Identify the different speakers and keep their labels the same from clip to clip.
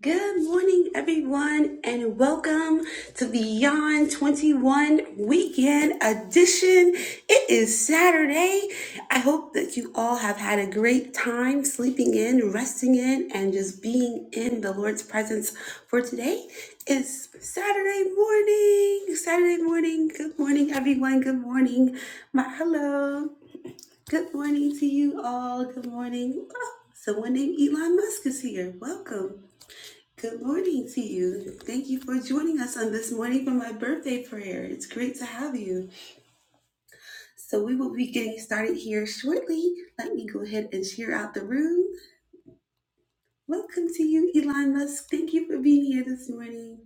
Speaker 1: Good morning, everyone, and welcome to Beyond 21 Weekend Edition. It is Saturday. I hope that you all have had a great time sleeping in, resting in, and just being in the Lord's presence for today. is Saturday morning. Saturday morning. Good morning, everyone. Good morning. My hello. Good morning to you all. Good morning. Oh, someone named Elon Musk is here. Welcome. Good morning to you. Thank you for joining us on this morning for my birthday prayer. It's great to have you. So, we will be getting started here shortly. Let me go ahead and share out the room. Welcome to you, Elon Musk. Thank you for being here this morning.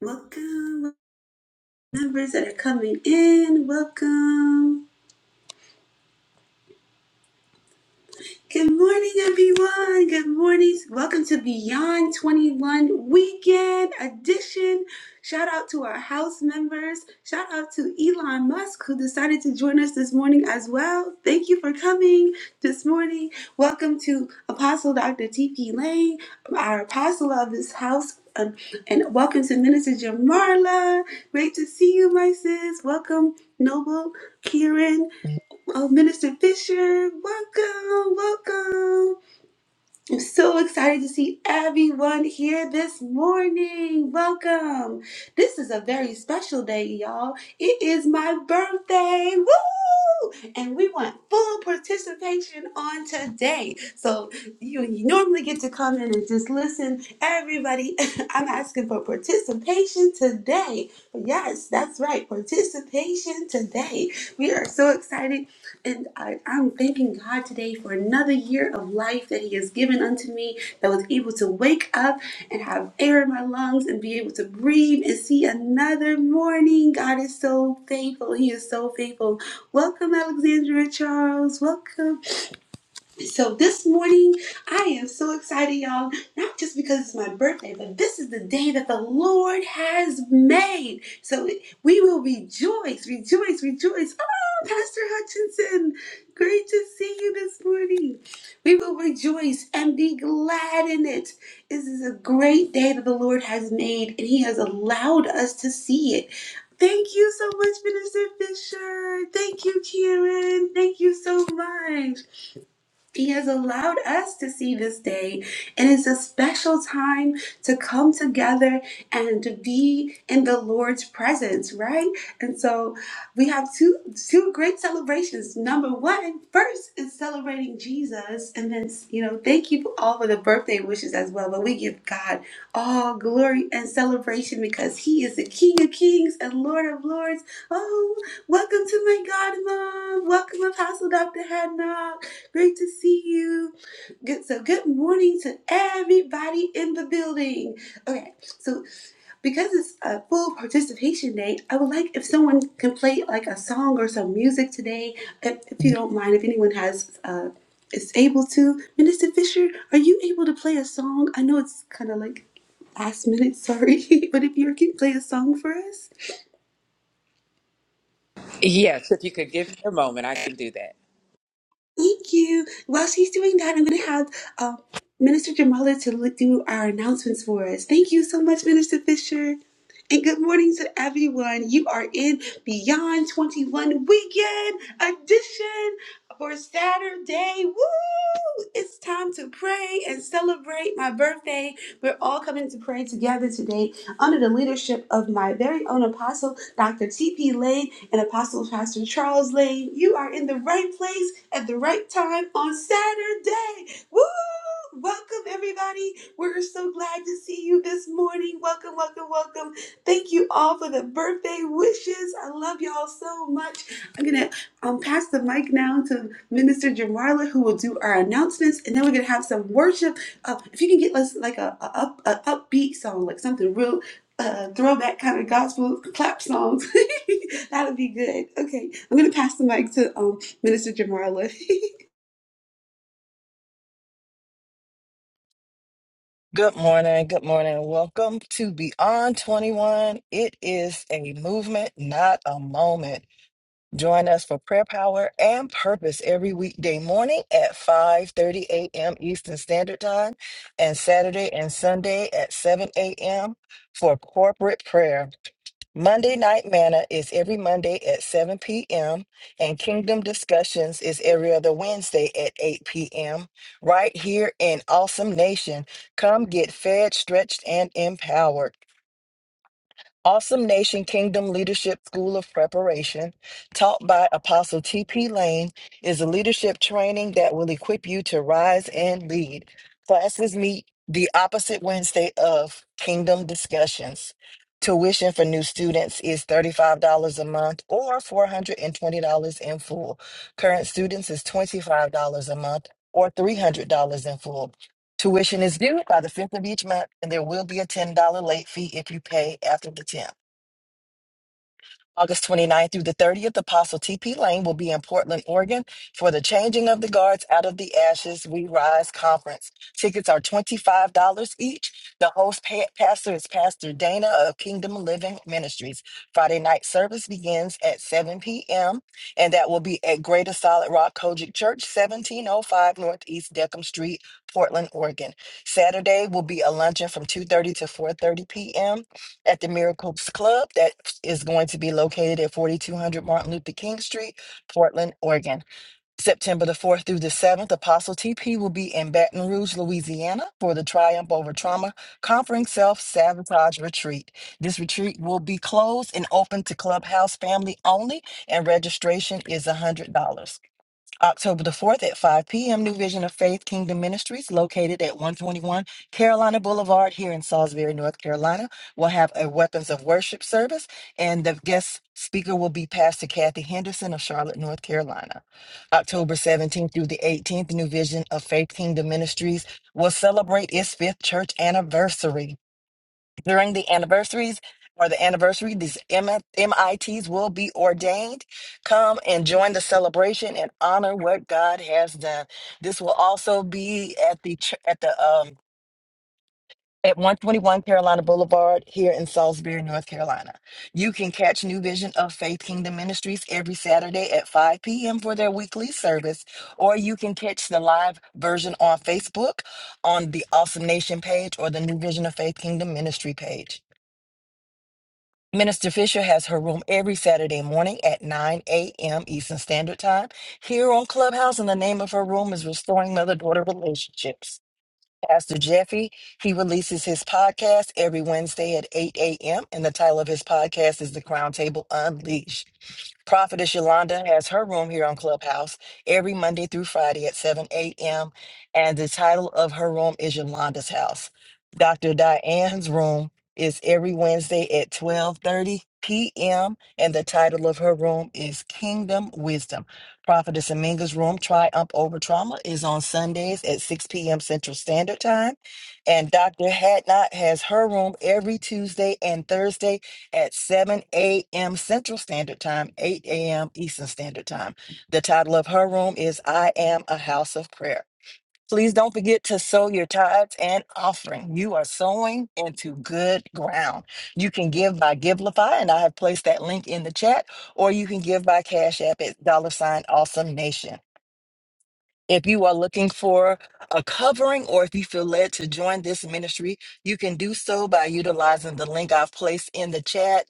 Speaker 1: Welcome, members that are coming in. Welcome. Good morning, everyone. Good morning. Welcome to Beyond 21 Weekend Edition. Shout out to our house members. Shout out to Elon Musk, who decided to join us this morning as well. Thank you for coming this morning. Welcome to Apostle Dr. T.P. Lane, our apostle of this house. Um, and welcome to Minister Jamarla. Great to see you, my sis. Welcome, Noble, Kieran. Oh, Minister Fisher, welcome, welcome. I'm so excited to see everyone here this morning. Welcome. This is a very special day, y'all. It is my birthday. Woo! And we want full participation on today. So you, you normally get to come in and just listen. Everybody, I'm asking for participation today. Yes, that's right. Participation today. We are so excited and I, I'm thanking God today for another year of life that He has given unto me that was able to wake up and have air in my lungs and be able to breathe and see another morning. God is so faithful. He is so faithful. Welcome, Alexandra Charles. Welcome. So this morning, I am so excited, y'all. Not just because it's my birthday, but this is the day that the Lord has made. So we will rejoice, rejoice, rejoice. Oh, Pastor Hutchinson, great to see you this morning. We will rejoice and be glad in it. This is a great day that the Lord has made, and He has allowed us to see it. Thank you so much, Minister Fisher. Thank you, Karen. Thank you so much. He has allowed us to see this day, and it's a special time to come together and to be in the Lord's presence, right? And so we have two two great celebrations. Number one, first is celebrating Jesus, and then you know, thank you for all for the birthday wishes as well. But we give God all glory and celebration because He is the King of Kings and Lord of Lords. Oh, welcome to my God, Mom. Welcome, Apostle Dr. Hadnock. Great to see you. Good. So, good morning to everybody in the building. Okay. So, because it's a full participation day, I would like if someone can play like a song or some music today, if, if you don't mind, if anyone has uh, is able to. Minister Fisher, are you able to play a song? I know it's kind of like last minute, sorry, but if you can play a song for us.
Speaker 2: Yes, if you could give me a moment, I can do that.
Speaker 1: Thank you. While she's doing that, I'm going to have uh, Minister Jamala to li- do our announcements for us. Thank you so much, Minister Fisher. And good morning to everyone. You are in Beyond 21 Weekend Edition for Saturday. Woo! It's time to pray and celebrate my birthday. We're all coming to pray together today under the leadership of my very own apostle, Dr. T.P. Lane and Apostle Pastor Charles Lane. You are in the right place at the right time on Saturday. Woo! Welcome, everybody. We're so glad to see you this morning. Welcome, welcome, welcome. Thank you all for the birthday wishes. I love y'all so much. I'm going to um, pass the mic now to Minister Jamarla, who will do our announcements, and then we're going to have some worship. Uh, if you can get us like a, a, up, a upbeat song, like something real uh, throwback kind of gospel clap songs. That'll be good. Okay, I'm gonna pass the mic to um, Minister Jamarla.
Speaker 3: Good morning. Good morning. Welcome to Beyond 21. It is a movement, not a moment. Join us for prayer power and purpose every weekday morning at 5:30 a.m. Eastern Standard Time and Saturday and Sunday at 7 a.m. for corporate prayer. Monday Night Manna is every Monday at 7 p.m., and Kingdom Discussions is every other Wednesday at 8 p.m., right here in Awesome Nation. Come get fed, stretched, and empowered. Awesome Nation Kingdom Leadership School of Preparation, taught by Apostle T.P. Lane, is a leadership training that will equip you to rise and lead. Classes meet the opposite Wednesday of Kingdom Discussions. Tuition for new students is $35 a month or $420 in full. Current students is $25 a month or $300 in full. Tuition is due by the 5th of each month, and there will be a $10 late fee if you pay after the 10th. August twenty ninth through the 30th, Apostle TP Lane will be in Portland, Oregon for the Changing of the Guards Out of the Ashes We Rise conference. Tickets are $25 each. The host pa- pastor is Pastor Dana of Kingdom Living Ministries. Friday night service begins at 7 p.m., and that will be at Greater Solid Rock Kojic Church, 1705 Northeast Deckham Street, Portland, Oregon. Saturday will be a luncheon from 2.30 to 4.30 p.m. at the Miracles Club. That is going to be located at 4200 Martin Luther King Street, Portland, Oregon. September the 4th through the 7th, Apostle TP will be in Baton Rouge, Louisiana for the Triumph Over Trauma Conquering Self Sabotage Retreat. This retreat will be closed and open to Clubhouse family only, and registration is $100. October the 4th at 5 p.m., New Vision of Faith Kingdom Ministries, located at 121 Carolina Boulevard here in Salisbury, North Carolina, will have a Weapons of Worship service, and the guest speaker will be Pastor Kathy Henderson of Charlotte, North Carolina. October 17th through the 18th, New Vision of Faith Kingdom Ministries will celebrate its fifth church anniversary during the anniversaries or the anniversary, these M- MITs will be ordained. Come and join the celebration and honor what God has done. This will also be at the ch- at the um at 121 Carolina Boulevard here in Salisbury, North Carolina. You can catch New Vision of Faith Kingdom Ministries every Saturday at 5 p.m. for their weekly service, or you can catch the live version on Facebook on the Awesome Nation page or the New Vision of Faith Kingdom Ministry page. Minister Fisher has her room every Saturday morning at 9 a.m. Eastern Standard Time here on Clubhouse, and the name of her room is Restoring Mother Daughter Relationships. Pastor Jeffy. He releases his podcast every Wednesday at 8 a.m. And the title of his podcast is The Crown Table Unleashed. Prophetess Yolanda has her room here on Clubhouse every Monday through Friday at 7 a.m. And the title of her room is Yolanda's House. Dr. Diane's room is every Wednesday at 12:30 p.m. and the title of her room is Kingdom Wisdom. Prophetess Aminga's Room, Triumph Over Trauma, is on Sundays at 6 p.m. Central Standard Time. And Dr. Hadnot has her room every Tuesday and Thursday at 7 a.m. Central Standard Time, 8 a.m. Eastern Standard Time. The title of her room is I Am a House of Prayer. Please don't forget to sow your tithes and offering. You are sowing into good ground. You can give by Givelify, and I have placed that link in the chat, or you can give by Cash App at dollar sign awesome nation. If you are looking for a covering or if you feel led to join this ministry, you can do so by utilizing the link I've placed in the chat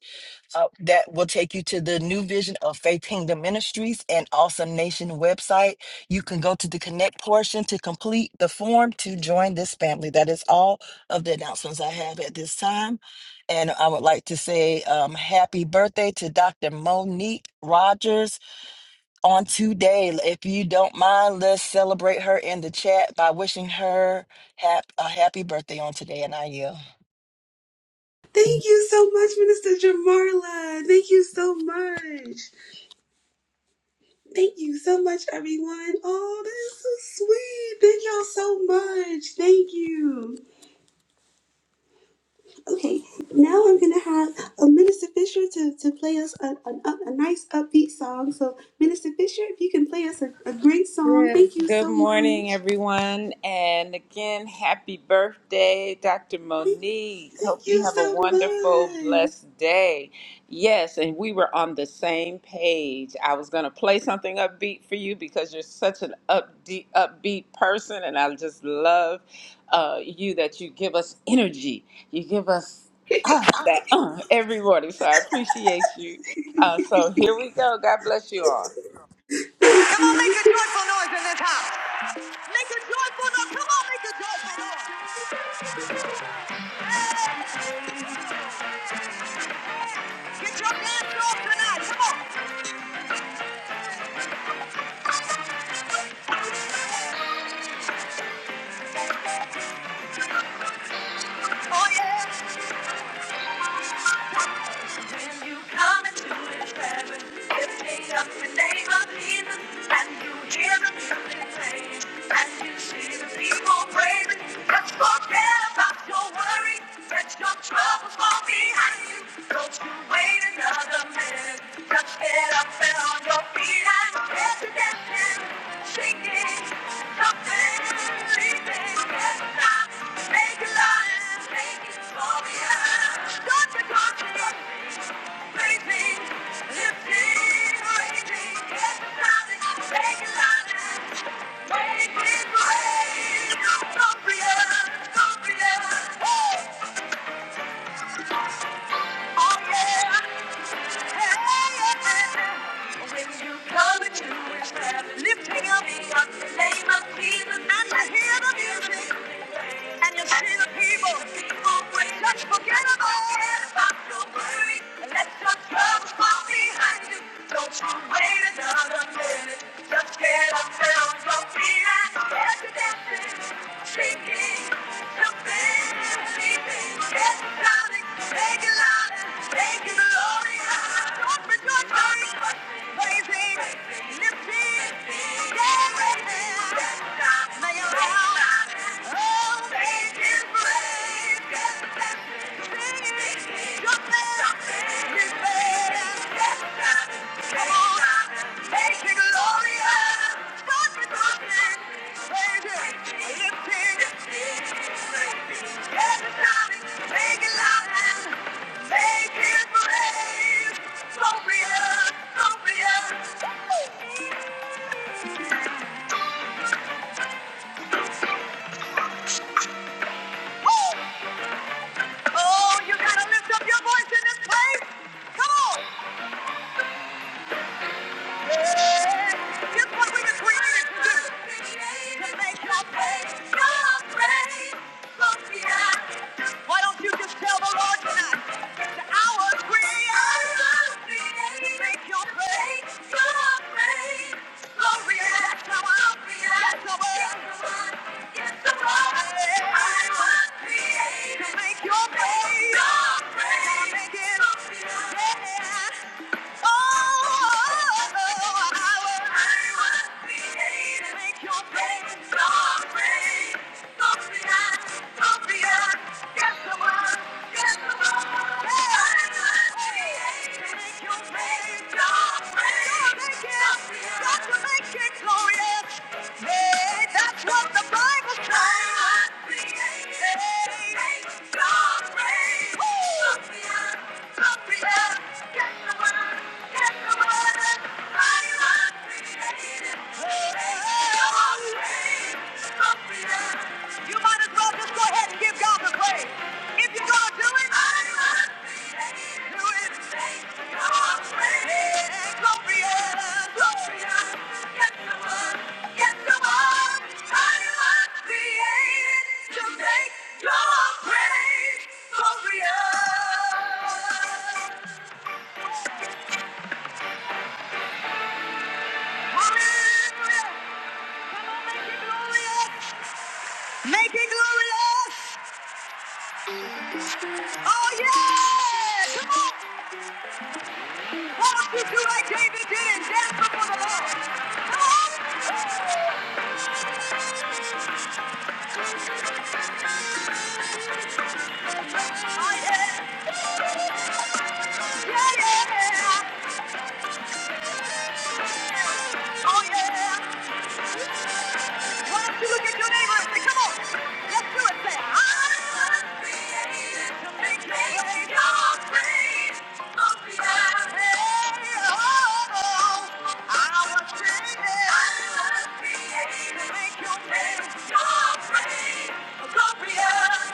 Speaker 3: uh, that will take you to the new vision of Faith Kingdom Ministries and Awesome Nation website. You can go to the connect portion to complete the form to join this family. That is all of the announcements I have at this time. And I would like to say um, happy birthday to Dr. Monique Rogers on today. If you don't mind, let's celebrate her in the chat by wishing her hap- a happy birthday on today. And I yield.
Speaker 1: Thank you so much, Minister Jamarla. Thank you so much. Thank you so much, everyone. Oh, that is so sweet. Thank y'all so much. Thank you. Okay, now I'm gonna have a Minister Fisher to, to play us a, a a nice upbeat song. So, Minister Fisher, if you can play us a, a great song, thank
Speaker 2: Yes,
Speaker 1: you
Speaker 2: good
Speaker 1: so
Speaker 2: morning,
Speaker 1: much.
Speaker 2: everyone. And again, happy birthday, Dr. Monique. Hope
Speaker 1: Thank
Speaker 2: you
Speaker 1: you
Speaker 2: have a
Speaker 1: so
Speaker 2: wonderful, blessed day. Yes, and we were on the same page. I was going to play something upbeat for you because you're such an upbeat, upbeat person, and I just love uh, you that you give us energy. You give us uh, that uh, every morning. So I appreciate you.
Speaker 1: much.
Speaker 2: Uh, so here we go. God bless you all.
Speaker 1: Thank
Speaker 2: Come on,
Speaker 1: you.
Speaker 2: make a joyful noise in this house. Make a joyful noise. Come on, make a joyful noise. Get your dance off tonight. Come on. Oh, yeah. you come into his heaven, lifting up the name of Jesus, and you hear the music playing, and you see the people praising. Just forget about your worries, let your troubles fall behind you. Don't you wait another minute, just get up and on your feet and get to dancing, singing, jumping, leaping, get up, make a lion, make it glorious. Don't you go to Lifting up in the name of Jesus and I hear the music. And you see the pain of people, always just forget about it. Stop your worry and let your troubles fall behind you. Don't you wait another minute. Just get up and on your feet and start to dancing, shaking, jumping, leaping, get shouting, make it loud and make it glorious. Don't rejoice, but praising, lifting, dancing, Make it brave. Don't be us, don't be us. Oh, you gotta lift up your voice in this place. Come on. It's what created to make your faith your faith. So Why don't you just tell the Lord tonight? The hour is created. Make your faith your faith. So react. the word. It's the word. I was created. To make your faith your faith. Make it. Yeah. That's what the Bible says. Hey, hey, hey, you might as well just go ahead and give God the praise. If you're gonna do it, do it. Hallelujah! Come on, Make it glorious! Make it glorious! Oh yeah! Come on! Why don't you do like David did and dance before the Lord? Come on! Oh yeah! Yeah yeah! Oh yeah! Why don't you look at your neighbor and say, come on, let's do it. Say, I was created to make me your praise. up in my head, Oh, I was created. I was created to make your praise your praise. up in my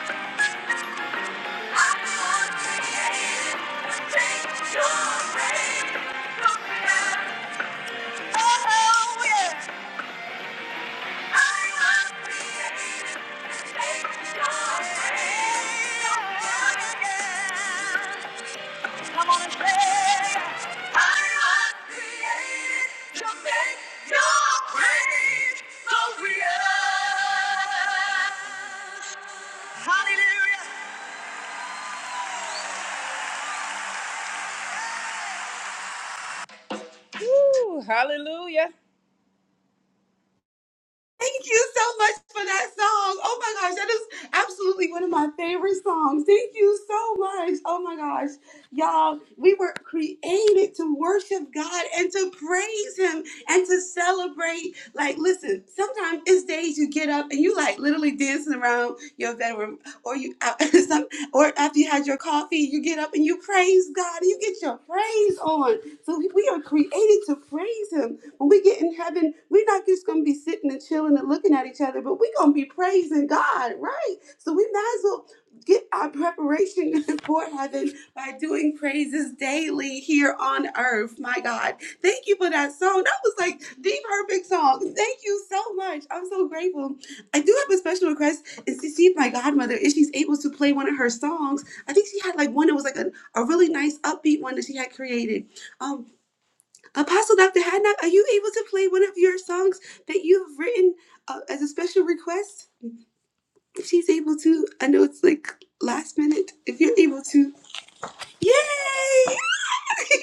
Speaker 2: Thank you. Come on and say, I was to make your praise so real. Hallelujah. Woo, hallelujah.
Speaker 1: Thank you so much for that song. Oh my gosh, that is absolutely one of my favorite songs. Thank you so much. Oh my gosh. Y'all, we were created to worship God and to praise Him and to celebrate. Like, listen, sometimes it's days you get up and you like literally dancing around your bedroom, or you, some, or after you had your coffee, you get up and you praise God and you get your praise on. So we we are created to praise Him. When we get in heaven, we're not just gonna be sitting and chilling and looking at each other, but we're gonna be praising God, right? So we might as well get our preparation for heaven by doing praises daily here on earth. My God, thank you for that song. That was like the perfect song. Thank you so much. I'm so grateful. I do have a special request is to see if my godmother, if she's able to play one of her songs. I think she had like one that was like a, a really nice upbeat one that she had created. Um. Apostle Dr. Hadnock, are you able to play one of your songs that you've written uh, as a special request? If she's able to, I know it's like last minute. If you're able to, yay!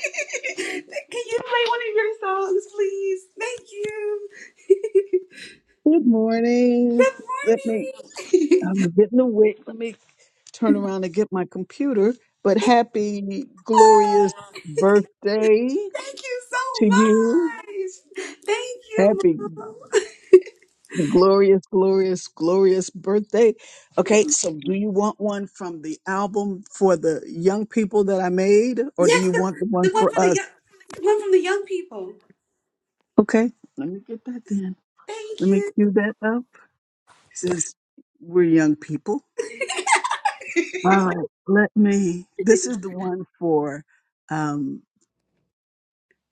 Speaker 1: Can you play one of your songs, please? Thank you.
Speaker 4: Good morning.
Speaker 1: Good
Speaker 4: Let me,
Speaker 1: morning.
Speaker 4: I'm getting awake. Let me turn around and get my computer. But happy, glorious
Speaker 1: Oh,
Speaker 4: birthday
Speaker 1: Thank you
Speaker 4: to you.
Speaker 1: so much. Thank you,
Speaker 4: Happy,
Speaker 1: Mom.
Speaker 4: glorious, glorious, glorious birthday. Okay, so do you want one from the album for the young people that I made, or do
Speaker 1: Yes,
Speaker 4: you want
Speaker 1: the,
Speaker 4: the one
Speaker 1: the one
Speaker 4: for
Speaker 1: for the
Speaker 4: us?
Speaker 1: young, the one from the young people.
Speaker 4: Okay, let me get that then.
Speaker 1: Thank
Speaker 4: Let me
Speaker 1: you.
Speaker 4: cue that up. It says, We're young people. All right, let me. This is the one for um,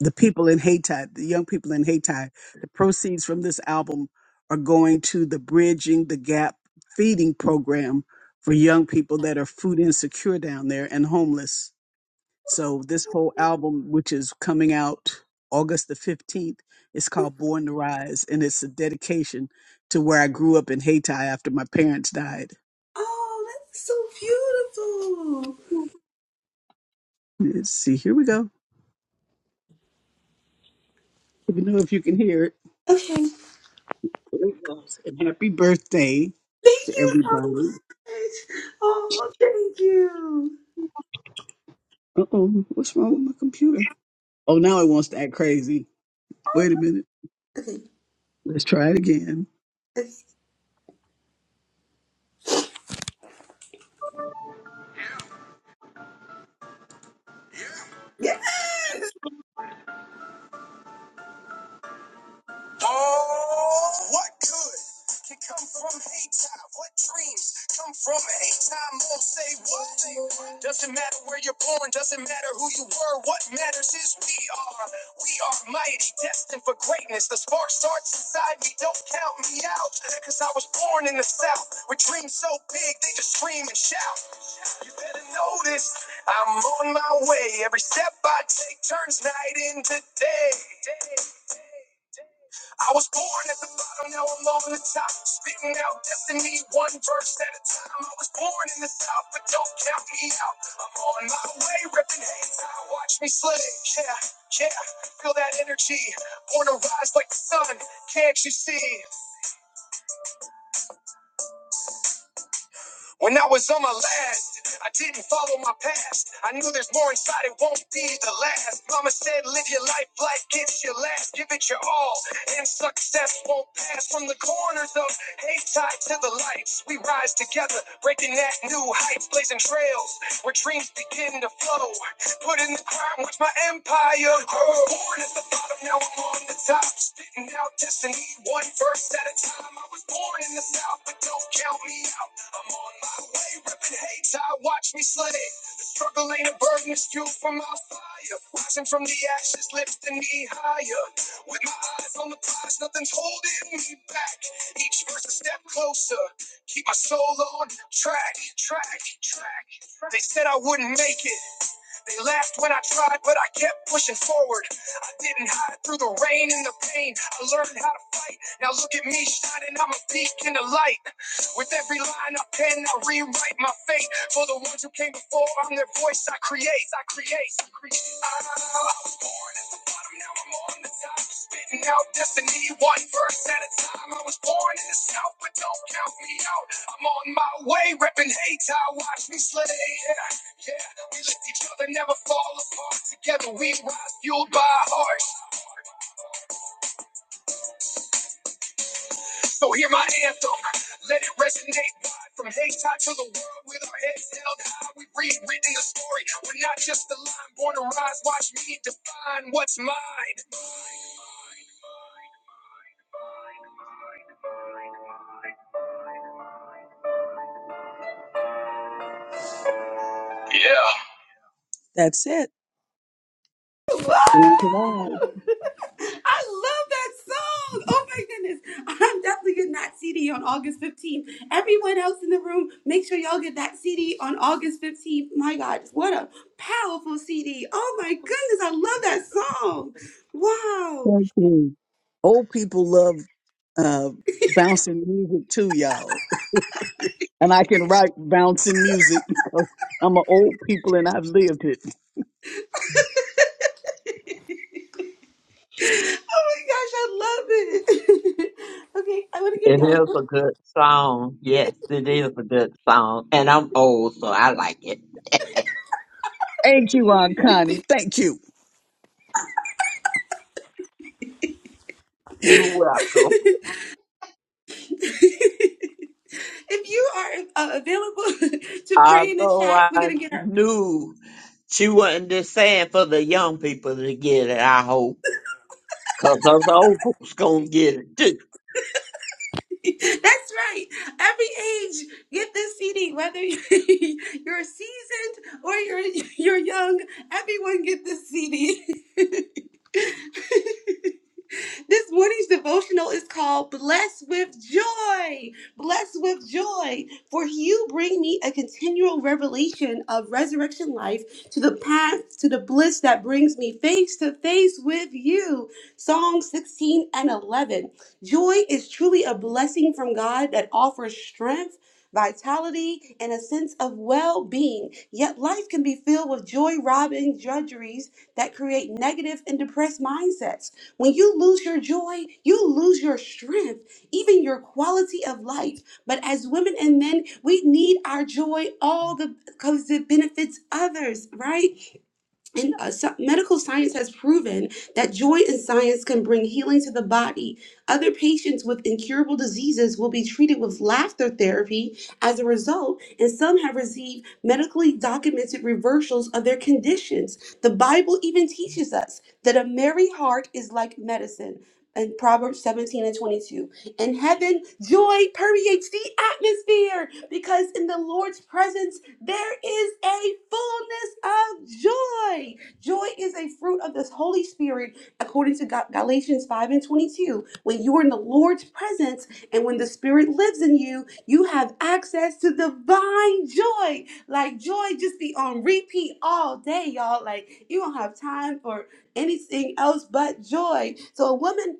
Speaker 4: the people in Haiti, the young people in Haiti. The proceeds from this album are going to the Bridging the Gap feeding program for young people that are food insecure down there and homeless. So, this whole album, which is coming out August the 15th, is called Born to Rise, and it's a dedication to where I grew up in Haiti after my parents died.
Speaker 1: Oh, that's so beautiful.
Speaker 4: Let's see, here we go. Let me know if you can hear it.
Speaker 1: Okay.
Speaker 4: Great loss. And happy birthday
Speaker 1: Thank
Speaker 4: to
Speaker 1: you so
Speaker 4: everybody.
Speaker 1: much. Oh, thank you.
Speaker 4: Uh oh, what's wrong with my computer? Oh, now it wants to act crazy. Wait a minute.
Speaker 1: Okay.
Speaker 4: Let's try it again.
Speaker 1: okay. Yes.
Speaker 4: Oh, what good can come from hate time? What dreams come from hate time? Won't say what? Doesn't matter where you're born, doesn't matter who you were. What matters is we are. We are mighty, destined for greatness. The spark starts inside me. Don't count me out, cause I was born in the South with dreams so big they just scream and shout. You better notice I'm on my way. Every step I take turns night into day. I was born at the bottom, now I'm on the top. Spitting out destiny, one verse at a time. I was born in the south, but don't count me out. I'm on my way, ripping hands. I watch me slay. Yeah, yeah, feel that energy. Born to rise like the sun, can't you see? When I was on my last, I didn't follow my past. I knew there's more inside, it won't be the last. Mama said, live your life like it's your last. Give it your all, and success won't pass. From the corners of hate tied to the lights, we rise together, breaking that new heights, blazing trails where dreams begin to flow. Put in the crime, watch my empire grow. I was born at the bottom, now I'm on the top. Spitting out destiny, one verse at a time. I was born in the south, but don't count me out. I'm on my way, ripping hate, child, watch me slay. The struggle ain't a burden, it's fuel for my fire. Rising from the ashes, lifting me higher. With my eyes on the prize, nothing's holding me back. Each verse a step closer, keep my soul on track, track, track. They said I wouldn't make it. They laughed when I tried, but I kept pushing forward. I didn't hide through the rain and the pain. I learned how to fight. Now look at me shining, I'm a peak in the light. With every line I pen, I rewrite my fate. For the ones who came before, I'm their voice. I create, I create, I create. Ah, I was born at the bottom, now I'm on the top. Spitting out destiny, one verse at a time. I was born in the south, but don't count me out. I'm on my way, repping hate. I watch me slay. Yeah, yeah. We lift each other, never fall apart. Together we rise, fueled by our heart. So hear my anthem, let it resonate wide. From Hayti to the world, with our heads held high, we rewritten the story. We're not just a line, born to rise. Watch me define what's mine. Yeah. That's it.
Speaker 1: Wow!
Speaker 4: Thank
Speaker 1: I
Speaker 4: you.
Speaker 1: love that song. Oh my goodness. I'm definitely getting that CD on August 15th. Everyone else in the room, make sure y'all get that CD on August 15th. My God, what a powerful CD. Oh my goodness. I love that song. Wow.
Speaker 4: Thank you. Old people love uh, bouncing music too, y'all. and I can write bouncing music. I'm an old people and I've lived it.
Speaker 1: Oh my gosh, I love it. okay, I want to give
Speaker 5: It
Speaker 1: y'all
Speaker 5: is
Speaker 1: a
Speaker 5: a
Speaker 1: question.
Speaker 5: good song. Yes, it is a good song. And I'm old, so I like it.
Speaker 4: Thank you, Aunt Connie. Thank you.
Speaker 5: You're welcome.
Speaker 1: if you are uh, available to pray in the
Speaker 5: Although
Speaker 1: chat,
Speaker 5: I
Speaker 1: we're going to get her.
Speaker 5: knew she wasn't just saying for the young people to get it, I hope. Because those old folks going to get it too.
Speaker 1: That's right. Every age, get this CD, whether you're seasoned or you're, you're young, everyone get this CD. This morning's devotional is called Blessed with Joy. Blessed with Joy, for you bring me a continual revelation of resurrection life to the path to the bliss that brings me face to face with you. Psalm 16 and 11. Joy is truly a blessing from God that offers strength. Vitality and a sense of well being. Yet life can be filled with joy robbing drudgeries that create negative and depressed mindsets. When you lose your joy, you lose your strength, even your quality of life. But as women and men, we need our joy all the because it benefits others, right? and uh, so- medical science has proven that joy in science can bring healing to the body. Other patients with incurable diseases will be treated with laughter therapy as a result, and some have received medically documented reversals of their conditions. The Bible even teaches us that a merry heart is like medicine. In Proverbs 17 and 22. In heaven, joy permeates the atmosphere because in the Lord's presence, there is a fullness of joy. Joy is a fruit of this Holy Spirit, according to Ga- Galatians 5 and 22. When you are in the Lord's presence and when the Spirit lives in you, you have access to divine joy. Like joy just be on repeat all day, y'all. Like you don't have time for anything else but joy. So a woman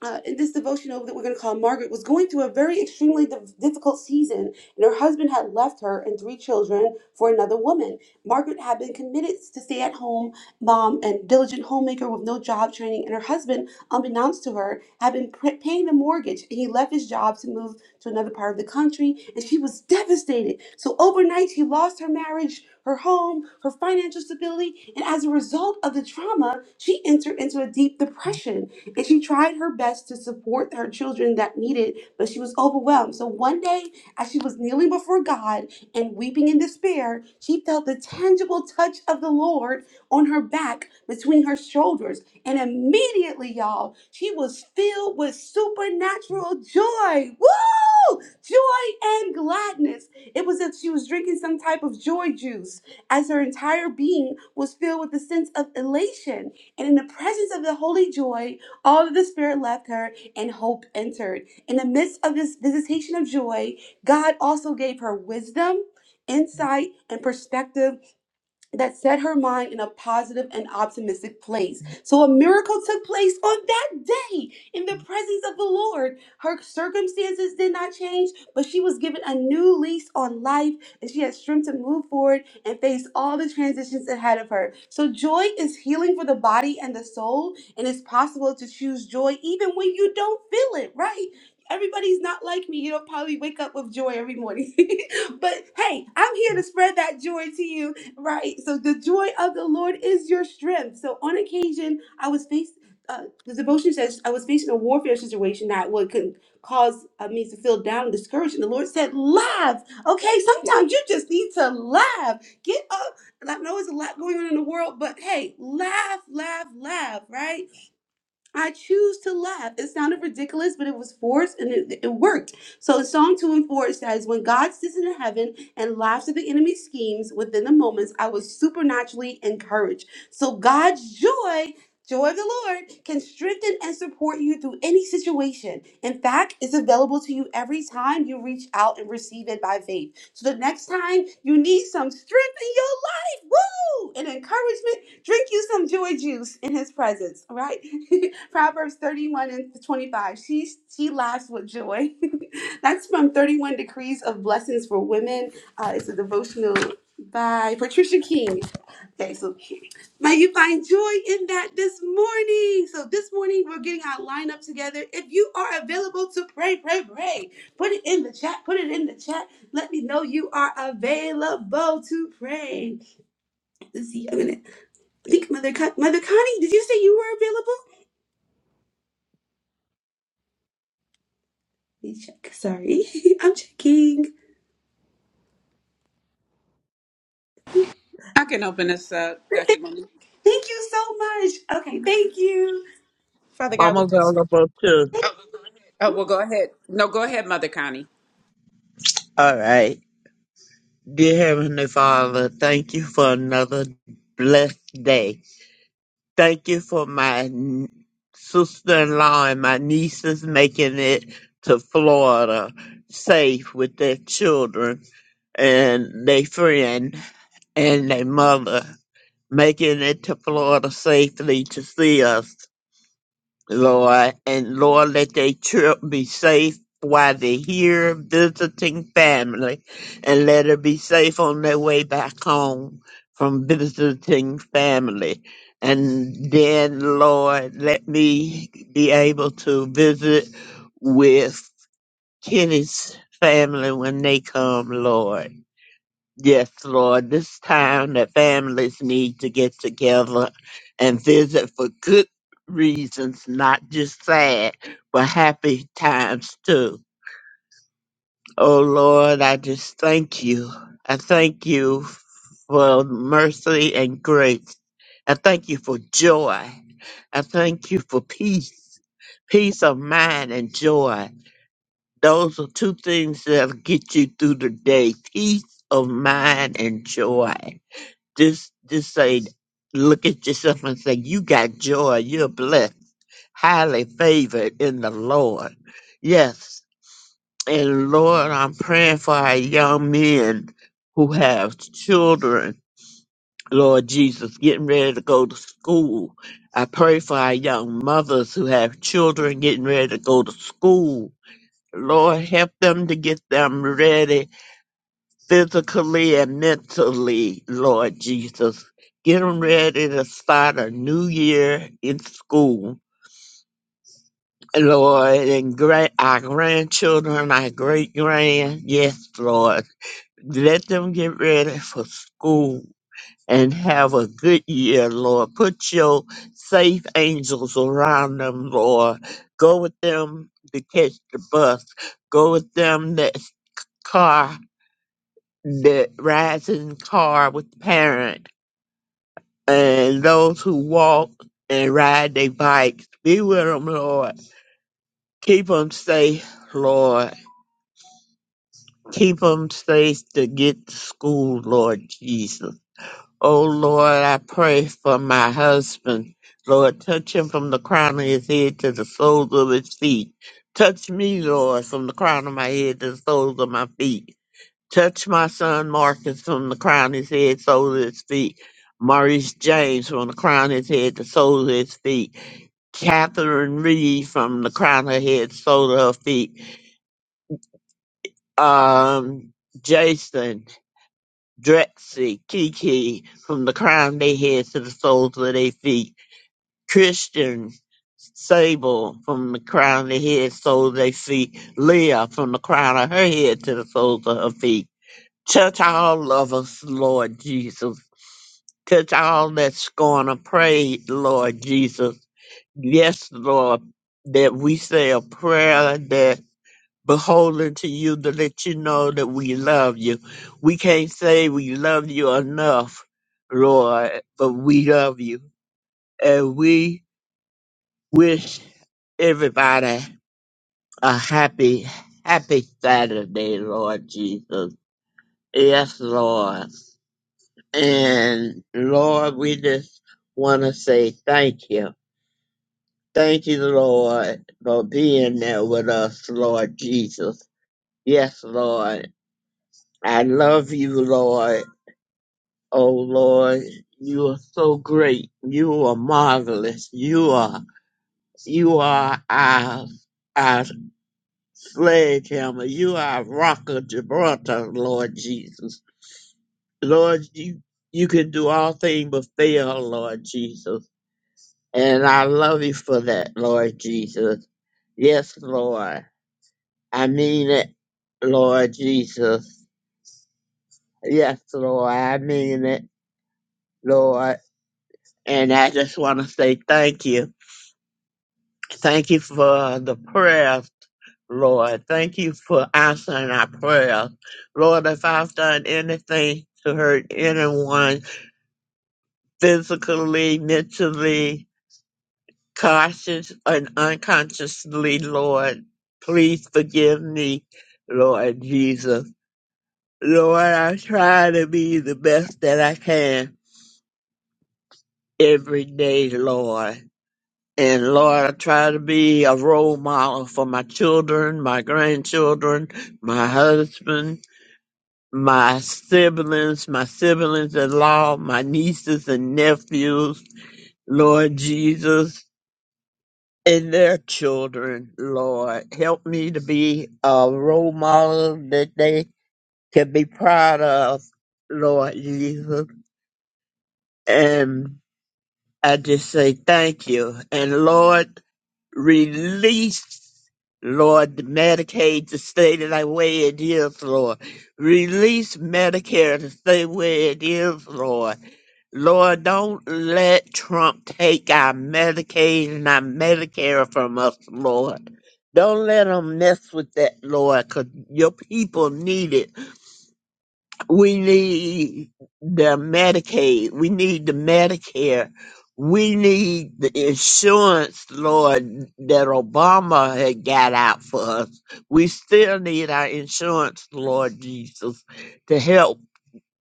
Speaker 1: uh, in this devotional that we're going to call Margaret was going through a very extremely div- difficult season, and her husband had left her and three children for another woman. Margaret had been committed to stay at home mom and diligent homemaker with no job training, and her husband, unbeknownst to her, had been pr- paying the mortgage, and he left his job to move to another part of the country, and she was devastated. So overnight, she lost her marriage. Her home, her financial stability, and as a result of the trauma, she entered into a deep depression. And she tried her best to support her children that needed, but she was overwhelmed. So one day, as she was kneeling before God and weeping in despair, she felt the tangible touch of the Lord on her back between her shoulders. And immediately, y'all, she was filled with supernatural joy. Woo! Joy and gladness. It was as if she was drinking some type of joy juice, as her entire being was filled with a sense of elation. And in the presence of the holy joy, all of the spirit left her, and hope entered. In the midst of this visitation of joy, God also gave her wisdom, insight, and perspective that set her mind in a positive and optimistic place. So a miracle took place on that day in the presence of the Lord. Her circumstances did not change, but she was given a new lease on life and she had strength to move forward and face all the transitions ahead of her. So joy is healing for the body and the soul, and it's possible to choose joy even when you don't feel it, right? Everybody's not like me. You don't probably wake up with joy every morning. but hey, I'm here to spread that joy to you right. So the joy of the Lord is your strength. So on occasion, I was faced. Uh, the devotion says I was facing a warfare situation that would could cause uh, me to feel down and discouraged. And the Lord said, "Laugh." Okay, sometimes you just need to laugh. Get up. And I know there's a lot going on in the world, but hey, laugh, laugh, laugh. Right. I choose to laugh. It sounded ridiculous, but it was forced and it, it worked. So in Psalm 2 and 4 it says, When God sits in heaven and laughs at the enemy's schemes within the moments, I was supernaturally encouraged. So God's joy, joy of the Lord, can strengthen and support you through any situation. In fact, it's available to you every time you reach out and receive it by faith. So the next time you need some strength in your life, Woo! And encouragement. Drink you some joy juice in his presence, all right? Proverbs 31 and 25. She she laughs with joy. That's from 31 Decrees of Blessings for Women. Uh, it's a devotional by Patricia King. Okay, so may you find joy in that this morning. So this morning we're getting our lineup together. If you are available to pray, pray, pray. Put it in the chat. Put it in the chat. Let me know you are available to pray. Let's see. I'm gonna I think Mother Con- Mother Connie. Did you say you were available? Let me check. Sorry, I'm checking.
Speaker 2: I can open this up, Dr. Monique.
Speaker 1: Thank you so much. Okay, thank you.
Speaker 2: Father God,
Speaker 5: I'm
Speaker 2: we just.
Speaker 5: available too.
Speaker 2: Oh, well, go ahead. No, go ahead, Mother Connie.
Speaker 5: All right. Dear Heavenly Father, thank you for another blessed day. Thank you for my sister in law and my nieces making it to Florida safe with their children and their friend and their mother, making it to Florida safely to see us. Lord, and Lord, let their trip be safe while they're here visiting family, and let it be safe on their way back home from visiting family. And then, Lord, let me be able to visit with Kenny's family when they come, Lord. Yes, Lord, this time that families need to get together and visit for good reasons, not just sad, but happy times too. Oh Lord, I just thank you. I thank you for mercy and grace. I thank you for joy. I thank you for peace, peace of mind and joy. Those are two things that'll get you through the day peace of mind and joy. Just just say look at yourself and say, You got joy, you're blessed, highly favored in the Lord. Yes. And Lord, I'm praying for our young men who have children, Lord Jesus, getting ready to go to school. I pray for our young mothers who have children getting ready to go to school. Lord, help them to get them ready physically and mentally, Lord Jesus. Getting ready to start a new year in school, Lord, and great our grandchildren, our great grand, yes, Lord. Let them get ready for school and have a good year, Lord. Put your safe angels around them, Lord. Go with them to catch the bus. Go with them that car, that rising car with the parent and those who walk and ride their bikes. Be with them, Lord. Keep them safe, Lord. Keep them safe to get to school, Lord Jesus. Oh, Lord, I pray for my husband. Lord, touch him from the crown of his head to the soles of his feet. Touch me, Lord, from the crown of my head to the soles of my feet. Touch my son Marcus from the crown of his head, soles of his feet. Maurice James from the crown of his head to soles of his feet. Catherine Reed from the crown of her head, sole of her feet. Um, Jason, Drexy, Kiki from the crown of their heads to the soles of their feet. Christian, Sable from the crown of their head, soles of their feet. Leah from the crown of her head to the soles of her feet. Touch all of us, Lord Jesus. Touch all that's going to pray, Lord Jesus. Yes, Lord, that we say a prayer that beholden to you to let you know that we love you. We can't say we love you enough, Lord, but we love you. And we wish everybody a happy, happy Saturday, Lord Jesus. Yes, Lord. And Lord, we just want to say thank you. Thank you, Lord, for being there with us, Lord Jesus. Yes, Lord. I love you, Lord Oh Lord, you are so great. You are marvelous. You are, you are our, our sledgehammer. You are our rock of Gibraltar, Lord Jesus. Lord, you, you can do all things but fail, Lord Jesus. And I love you for that, Lord Jesus. Yes, Lord. I mean it, Lord Jesus. Yes, Lord. I mean it, Lord. And I just want to say thank you. Thank you for the prayers, Lord. Thank you for answering our prayers. Lord, if I've done anything to hurt anyone physically, mentally, conscious, and unconsciously, Lord, please forgive me, Lord Jesus. Lord, I try to be the best that I can every day, Lord. And Lord, I try to be a role model for my children, my grandchildren, my husband, my siblings, my siblings in law, my nieces and nephews, Lord Jesus, and their children, Lord. Help me to be a role model that they can be proud of, Lord Jesus. And I just say thank you. And Lord, Release, Lord, Medicaid to stay the way it is, Lord. Release Medicare to stay where it is, Lord. Lord, don't let Trump take our Medicaid and our Medicare from us, Lord. Don't let him mess with that, Lord, because your people need it. We need the Medicaid. We need the Medicare. We need the insurance, Lord, that Obama had got out for us. We still need our insurance, Lord Jesus, to help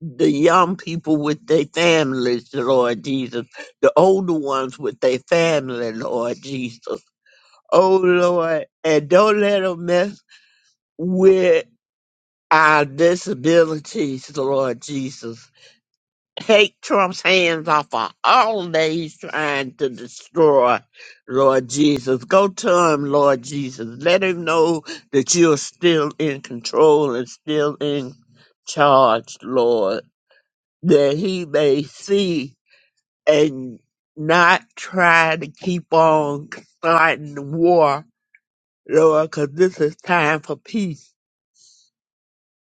Speaker 5: the young people with their families, Lord Jesus, the older ones with their family, Lord Jesus. Oh, Lord, and don't let them mess with our disabilities, Lord Jesus Take Trump's hands off of all that he's trying to destroy, Lord Jesus. Go to him, Lord Jesus. Let him know that you're still in control and still in charge, Lord, that he may see and not try to keep on starting the war, Lord, because this is time for peace.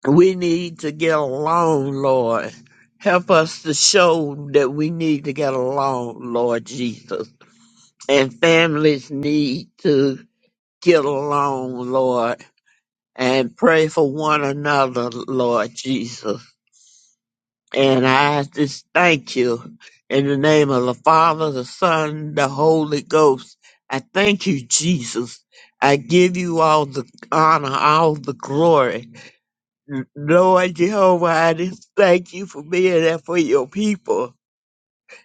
Speaker 5: We need to get along, Lord. Help us to show that we need to get along, Lord Jesus. And families need to get along, Lord, and pray for one another, Lord Jesus. And I just thank you in the name of the Father, the Son, the Holy Ghost. I thank you, Jesus. I give you all the honor, all the glory. Lord Jehovah, I just thank you for being there for your people.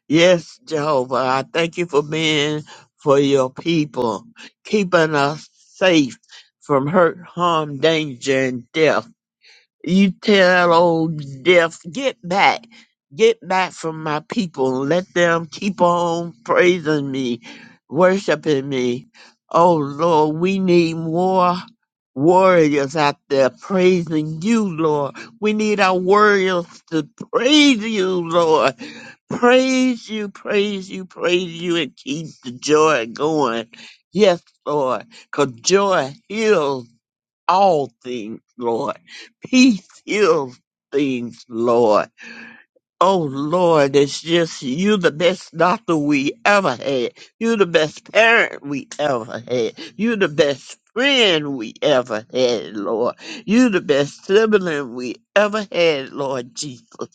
Speaker 5: Yes, Jehovah, I thank you for being for your people, keeping us safe from hurt, harm, danger, and death. You tell old death, get back, get back from my people. Let them keep on praising me, worshiping me. Oh Lord, we need more warriors out there praising you, Lord. We need our warriors to praise you, Lord. Praise you, praise you, praise you, and keep the joy going. Yes, Lord, because joy heals all things, Lord. Peace heals things, Lord. Oh, Lord, it's just you the best doctor we ever had. You the best parent we ever had. You the best friend we ever had, Lord. You the best sibling we ever had, Lord Jesus.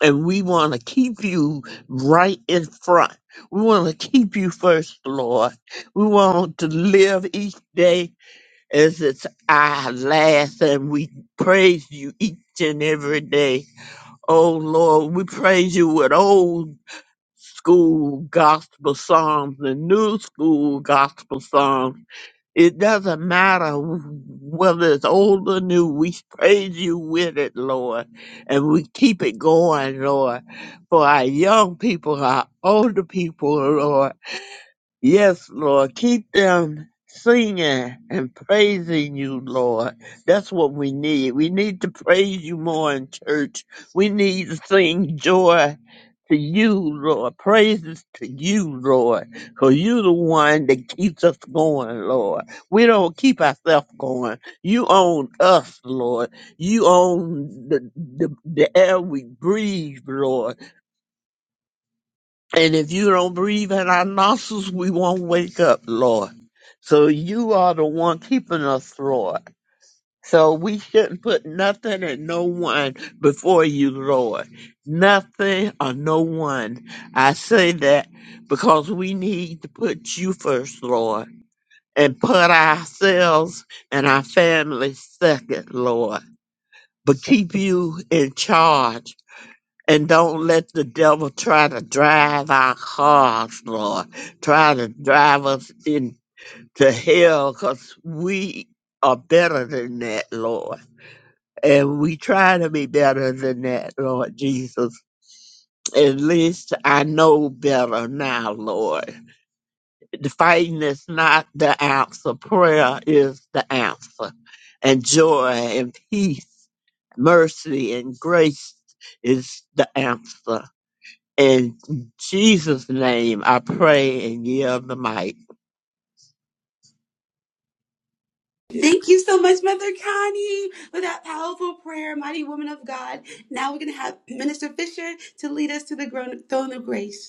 Speaker 5: And we want to keep you right in front. We want to keep you first, Lord. We want to live each day as it's our last, and we praise you each and every day. Oh Lord, we praise you with old school gospel songs and new school gospel songs. It doesn't matter whether it's old or new, we praise you with it, Lord, and we keep it going, Lord, for our young people, our older people, Lord. Yes, Lord. Keep them singing and praising you, Lord. That's what we need. We need to praise you more in church. We need to sing joy to you, Lord. Praises to you, Lord. Because you're the one that keeps us going, Lord. We don't keep ourselves going. You own us, Lord. You own the, the, the air we breathe, Lord. And if you don't breathe in our nostrils, we won't wake up, Lord. So you are the one keeping us, Lord. So we shouldn't put nothing and no one before you, Lord. Nothing or no one. I say that because we need to put you first, Lord, and put ourselves and our families second, Lord. But keep you in charge and don't let the devil try to drive our cars, Lord. Try to drive us into hell because we are better than that, Lord. And we try to be better than that, Lord Jesus. At least I know better now, Lord. The fighting is not the answer. Prayer is the answer. And joy and peace, mercy and grace is the answer. In Jesus' name, I pray and give the mic.
Speaker 1: Thank you so much, Mother Connie, for that powerful prayer, mighty woman of God. Now we're gonna have Minister Fisher to lead us to the gro- throne of grace.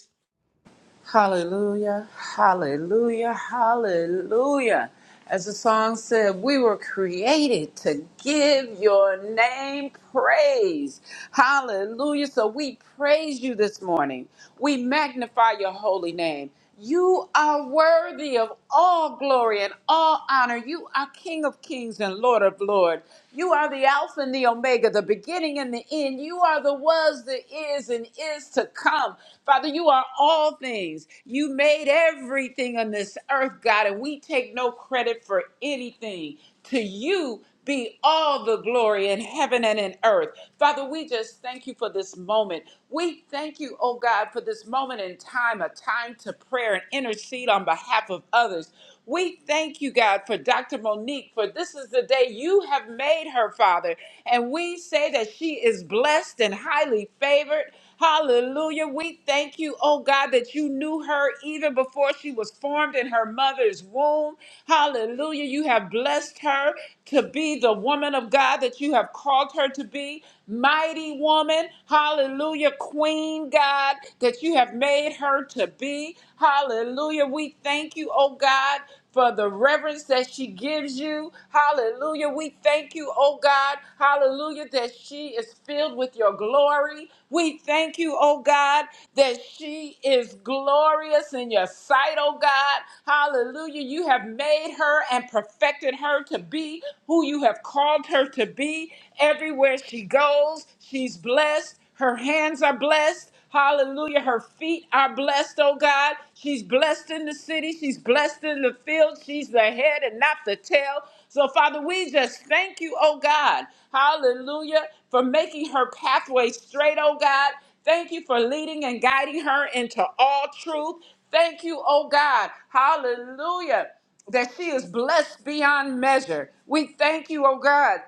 Speaker 2: Hallelujah, hallelujah, hallelujah. As the song said, we were created to give your name praise. Hallelujah. So we praise you this morning. We magnify your holy name. You are worthy of all glory and all honor. You are King of kings and Lord of lords. You are the Alpha and the Omega, the beginning and the end. You are the was, the is, and is to come. Father, you are all things. You made everything on this earth, God, and we take no credit for anything. To you be all the glory in heaven and in earth. Father, we just thank you for this moment. We thank you, oh God, for this moment in time, a time to prayer and intercede on behalf of others. We thank you, God, for Dr. Monique, for this is the day you have made her, Father. And we say that she is blessed and highly favored. Hallelujah. We thank you, oh God, that you knew her even before she was formed in her mother's womb. Hallelujah. You have blessed her to be the woman of God that you have called her to be. Mighty woman. Hallelujah. Queen God that you have made her to be. Hallelujah. We thank you, oh God for the reverence that she gives you. Hallelujah. We thank you, oh God. Hallelujah, that she is filled with your glory. We thank you, oh God, that she is glorious in your sight, oh God. Hallelujah. You have made her and perfected her to be who you have called her to be. Everywhere she goes, she's blessed. Her hands are blessed. Hallelujah. Her feet are blessed, oh God. She's blessed in the city. She's blessed in the field. She's the head and not the tail. So, Father, we just thank you, oh God. Hallelujah. For making her pathway straight, oh God. Thank you for leading and guiding her into all truth. Thank you, oh God. Hallelujah that she is blessed beyond measure. We thank you, oh God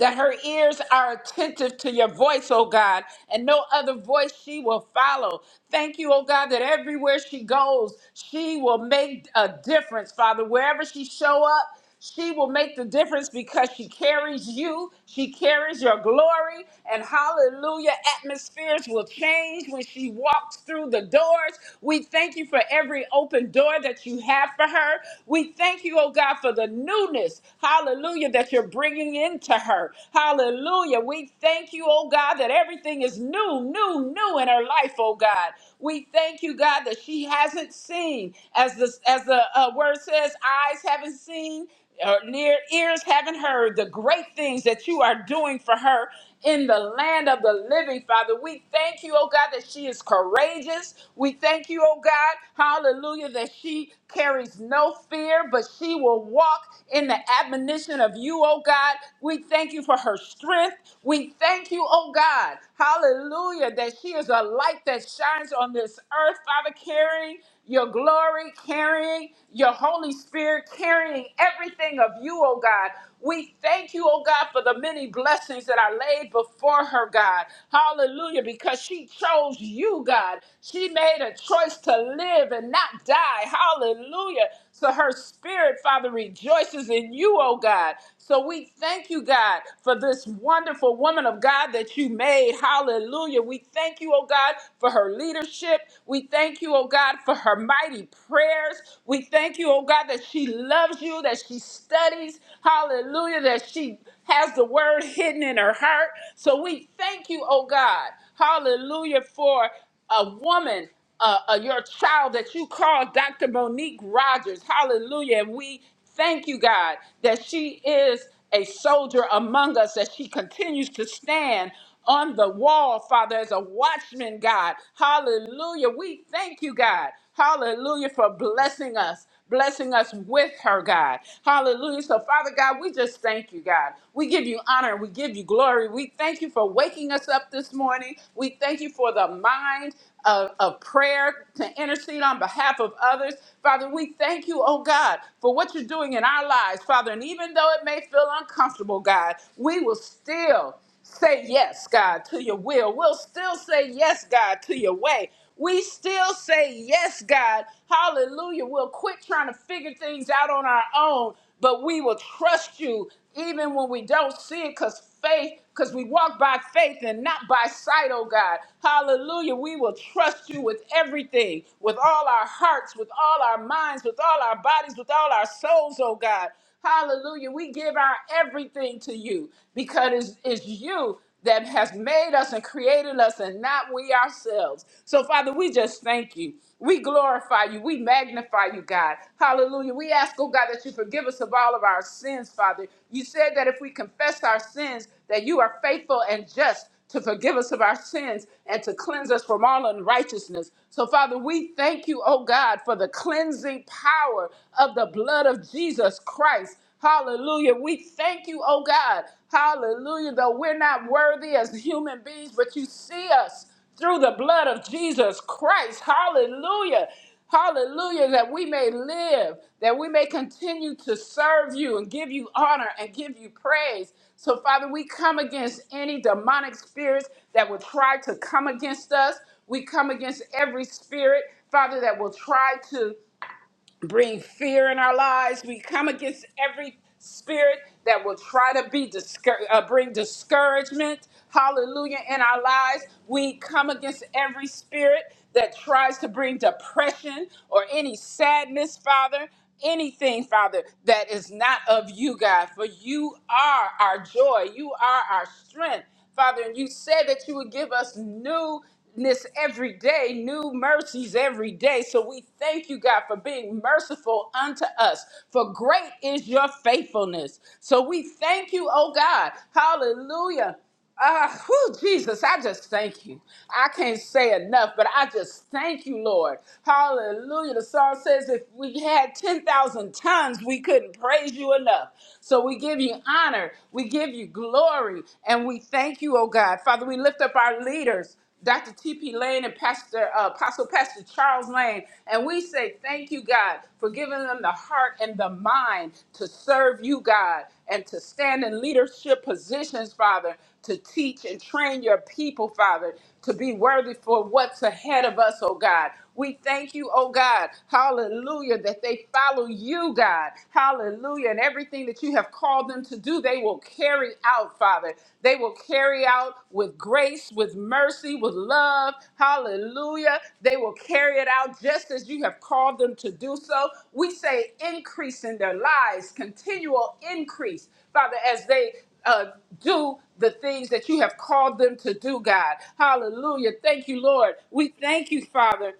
Speaker 2: that her ears are attentive to your voice, oh God, and no other voice she will follow. Thank you, oh God, that everywhere she goes, she will make a difference, Father. Wherever she show up, she will make the difference because she carries you, she carries your glory, and hallelujah, atmospheres will change when she walks through the doors. We thank you for every open door that you have for her. We thank you, oh God, for the newness, hallelujah, that you're bringing breathing into her. Hallelujah. We thank you, oh God, that everything is new, new, new in her life, oh God. We thank you, God, that she hasn't seen, as the, as the uh, word says, eyes haven't seen, or near ears haven't heard the great things that you are doing for her in the land of the living, Father. We thank you, oh God, that she is courageous. We thank you, oh God, hallelujah, that she carries no fear, but she will walk in the admonition of you you, oh God. We thank you for her strength. We thank you, oh God. Hallelujah, that she is a light that shines on this earth, Father, carrying your glory, carrying your Holy Spirit, carrying everything of you, oh God. We thank you, oh God, for the many blessings that are laid before her, God. Hallelujah, because she chose you, God. She made a choice to live and not die. Hallelujah. So her spirit, Father, rejoices in you, oh God. So we thank you, God, for this wonderful woman of God that you made. Hallelujah. We thank you, oh God, for her leadership. We thank you, oh God, for her mighty prayers. We thank you, oh God, that she loves you, that she studies. Hallelujah. That she has the word hidden in her heart. So we thank you, oh God. Hallelujah for a woman, uh, uh, your child that you call Dr. Monique Rogers. Hallelujah. And we thank you, God, that she is a soldier among us, that she continues to stand on the wall, Father, as a watchman, God. Hallelujah. We thank you, God. Hallelujah for blessing us, blessing us with her, God. Hallelujah. So, Father God, we just thank you, God. We give you honor. We give you glory. We thank you for waking us up this morning. We thank you for the mind of, of prayer to intercede on behalf of others. Father, we thank you, oh God, for what you're doing in our lives, Father. And even though it may feel uncomfortable, God, we will still say yes, God, to your will. We'll still say yes, God, to your way. We still say yes, God. Hallelujah. We'll quit trying to figure things out on our own, but we will trust you even when we don't see it because faith, because we walk by faith and not by sight, oh God. Hallelujah. We will trust you with everything, with all our hearts, with all our minds, with all our bodies, with all our souls, oh God. Hallelujah. We give our everything to you because it's, it's you that has made us and created us and not we ourselves. So, Father, we just thank you. We glorify you. We magnify you, God. Hallelujah. We ask, oh God, that you forgive us of all of our sins, Father. You said that if we confess our sins, that you are faithful and just to forgive us of our sins and to cleanse us from all unrighteousness. So, Father, we thank you, oh God, for the cleansing power of the blood of Jesus Christ. Hallelujah. We thank you, oh God. Hallelujah. Though we're not worthy as human beings, but you see us through the blood of Jesus Christ. Hallelujah. Hallelujah, that we may live, that we may continue to serve you and give you honor and give you praise. So, Father, we come against any demonic spirits that will try to come against us. We come against every spirit, Father, that will try to bring fear in our lives. We come against every spirit that will try to be discour- uh, bring discouragement. Hallelujah in our lives. We come against every spirit that tries to bring depression or any sadness, Father. Anything, Father, that is not of you, God, for you are our joy. You are our strength, Father. And you said that you would give us new goodness every day, new mercies every day. So we thank you, God, for being merciful unto us. For great is your faithfulness. So we thank you, oh God. Hallelujah. Ah, whew, Jesus, I just thank you. I can't say enough, but I just thank you, Lord. Hallelujah. The song says if we had 10,000 tons, we couldn't praise you enough. So we give you honor, we give you glory, and we thank you, oh God. Father, we lift up our leaders. Dr. T.P. Lane and Pastor uh, Apostle Pastor Charles Lane, and we say thank you, God, for giving them the heart and the mind to serve you, God, and to stand in leadership positions, Father, to teach and train your people, Father, to be worthy for what's ahead of us, oh God. We thank you, oh God. Hallelujah, that they follow you, God. Hallelujah. And everything that you have called them to do, they will carry out, Father. They will carry out with grace, with mercy, with love. Hallelujah. They will carry it out just as you have called them to do so. We say increase in their lives, continual increase, Father, as they uh, do the things that you have called them to do, God. Hallelujah. Thank you, Lord. We thank you, Father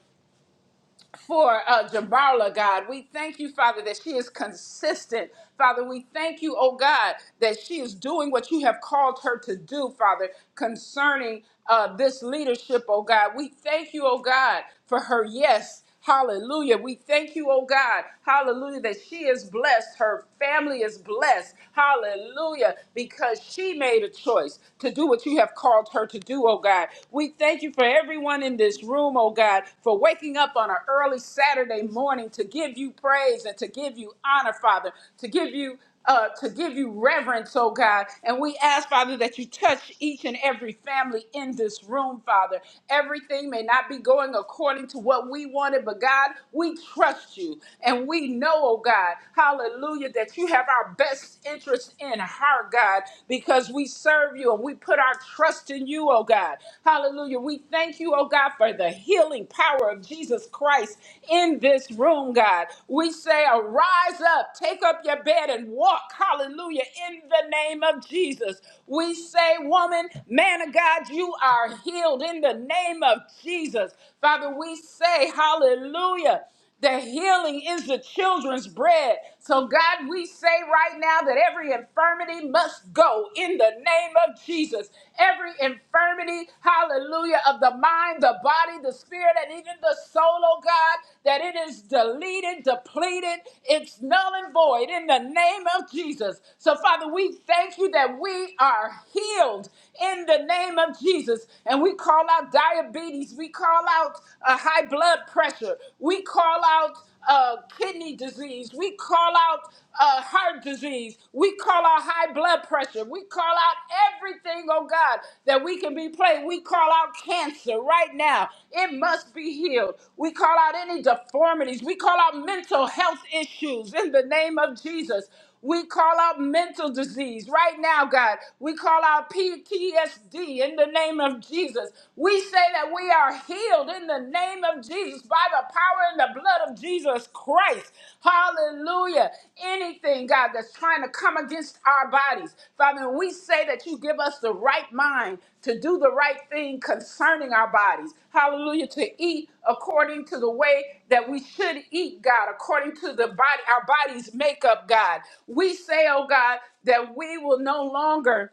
Speaker 2: for uh, Jamarla, God. We thank you, Father, that she is consistent. Father, we thank you, oh God, that she is doing what you have called her to do, Father, concerning uh, this leadership, oh God. We thank you, oh God, for her yes. Hallelujah. We thank you, oh God. Hallelujah. That she is blessed. Her family is blessed. Hallelujah. Because she made a choice to do what you have called her to do, oh God. We thank Thank you for everyone in this room, oh God, for waking up on an early Saturday morning to give you praise and to give you honor, Father, to give you uh, to give you reverence, oh God. And we ask, Father, that you touch each and every family in this room, Father. Everything may not be going according to what we wanted, but God, we trust you. And we know, oh God, hallelujah, that you have our best interest in heart, God, because because we serve you and we put our trust in you, oh God. Hallelujah. We thank you, oh God, for the healing power of Jesus Christ in this room, God. We say, arise up, take up your bed and walk. Hallelujah. In the name of Jesus. We say, woman, man of God, you are healed in the name of Jesus. Father, we say, hallelujah that healing is the children's bread. So, God, we say right now that every infirmity must go in the name of Jesus. Every infirmity, hallelujah, of the mind, the body, the spirit, and even the soul, oh God, that it is deleted, depleted, it's null and void in the name of Jesus. So, Father, we thank you that we are healed in the name of Jesus. And we call out diabetes, we call out out uh, high blood pressure. We call out uh, kidney disease. We call out uh, heart disease. We call out high blood pressure. We call out everything, oh God, that we can be plagued. We call out cancer right now. It must be healed. We call out any deformities. We call out mental health issues in the name of Jesus. We call out mental disease right now, God. We call out PTSD in the name of Jesus. We say that we are healed in the name of Jesus by the power and the blood of Jesus Christ. Hallelujah. Anything, God, that's trying to come against our bodies, Father, we say that you give us the right mind to do the right thing concerning our bodies. Hallelujah. To eat according to the way that we should eat, God, according to the body, our body's makeup, God. We say, oh God, that we will no longer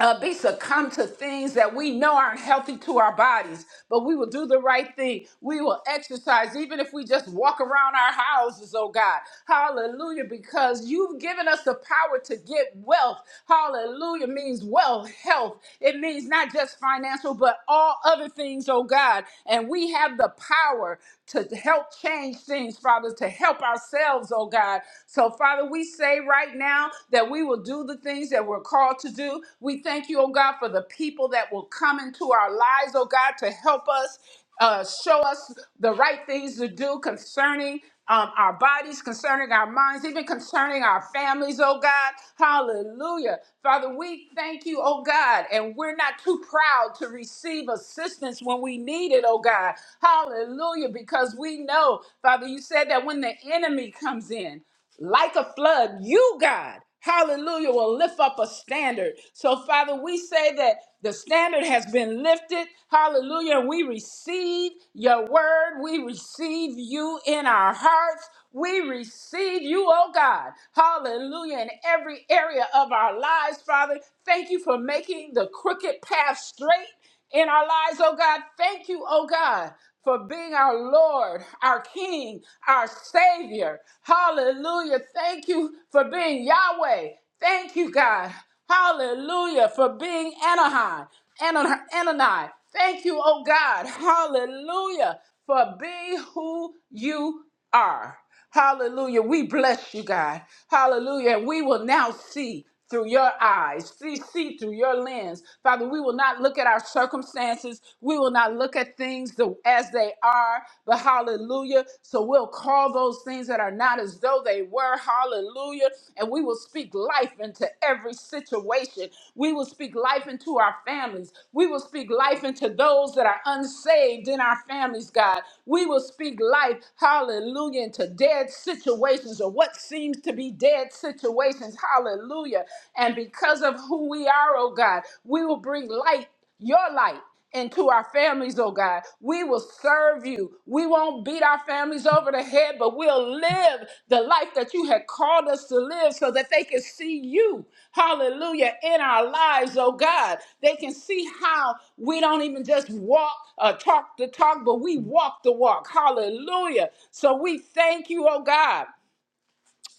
Speaker 2: uh, be succumb to things that we know aren't healthy to our bodies, but we will do the right thing. We will exercise, even if we just walk around our houses, oh God. Hallelujah, because you've given us the power to get wealth. Hallelujah means wealth, health. It means not just financial, but all other things, oh God. And we have the power to help change things, Father, to help ourselves, oh God. So, Father, we say right right now that we will do the things that we're called to do. We thank you, oh God, for the people that will come into our lives, oh God, to help us, uh, show us the right things to do concerning um, our bodies, concerning our minds, even concerning our families, oh God. Hallelujah. Father, we thank you, oh God, and we're not too proud to receive assistance when we need it, oh God. Hallelujah, because we know, Father, you said that when the enemy comes in, like a flood, you, God, hallelujah, will lift up a standard. So, Father, we say that the standard has been lifted. Hallelujah. We receive your word. We receive you in our hearts. We receive you, oh God. Hallelujah. In every area of our lives, Father, thank you for making the crooked path straight in our lives, oh God. Thank you, oh God, for being our Lord, our King, our Savior. Hallelujah. Thank you for being Yahweh. Thank you, God. Hallelujah for being Anaheim. Ana- Anani. Thank you, oh God. Hallelujah for being who you are. Hallelujah. We bless you, God. Hallelujah. And we will now see through your eyes, see, see through your lens. Father, we will not look at our circumstances. We will not look at things the- as they are, but hallelujah. So we'll call those things that are not as though they were. Hallelujah. And we will speak life into every situation situation. We will speak life into our families. We will speak life into those that are unsaved in our families, God. We will speak life, hallelujah, into dead situations or what seems to be dead situations, hallelujah. And because of who we are, oh God, we will bring light, your light. Into our families, oh God. We will serve you. We won't beat our families over the head, but we'll live the life that you had called us to live so that they can see you, hallelujah, in our lives, oh God. They can see how we don't even just walk or talk the talk, but we walk the walk, hallelujah. So we thank you, oh God.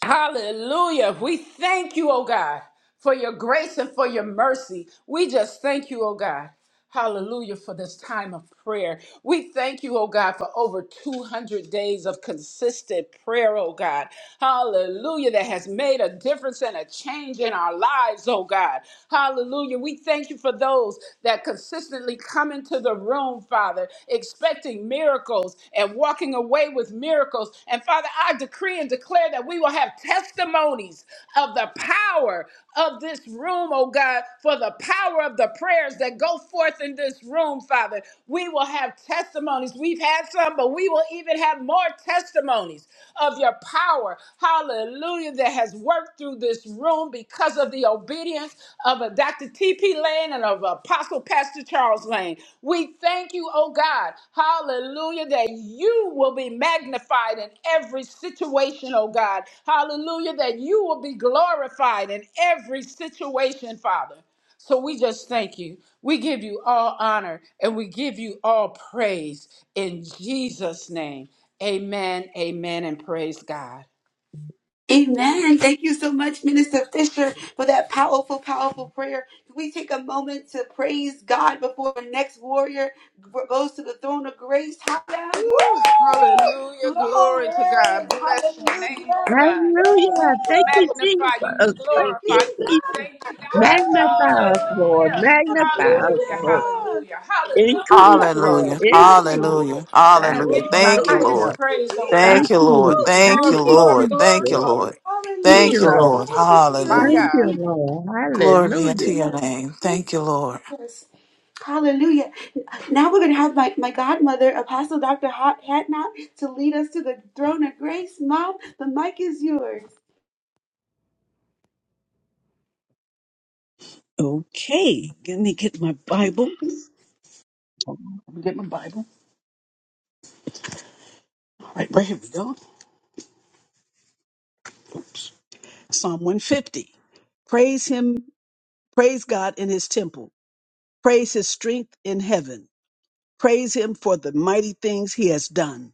Speaker 2: Hallelujah. We thank you, oh God, for your grace and for your mercy. We just thank you, oh God. Hallelujah for this time of prayer. We thank you, oh God, for over 200 days of consistent prayer, oh God. Hallelujah, that has made a difference and a change in our lives, oh God. Hallelujah. We thank you for those that consistently come into the room, Father, manifesting miracles and walking away with miracles. And Father, I decree and declare that we will have testimonies of the power of this room, oh God, for the power of the prayers that go forth in this room, Father. We will have testimonies. We've had some, but we will even have more testimonies of your power. Hallelujah, that has worked through this room because of the obedience of a Dr. T.P. Lane and of Apostle Pastor Charles Lane. We thank you, oh God, hallelujah, that you will be magnified in every situation, oh God. Hallelujah, that you will be glorified in every situation, Father. So we just thank you. We give you all honor and we give you all praise in Jesus' name. Amen, amen, and praise God.
Speaker 1: Amen. Thank you so much, Minister Fisher, for that powerful, powerful prayer. Can we take a moment to praise God before the next warrior goes to the throne of grace? Hallelujah.
Speaker 2: Hallelujah.
Speaker 1: Woo!
Speaker 2: Glory to
Speaker 1: Glory.
Speaker 2: God. Bless your name,
Speaker 1: Hallelujah.
Speaker 2: oh God. We
Speaker 5: Hallelujah.
Speaker 1: Woo!
Speaker 5: Thank you,
Speaker 2: magnify you. We
Speaker 5: Jesus. Thank you,
Speaker 2: glorify you. We
Speaker 1: Jesus.
Speaker 5: Jesus.
Speaker 2: thank you, God.
Speaker 5: Magnify
Speaker 1: Woo!
Speaker 5: us, Lord.
Speaker 2: Hallelujah. Hallelujah.
Speaker 5: Magnify us,
Speaker 2: Hallelujah.
Speaker 5: Lord.
Speaker 1: Hallelujah.
Speaker 2: Hallelujah.
Speaker 5: Increase, Lord.
Speaker 1: Jesus.
Speaker 6: Hallelujah.
Speaker 2: Hallelujah.
Speaker 1: Yes,
Speaker 5: Increase.
Speaker 1: Lord.
Speaker 2: Hallelujah.
Speaker 6: Hallelujah.
Speaker 2: We
Speaker 6: Hallelujah.
Speaker 2: give you the
Speaker 6: Thank you,
Speaker 5: Hallelujah.
Speaker 2: highest
Speaker 6: Lord.
Speaker 1: Woo!
Speaker 2: praise, oh
Speaker 1: Jesus.
Speaker 2: God.
Speaker 6: Thank
Speaker 5: Thank
Speaker 6: you, Lord.
Speaker 5: you.
Speaker 2: Woo,
Speaker 6: Thank you,
Speaker 5: Thank
Speaker 2: glory,
Speaker 5: you,
Speaker 1: Thank you.
Speaker 2: glory,
Speaker 6: Lord.
Speaker 2: glory,
Speaker 6: Thank you,
Speaker 5: Jesus.
Speaker 6: Lord.
Speaker 2: glory.
Speaker 5: Thank
Speaker 6: Thank
Speaker 5: you,
Speaker 1: Hallelujah.
Speaker 6: you,
Speaker 5: Lord.
Speaker 2: Jesus,
Speaker 6: Lord.
Speaker 1: Glory to your
Speaker 2: my
Speaker 5: Thank
Speaker 6: Hallelujah.
Speaker 1: name,
Speaker 5: you,
Speaker 2: God.
Speaker 5: Lord.
Speaker 6: Glory be unto
Speaker 5: Hallelujah.
Speaker 6: your
Speaker 1: Jesus.
Speaker 6: name. Thank you, Lord.
Speaker 1: Jesus. Hallelujah. Now we're going to have my, my godmother, Apostle Dr. Hot Hatnot, to lead us to the throne of grace. Mom, the mic is yours.
Speaker 4: Okay, let me get my Bible. Hold on, Let me get my Bible. All right, right here we go. Psalm 150. Praise him Praise God in his temple. Praise his strength in heaven. Praise him for the mighty things he has done.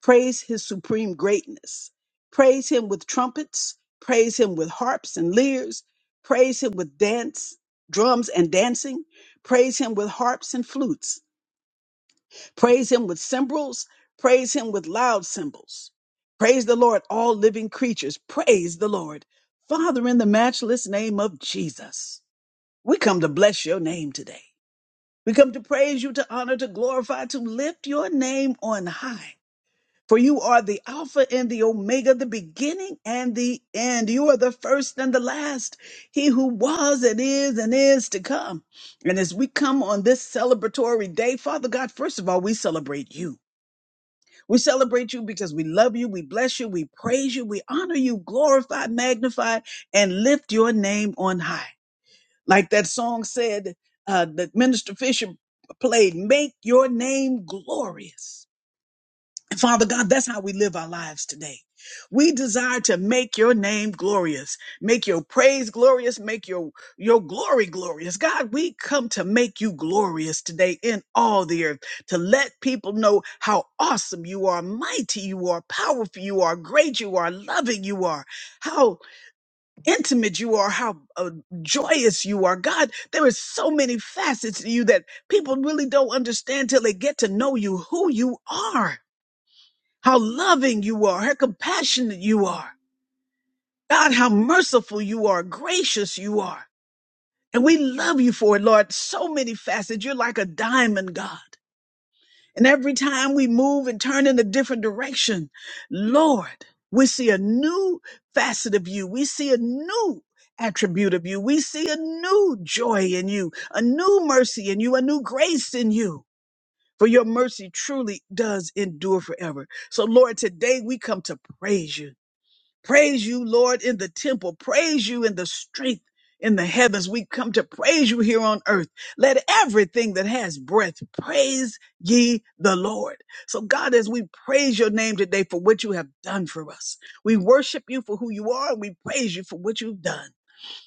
Speaker 4: Praise his supreme greatness. Praise him with trumpets. Praise him with harps and lyres. Praise him with dance, drums and dancing. Praise him with harps and flutes. Praise him with cymbals. Praise him with loud cymbals. Praise the Lord, all living creatures. Praise the Lord. Father, in the matchless name of Jesus, we come to bless your name today. We come to praise you, to honor, to glorify, to lift your name on high. For you are the Alpha and the Omega, the beginning and the end. You are the first and the last, He who was and is and is to come. And as we come on this celebratory day, Father God, first of all, we celebrate you. We celebrate you because we love you, we bless you, we praise you, we honor you, glorify, magnify, and lift your name on high. Like that song said uh, that Minister Fisher played, make your name glorious. And Father God, that's how we live our lives today. We desire to make your name glorious, make your praise glorious, make your, your glory glorious. God, we come to make you glorious today in all the earth, to let people know how awesome you are, mighty you are, powerful you are, great you are, loving you are, how intimate you are, how uh, joyous you are. God, there is so many facets to you that people really don't understand till they get to know you, who you are, how loving you are, how compassionate you are. God, how merciful you are, gracious you are. And we love you for it, Lord. So many facets. You're like a diamond, God. And every time we move and turn in a different direction, Lord, we see a new facet of you. We see a new attribute of you. We see a new joy in you, a new mercy in you, a new grace in you. For your mercy truly does endure forever. So, Lord, today we come to praise you. Praise you, Lord, in the temple. Praise you in the strength in the heavens. We come to praise you here on earth. Let everything that has breath praise ye the Lord. So, God, as we praise your name today for what you have done for us, we worship you for who you are and we praise you for what you've done.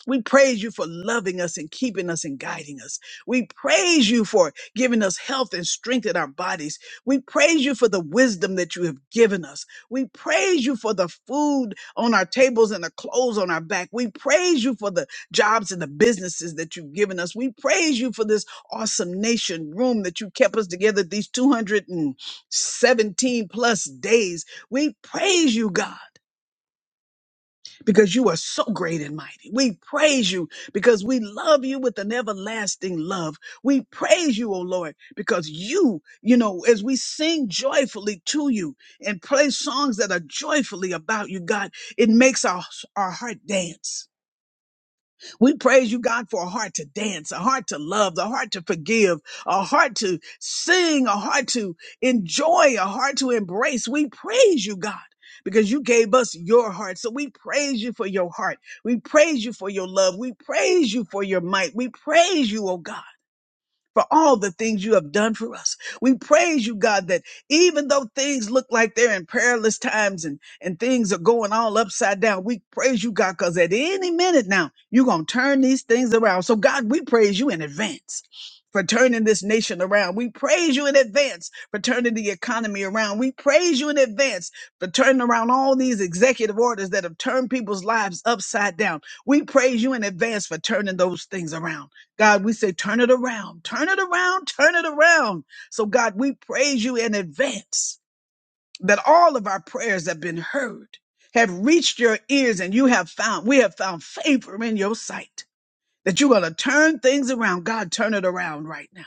Speaker 4: We praise you for loving us and keeping us and guiding us. We praise you for giving us health and strength in our bodies. We praise you for the wisdom that you have given us. We praise you for the food on our tables and the clothes on our back. We praise you for the jobs and the businesses that you've given us. We praise you for this awesome nation room that you kept us together these 217 plus days. We praise you, God because you are so great and mighty. We praise you because we love you with an everlasting love. We praise you, O Lord, because you, you know, as we sing joyfully to you and play songs that are joyfully about you, God, it makes our, our heart dance we praise you, God, for a heart to dance, a heart to love, a heart to forgive, a heart to sing, a heart to enjoy, a heart to embrace. We praise you, God. Because you gave us your heart. So we praise you for your heart. We praise you for your love. We praise you for your might. We praise you, oh God for all the things you have done for us. We praise you, God, that even though things look like they're in perilous times and, and things are going all upside down, we praise you, God, because at any minute now, you're going to turn these things around. So, God, we praise you in advance. For turning this nation around. We praise you in advance for turning the economy around. We praise you in advance for turning around all these executive orders that have turned people's lives upside down. We praise you in advance for turning those things around. God, we say, turn it around, turn it around, turn it around. So, God, we praise you in advance that all of our prayers have been heard, have reached your ears, and you have found, we have found favor in your sight, that you're going to turn things around. God, turn it around right now.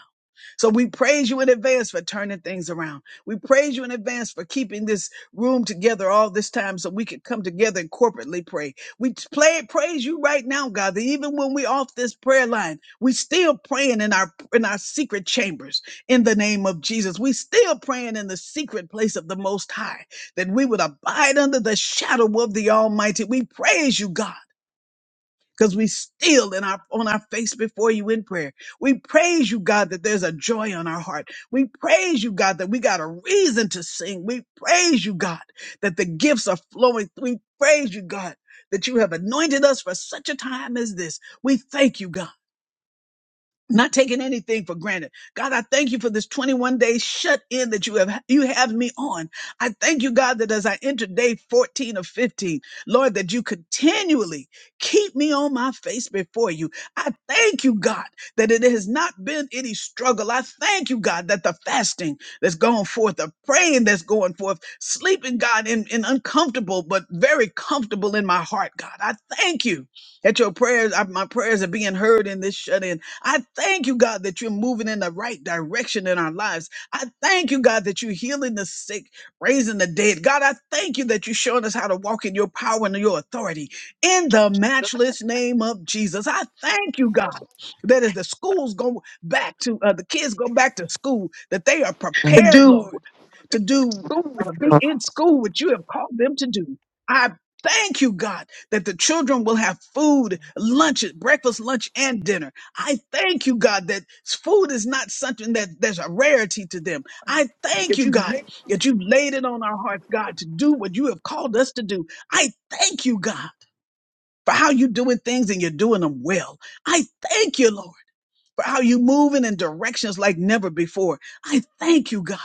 Speaker 4: So we praise you in advance for turning things around. We praise you in advance for keeping this room together all this time so we could come together and corporately pray. We t- play, praise you right now, God, that even when we're off this prayer line, we still praying in our in our secret chambers in the name of Jesus. We still praying in the secret place of the most high that we would abide under the shadow of the Almighty. We praise you, God because we still in our on our face before you in prayer. We praise you, God, that there's a joy on our heart. We praise you, God, that we got a reason to sing. We praise you, God, that the gifts are flowing. We praise you, God, that you have anointed us for such a time as this. We thank you, God not taking anything for granted. God, I thank you for this 21 day shut in that you have, you have me on. I thank you, God, that as I enter day 14 or 15, Lord, that you continually keep me on my face before you. I thank you, God, that it has not been any struggle. I thank you, God, that the fasting that's going forth, the praying that's going forth, sleeping, God, in, in uncomfortable, but very comfortable in my heart, God. I thank you that your prayers, uh, my prayers are being heard in this shut in. I thank you, God, that you're moving in the right direction in our lives. I thank you, God, that you're healing the sick, raising the dead. God, I thank you that you're showing us how to walk in your power and your authority in the matchless name of Jesus. I thank you, God, that as the schools go back to, uh, the kids go back to school, that they are
Speaker 7: to
Speaker 4: prepared,
Speaker 7: do
Speaker 4: Lord, to do,
Speaker 7: so much
Speaker 4: uh, be
Speaker 7: good
Speaker 4: in school what you have called them to do. I Thank you, God, that the children will have food, lunch, breakfast, lunch, and dinner. I thank you, God, that food is not something that there's a rarity to them. I thank
Speaker 7: that
Speaker 4: you,
Speaker 7: you
Speaker 4: God,
Speaker 7: make.
Speaker 4: that you've laid it on our hearts, God, to do what you have called us to do. I thank you, God, for how you're doing things and you're doing them well. I thank you, Lord, for how you're moving in directions like never before. I thank you, God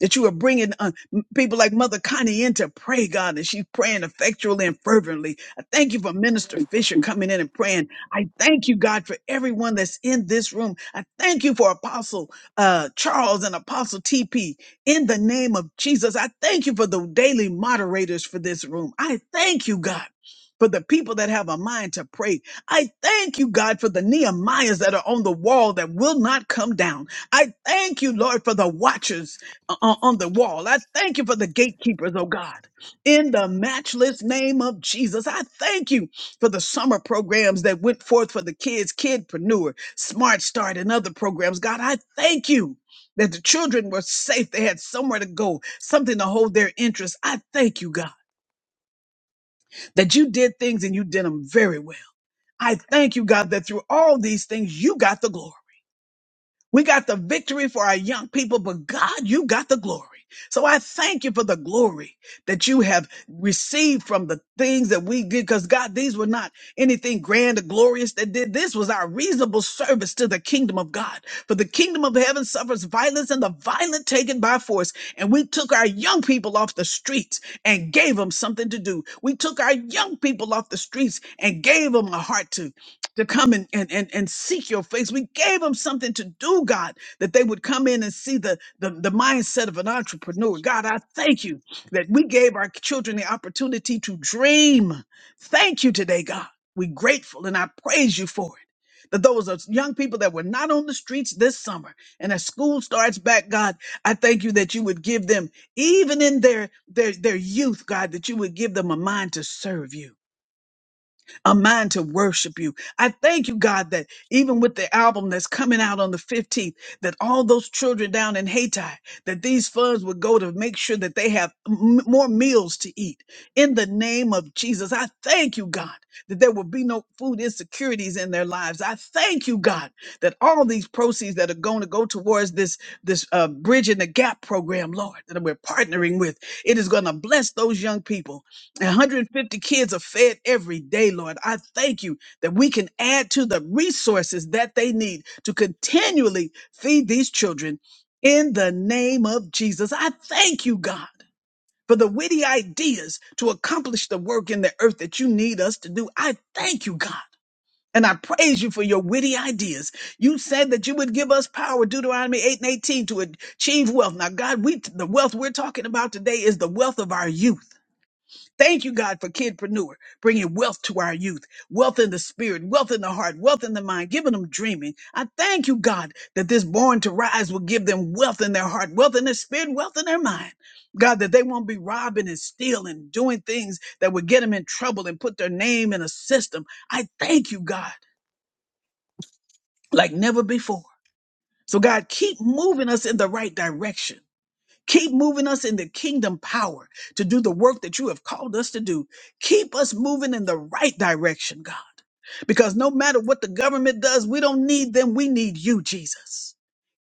Speaker 4: that you are bringing uh, m- people like Mother Connie in to pray, God, and she's praying effectually and fervently. I thank you for Minister
Speaker 7: and
Speaker 4: Fisher
Speaker 7: pray.
Speaker 4: coming in and praying. I thank you, God, for everyone that's in this room. I thank you for Apostle uh, Charles and Apostle TP. In the name of Jesus, I thank you for the daily moderators for this room. I thank you, God. For the people that have a mind to pray, I thank you, God, for the Nehemiahs that are on the wall that will not come down. I thank you, Lord, for the watchers on on the wall. I thank you for the gatekeepers, oh God. In the matchless name of Jesus, I thank you for the summer programs that went forth for the kids, Kidpreneur, Smart Start, and other programs. God, I thank you that the children were safe. They had somewhere to go, something to hold their interest. I thank you, God, that you did things and you did them very well. I thank you, God, that through all these things, you got the glory. We got the victory for our young people, but God, you got the glory. So I thank you for the glory that you have received from the things that we did. Because God, these were not anything grand or glorious that did. This was our reasonable service to the kingdom of God. For the kingdom of heaven suffers violence and the violent taken by force. And we took our young people off the streets and gave them something to do. We took our young people off the streets and gave them a heart to to come and, and and and seek your face. We gave them something to do, God, that they would come in and see the, the the mindset of an entrepreneur. God, I thank you that we gave our children the opportunity to dream. Thank you today, God. We're grateful and I praise you for it. That those are young people that were not on the streets this summer, and as school starts back, God, I thank you that you would give them, even in their their their youth, God, that you would give them a mind to serve you a mind to worship you. I thank you, God, that even with the album that's coming out on the 15th, that all those children down in Haiti, that these funds would go to make sure that they have m- more meals to eat. In the name of Jesus, I thank you, God, that there will be no food insecurities in their lives. I thank you, God, that all these proceeds that are going to go towards this this uh, bridge in the gap program, Lord, that we're partnering with, it is going to bless those young people 150 kids are fed every day, Lord. I thank you that we can add to the resources that they need to continually feed these children in the name of Jesus. I thank you, God, for the witty ideas to accomplish the work in the earth that you need us to do. I thank you, God. And I praise you for your witty ideas. You said that you would give us power, Deuteronomy 8 and 18, to achieve wealth. Now, God, we the wealth we're talking about today is the wealth of our youth. Thank you, God, for kidpreneur, bringing wealth to our youth, wealth in the spirit, wealth in the heart, wealth in the mind, giving them dreaming. I thank you, God, that this born to rise will give them wealth in their heart, wealth in their spirit, wealth in their mind. God, that they won't be robbing and stealing, doing things that would get them in trouble and put their name in a system. I thank you, God, like never before. So, God, keep moving us in the right direction. Keep moving us in the kingdom power to do the work that you have called us to do. Keep us moving in the right direction, God. Because no matter what the government does, we don't need them. We need you, Jesus.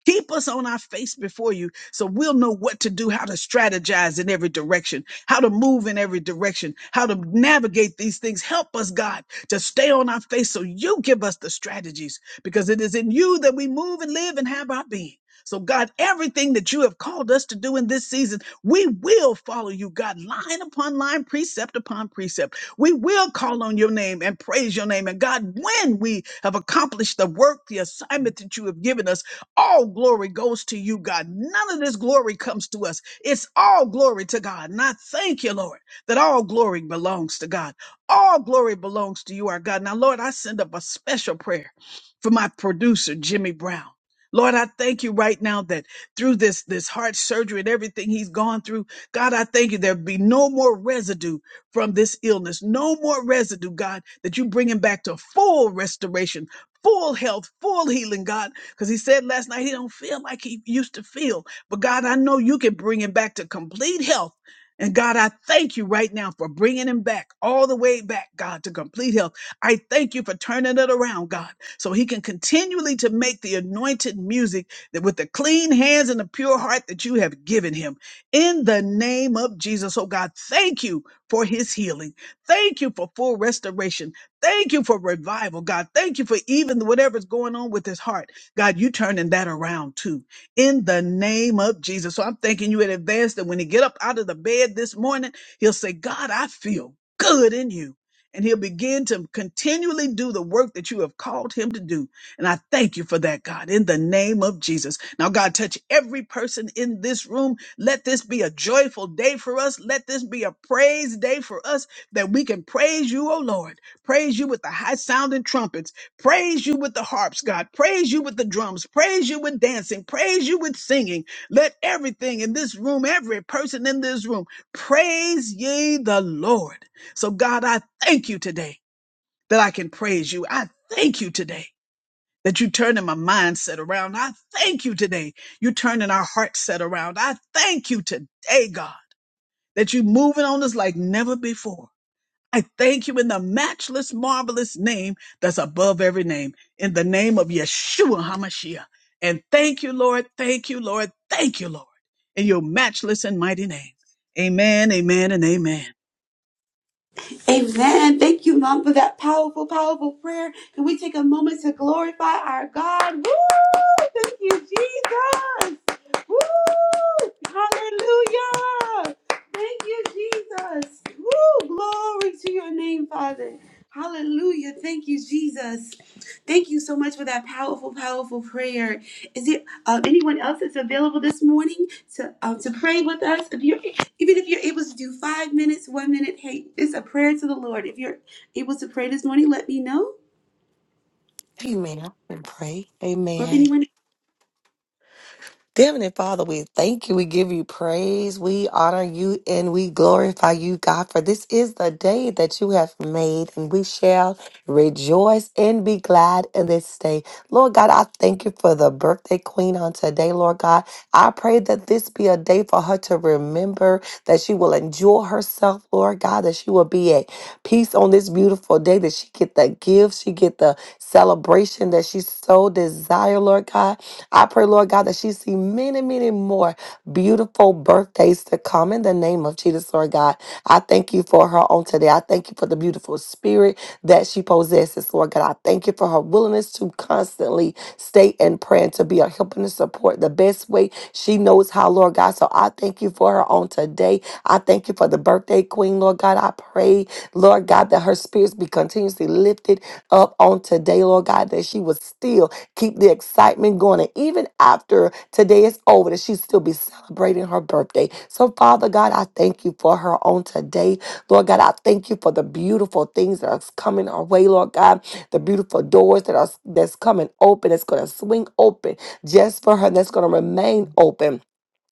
Speaker 4: Keep us on our face before you so we'll know what to do, how to strategize in every direction, how to move in every direction, how to navigate these things. Help us, God, to stay on our face so you give us the strategies because it is in you that we move and live and have our being. So, God, everything that you have called us to do in this season, we will follow you, God, line upon line, precept upon precept. We will call on your name and praise your name. And, God, when we have accomplished the work, the assignment that you have given us, all glory goes to you, God. None of this glory comes to us. It's all glory to God. And I thank you, Lord, that all glory belongs to God. All glory belongs to you, our God. Now, Lord, I send up a special prayer for my producer, Jimmy Brown. Lord, I thank you right now that through this, this heart surgery and everything he's gone through, God, I thank you there'll be no more residue from this illness, no more residue, God, that you bring him back to full restoration, full health, full healing, God. Because he said last night he don't feel like he used to feel. But God, I know you can bring him back to complete health. And God, I thank you right now for bringing him back all the way back, God, to complete health. I thank you for turning it around, God, so he can continually to make the anointed music that with the clean hands and the pure heart that you have given him. In the name of Jesus, oh God, thank you for his healing. Thank you for full restoration. Thank you for revival, God. Thank you for even whatever's going on with his heart. God, you turning that around too. In the name of Jesus. So I'm thanking you in advance that when he get up out of the bed this morning, he'll say, God, I feel good in you. And he'll begin to continually do the work that you have called him to do. And I thank you for that, God, in the name of Jesus. Now, God, touch every person in this room. Let this be a joyful day for us. Let this be a praise day for us that we can praise you, O Lord. Praise you with the high sounding trumpets Praise you with the harps, God. Praise you with the drums. Praise you with dancing. Praise you with singing. Let everything in this room, every person in this room, praise ye the Lord. So, God, I thank you today that I can praise you. I thank you today that you are turning my mindset around. I thank you today you are turning our heart set around. I thank you today, God, that you are moving on us like never before. I thank you in the matchless, marvelous name that's above every name, in the name of Yeshua HaMashiach. And thank you, Lord. Thank you, Lord. Thank you, Lord, in your matchless and mighty name. Amen, amen, and amen.
Speaker 1: Amen. Thank you, Mom, for that powerful, powerful prayer. Can we take a moment to glorify our God? Woo! Thank you, Jesus. Woo! Hallelujah. Thank you, Jesus. Woo! Glory to your name, Father. Hallelujah. Thank you, Jesus. Thank you so much for that powerful, powerful prayer. Is it uh, anyone else that's available this morning to uh, to pray with us? If you even if you're able to do five minutes, one minute, hey, it's a prayer to the Lord. If you're able to pray this morning, let me know.
Speaker 7: Amen. And pray.
Speaker 1: Or if
Speaker 7: Amen.
Speaker 1: anyone,
Speaker 7: Dear Heavenly Father, we thank you. We give you praise. We honor you and we glorify you, God, for this is the day that you have made, and we shall rejoice and be glad in this day. Lord God, I thank you for the birthday queen on today, Lord God. I pray that this be a day for her to remember that she will enjoy herself, Lord God, that she will be at peace on this beautiful day, that she get the gifts, she get the celebration that she so desire, Lord God. I pray, Lord God, that she see many, many more beautiful birthdays to come in the name of Jesus, Lord God. I thank you for her on today. I thank you for the beautiful spirit that she possesses, Lord God. I thank you for her willingness to constantly stay in prayer and to be a help and a support the best way she knows how, Lord God. So I thank you for her on today. I thank you for the birthday queen, Lord God. I pray, Lord God, that her spirits be continuously lifted up on today, Lord God, that she was still Keep the excitement going. And even after today is over, that she still be celebrating her birthday. So, Father God, I thank you for her on today. Lord God, I thank you for the beautiful things that are coming our way, Lord God. The beautiful doors that are that's coming open, that's gonna swing open just for her, and that's gonna remain open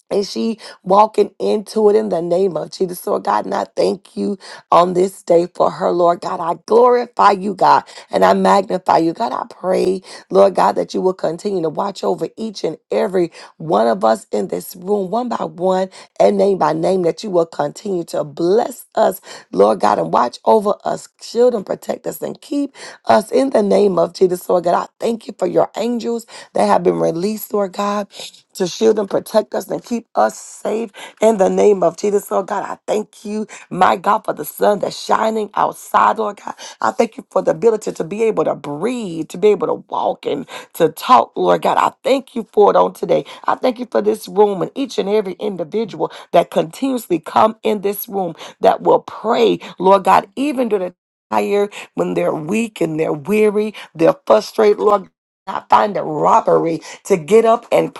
Speaker 7: and she walking into it in the name of Jesus. So, God, and I thank you on this day for her, Lord God. I glorify you, God, and I magnify you. God, I pray, Lord God, that you will continue to watch over each and every one of us in this room, one by one and name by name, that you will continue to bless us, Lord God, and watch over us, shield and protect us, and keep us in the name of Jesus. Lord God, I thank you for your angels that have been released, Lord God to shield and protect us and keep us safe in the name of Jesus. Lord God, I thank you, my God, for the sun that's shining outside, Lord God. I thank you for the ability to be able to breathe, to be able to walk and to talk, Lord God. I thank you for it on today. I thank you for this room and each and every individual that continuously come in this room that will pray, Lord God, even during the tired when they're weak and they're weary, they're frustrated, Lord. I find it robbery to get up and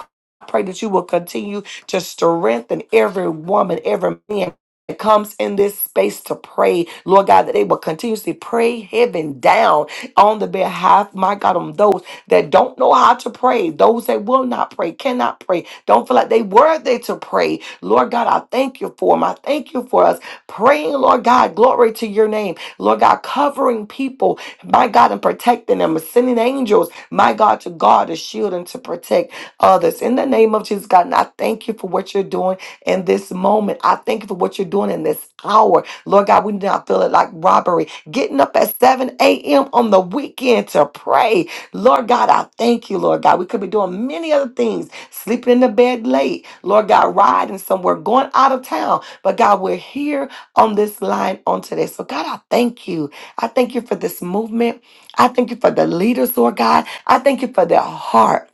Speaker 7: I pray that you will continue to strengthen every woman, every man. that Comes in this space to pray, Lord God, that they will continuously pray heaven down on the behalf, my God, on those that don't know how to pray, those that will not pray, cannot pray, don't feel like they worthy to pray. Lord God, I thank you for them. I thank you for us praying, Lord God, glory to your name. Lord God, covering people, my God, and protecting them, sending angels, my God, to guard, to shield, and to protect others. In the name of Jesus, God, and I thank you for what you're doing in this moment. I thank you for what you're doing in this hour. Lord God, we do not feel it like robbery. Getting up at 7 a.m. on the weekend to pray. Lord God, I thank you, Lord God. We could be doing many other things, sleeping in the bed late. Lord God, riding somewhere, going out of town. But God, we're here on this line on today. So God, I thank you. I thank you for this movement. I thank you for the leaders, Lord God. I thank you for their heart.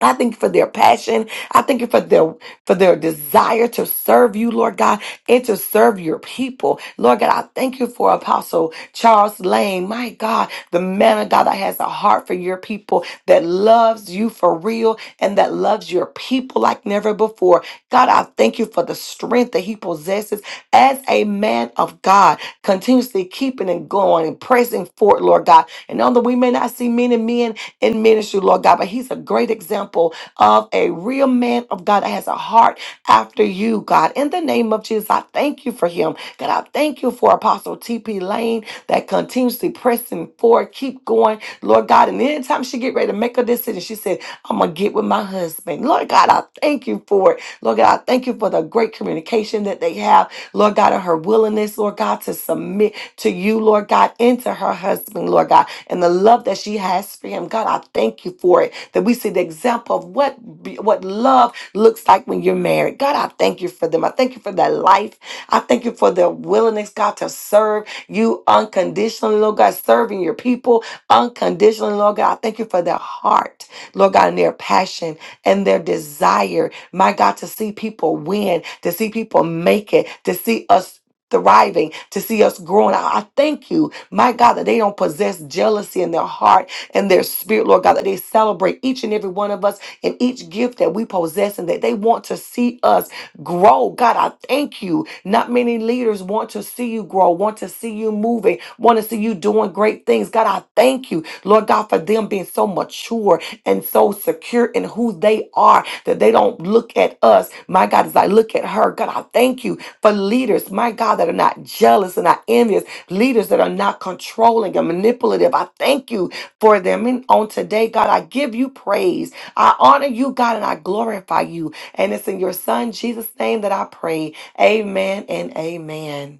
Speaker 7: I thank you for their passion. I thank you for their for their desire to serve you, Lord God, and to serve your people. Lord God, I thank you for Apostle Charles Lane. My God, the man of God that has a heart for your people, that loves you for real, and that loves your people like never before. God, I thank you for the strength that he possesses as a man of God, continuously keeping and going and pressing forth, Lord God. And although we may not see many men in ministry, Lord God. But he's a great example of a real man of God that has a heart after you, God. In the name of Jesus, I thank you for him. God, I thank you for Apostle T.P. Lane that continuously pressing forward, keep going, Lord God. And anytime she get ready to make a decision, she said, I'm going to get with my husband. Lord God, I thank you for it. Lord God, I thank you for the great communication that they have, Lord God, and her willingness, Lord God, to submit to you, Lord God, and to her husband, Lord God and the love that she has for him. God, I thank you for it. That we see the example of what be- what love looks like when you're married. God, I thank you for them. I thank you for that life. I thank you for their willingness, God, to serve you unconditionally, Lord God, serving your people unconditionally, Lord God. I thank you for their heart, Lord God, and their passion and their desire, my God, to see people win, to see people make it, to see us thriving, to see us growing. I I thank you my God, that they don't possess jealousy in their heart and their spirit, Lord God, that they celebrate each and every one of us and each gift that we possess and that they want to see us grow. God, I thank you. Not many leaders want to see you grow, want to see you moving, want to see you doing great things. God, I thank you, Lord God, for them being so mature and so secure in who they are that they don't look at us. My God, as I look at her, God, I thank you for leaders, my God, that are not jealous and not envious leaders that are not controlling and manipulative. I thank you for them. And on today, God, I give you praise. I honor you, God, and I glorify you. And it's in your Son, Jesus' name, that I pray. Amen and amen.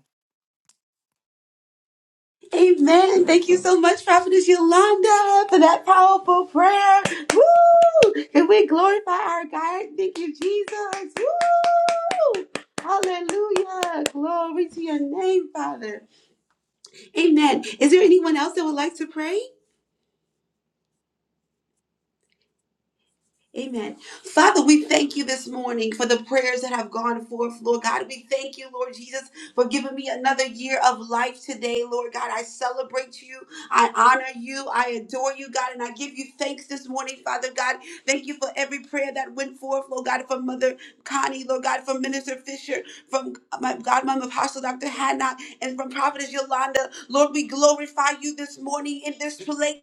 Speaker 1: amen. Thank you so much, Prophetess Yolanda, for that powerful prayer. Woo! And we glorify our God. Thank you, Jesus. Woo! Hallelujah. Glory to your name, Father. Amen. Is there anyone else that would like to pray? Amen. Father, we thank you this morning for the prayers that have gone forth, Lord God. We thank you, Lord Jesus, for giving me another year of life today, Lord God. I celebrate you. I honor you. I adore you, God, and I give you thanks this morning, Father God. Thank you for every prayer that went forth, Lord God, from Mother Connie, Lord God, from Minister Fisher, from my godmother, Apostle Dr. Hannah, and from Prophetess Yolanda. Lord, we glorify you this morning in this place.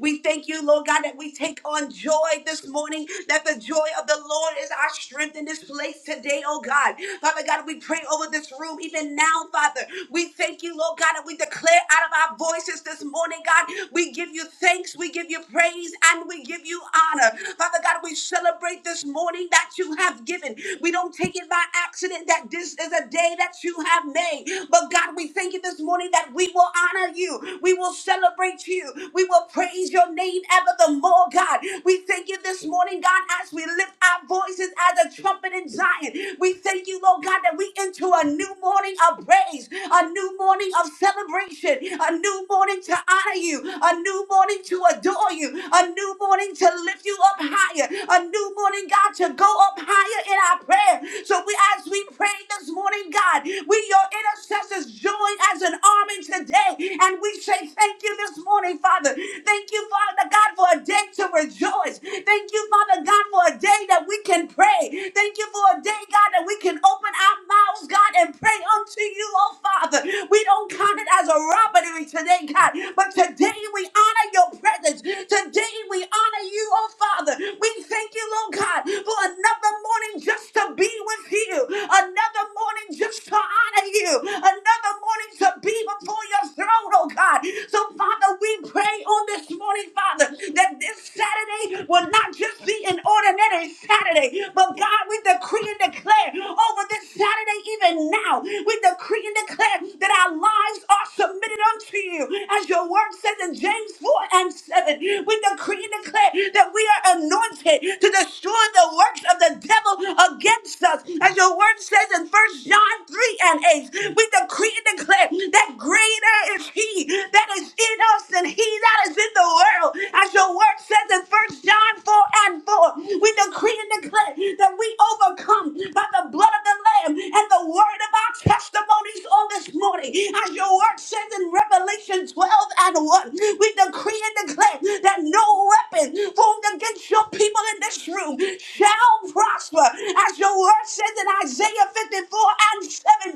Speaker 1: We thank you, Lord God, that we take on joy this morning, that the joy of the Lord is our strength in this place today, oh God. Father God, we pray over this room even now, Father. We thank you, Lord God, that we declare out of our voices this morning, God. We give you thanks, we give you praise, and we give you honor. Father God, we celebrate this morning that you have given. We don't take it by accident that this is a day that you have made. But God, we thank you this morning that we will honor you. We will celebrate you. We will praise your name ever the more, God. We thank you this morning, God, as we lift our voices as a trumpet in Zion. We thank you, Lord God, that we into a new morning of praise, a new morning of celebration, a new morning to honor you, a new morning to adore you, a new morning to lift lift you up higher. A new morning, God, to go up higher in our prayer. So we, as we pray this morning, God, we, your intercessors, join as an army today. And we say thank you this morning, Father. Thank you, Father God, for a day to rejoice. Thank you, Father God, for a day that we can pray. Thank you for a day, God, that we can open our mouths, God, and pray unto you, oh Father. We don't count it as a robbery today, God, but today Today we honor your presence. Today we honor you, oh Father. We thank you, Lord God, for another morning just to be with you, another morning just to honor you, another morning to be before your throne, oh God. So, Father, we pray on this morning, Father, that this Saturday will not just be an ordinary Saturday, but God, we decree and declare over this Saturday, even now, we decree and declare declare that our lives are submitted unto you. As your word says in James 4 and 7, we decree and declare that we are anointed to destroy the works of the devil against us. As your word says in First John 3 and 8, we decree and declare that greater is he that is in us than he that is in the world. As your word says in First John 4 and 4, we decree and declare that we overcome by the blood of the Lamb and the word of our testimonies on this morning. As your word says in Revelation 12 and 1, we decree and declare that no weapon formed against your people in this room shall prosper. As your word says in Isaiah 54 and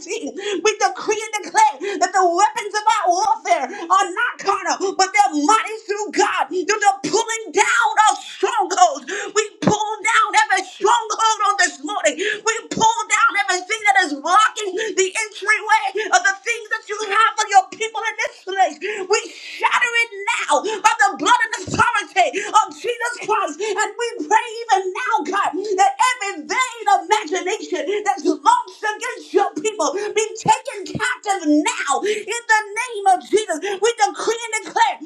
Speaker 1: 17, we decree and declare that the weapons of our warfare are not carnal, but they're mighty through God, through the pulling down of strongholds. We pull down every stronghold on this morning. We pull down everything that is blocking the entryway of the things that you have for your people in this place. We shatter it now by the blood and authority of Jesus Christ. And we pray even now, God, that every vain imagination that's launched against your people be taken captive now in the name of Jesus. We decree and declare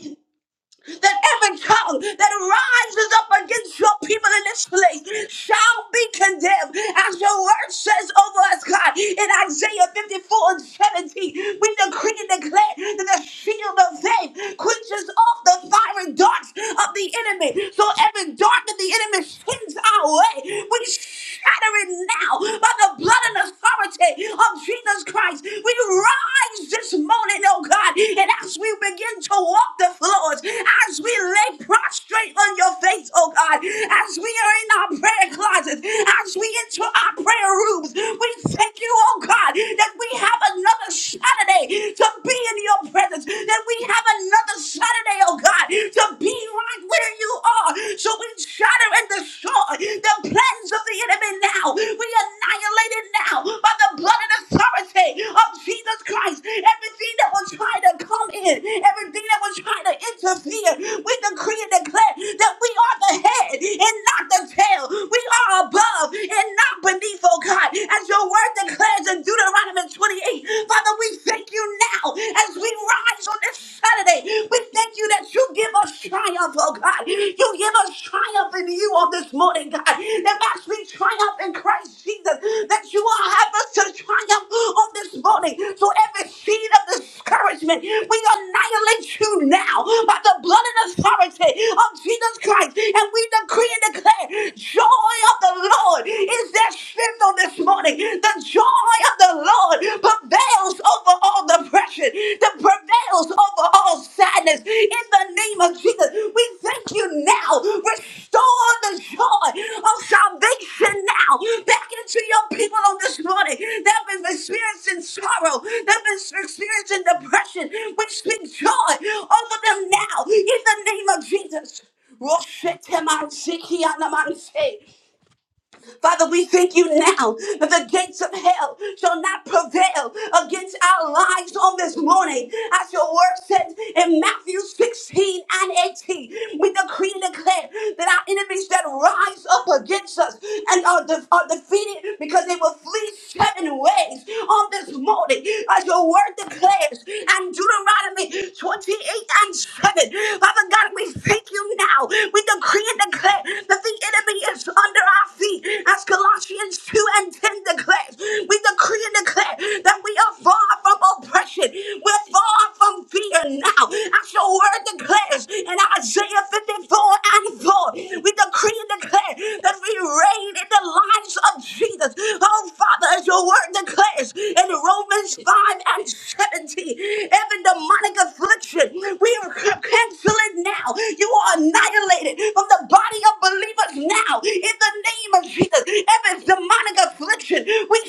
Speaker 1: that every tongue that rises up against your people in this place shall be condemned. As your word says over us, God, in Isaiah 54 and 17, we decree and declare that the shield of faith quenches off the fiery darts of the enemy. So every dart that the enemy sends our way, we shatter it now by the blood and authority of Jesus Christ. We we rise this morning, oh God, and as we begin to walk the floors, as we lay prostrate on your face, oh God, as we are in our prayer closets, as we enter our prayer rooms, we thank you, oh God, that we have another Saturday to be in your presence, that we have another Saturday, oh God, to be right where you are. So we shatter and destroy the plan hands of the enemy now. We annihilate it now by the blood and authority of Jesus Christ. Everything that was trying to come in, everything that was trying to interfere, we decree and declare that we are the head and not the tail. We are above and not beneath, oh God. As your word declares in Deuteronomy 28, Father, we thank you now as we rise on this Saturday. We thank you that that you give us triumph, oh God. You give us triumph in you on this morning, God. That as we triumph in Christ Jesus, that you will have us to triumph on this morning. So every seed of discouragement, we annihilate you now by the blood and authority of Jesus Christ. And we decree and declare, joy of the Lord is their strength on this morning. The joy of the Lord prevails over all depression, that prevails over all sadness. In the name of Jesus, we thank you now. Restore the joy of salvation now back into your people on this morning that have been experiencing sorrow, that have been experiencing depression. We speak joy over them now in the name of Jesus. Roshete man siki anaman se. Father, we thank you now that the gates of hell shall not prevail against our lives on this morning. As your word says in Matthew 16 and 18, we decree and declare that our enemies that rise up against us and are, de- are defeated because they will flee seven ways on this morning. As your word declares and Deuteronomy 28 and 7, Father God, we thank you now. We decree and declare that that the enemy is under our feet, as Colossians 2 and 10 declares. We decree and declare that we are far from oppression, we're far from fear now, as your word declares in Isaiah 54 and 4. We decree and declare that we reign in the lives of Jesus. Oh, Father, as your word declares in Romans 5 and 17, every demonic affliction, we cancel it now. You are annihilated from the body of believers now in the name of Jesus. Every demonic affliction, we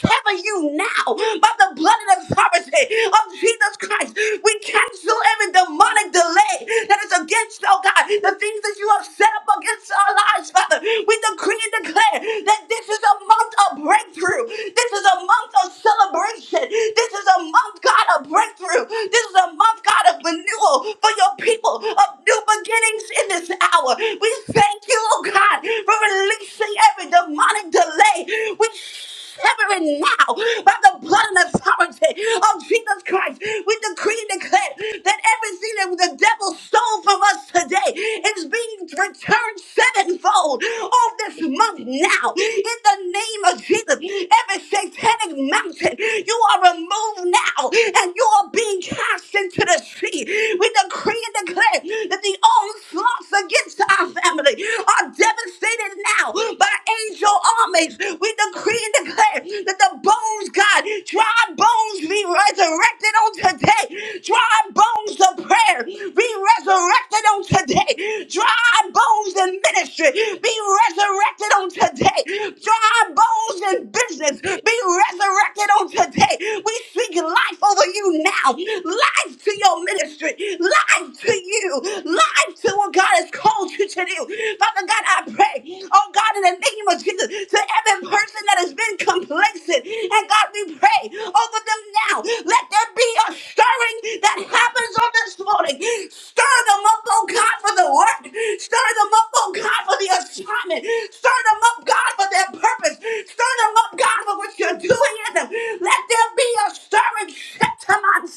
Speaker 1: sever you now by the blood and authority of Jesus Christ. We cancel every demonic delay that is against, oh God, the things that you have set up against our lives, Father. We decree and declare that this is a month of breakthrough. This is a month of celebration. This is a month, God, of breakthrough. This is a month, God, of renewal for your people of new beginnings in this hour. We thank you, oh God, for releasing every demonic delay. We sever it now by the blood and authority of Jesus Christ. We decree and declare that everything that the devil stole from us today is being returned return sevenfold on this month now. In the name of Jesus, every satanic mountain, you are removed now and you are being cast into the sea. We decree and declare that the onslaughts against our family are devastated now by angel armies. We decree and declare that the bones, God, God. Dry bones be resurrected on today. Dry bones of prayer be resurrected on today. Dry bones in ministry be resurrected on today. Dry bones in business be resurrected on today. We speak life over you now. Life to your ministry. Life to you. Life to what God has called you to do. Father God, I pray, oh God, in the name of Jesus, to every person that has been complacent, and God, we pray over them now. Let there be a stirring that happens on this morning. Stir them up, oh God, for the work. Stir them up, oh God, for the assignment. Stir them up, God, for their purpose. Stir them up, God, for what you're doing in them. Let there be a stirring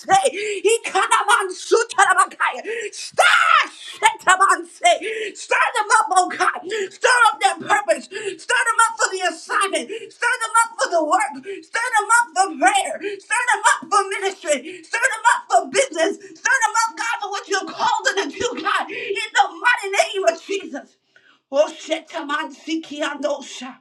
Speaker 1: say, He kanaman sutarabakaya. Stir, shetaman say. Stir them up, oh God. Stir up their purpose. Stir them up for the assignment. Stir them up for the work. Stir them up for prayer. Stir them up for ministry. Stir them up for business. Stir them up, God, for what you've called them to do, God. In the mighty name of Jesus. Oh, shetaman sikiandosha.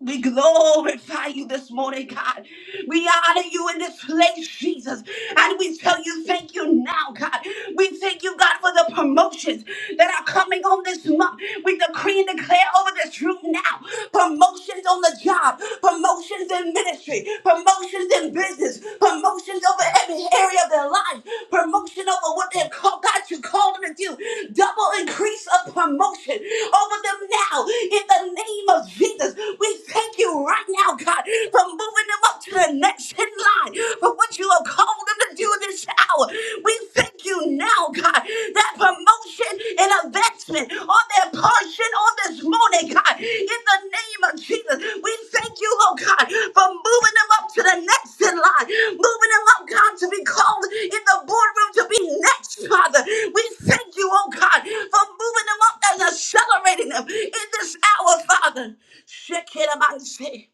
Speaker 1: We glorify you this morning, God. We honor you in this place, Jesus. And we tell you thank you now, God. We thank you, God, for the promotions that are coming on this month. We decree and declare over this room now promotions on the job, promotions in ministry, promotions in business, promotions over every area of their life. Promotion over what they've called, God, you called them to do. Double increase of promotion over them now in the name of Jesus. We thank you right now, God, for moving them up to the next in line for what you have called them to do in this hour. We thank you now, God, that promotion and advancement blessing on their portion on this morning, God. In the name of Jesus, we thank you, Lord God, for moving them up to the next in line, moving them up, God, to be called in the boardroom to be next, Father. We thank you, oh God, for moving them up and accelerating them in this hour, Father. Shekinamansi.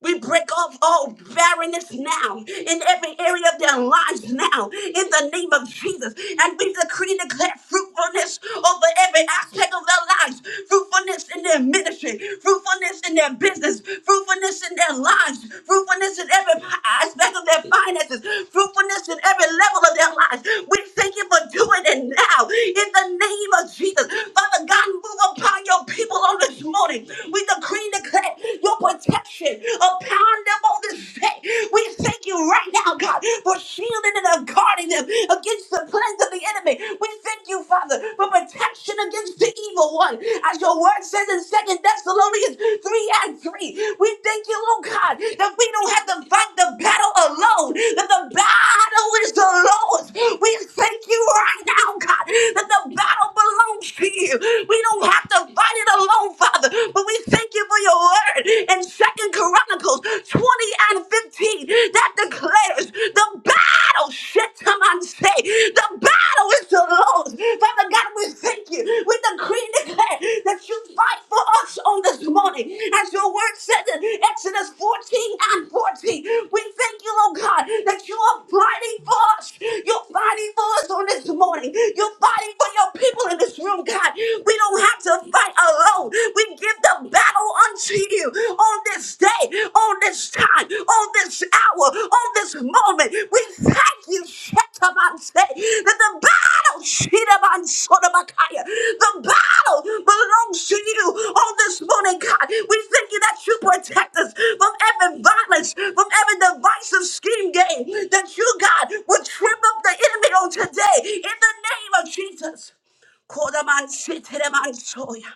Speaker 1: We break off all barrenness now in every area of their lives now in the name of Jesus. And we decree and declare fruitfulness over every aspect of their lives fruitfulness in their ministry, fruitfulness in their business, fruitfulness in their lives, fruitfulness in every aspect of their finances, fruitfulness in every level of their lives. We thank you you for doing it now in the name of Jesus. Father God, move upon your people on this morning. We decree and declare your protection upon them on this day. We thank you right now, God, for shielding and guarding them against the plans of the enemy. We thank you, Father, for protection against the evil one. As your word says in Second Thessalonians. Philippians 3 and 3. We thank you, Lord God, that we don't have to fight the battle alone, that the battle is the Lord's. We thank you right now, God, that the battle belongs to you. We don't have to fight it alone, Father, but we thank you for your word in Second Chronicles 20 and 15 that declares the battle, shit, come on, say, the battle battle is the Lord's. Father God, we thank you. We decree and declare that you fight for us on this morning. As your word says in Exodus 14 and 14, we thank you, oh God, that you are fighting for us. You're fighting for us on this morning. You're fighting for your people in this room, God. We don't have to fight alone. We give the battle unto you on this day day, on this time, on this hour, on this moment. We thank you, Shetabanse, that the battle, Shetabansotabakaya, the battle belongs to you on this morning, God. We thank you that you protect us from every violence, from every divisive scheme game, that you, God, would trip up the enemy on today in the name of Jesus. Kodaman Kodamansi, Teremansoya.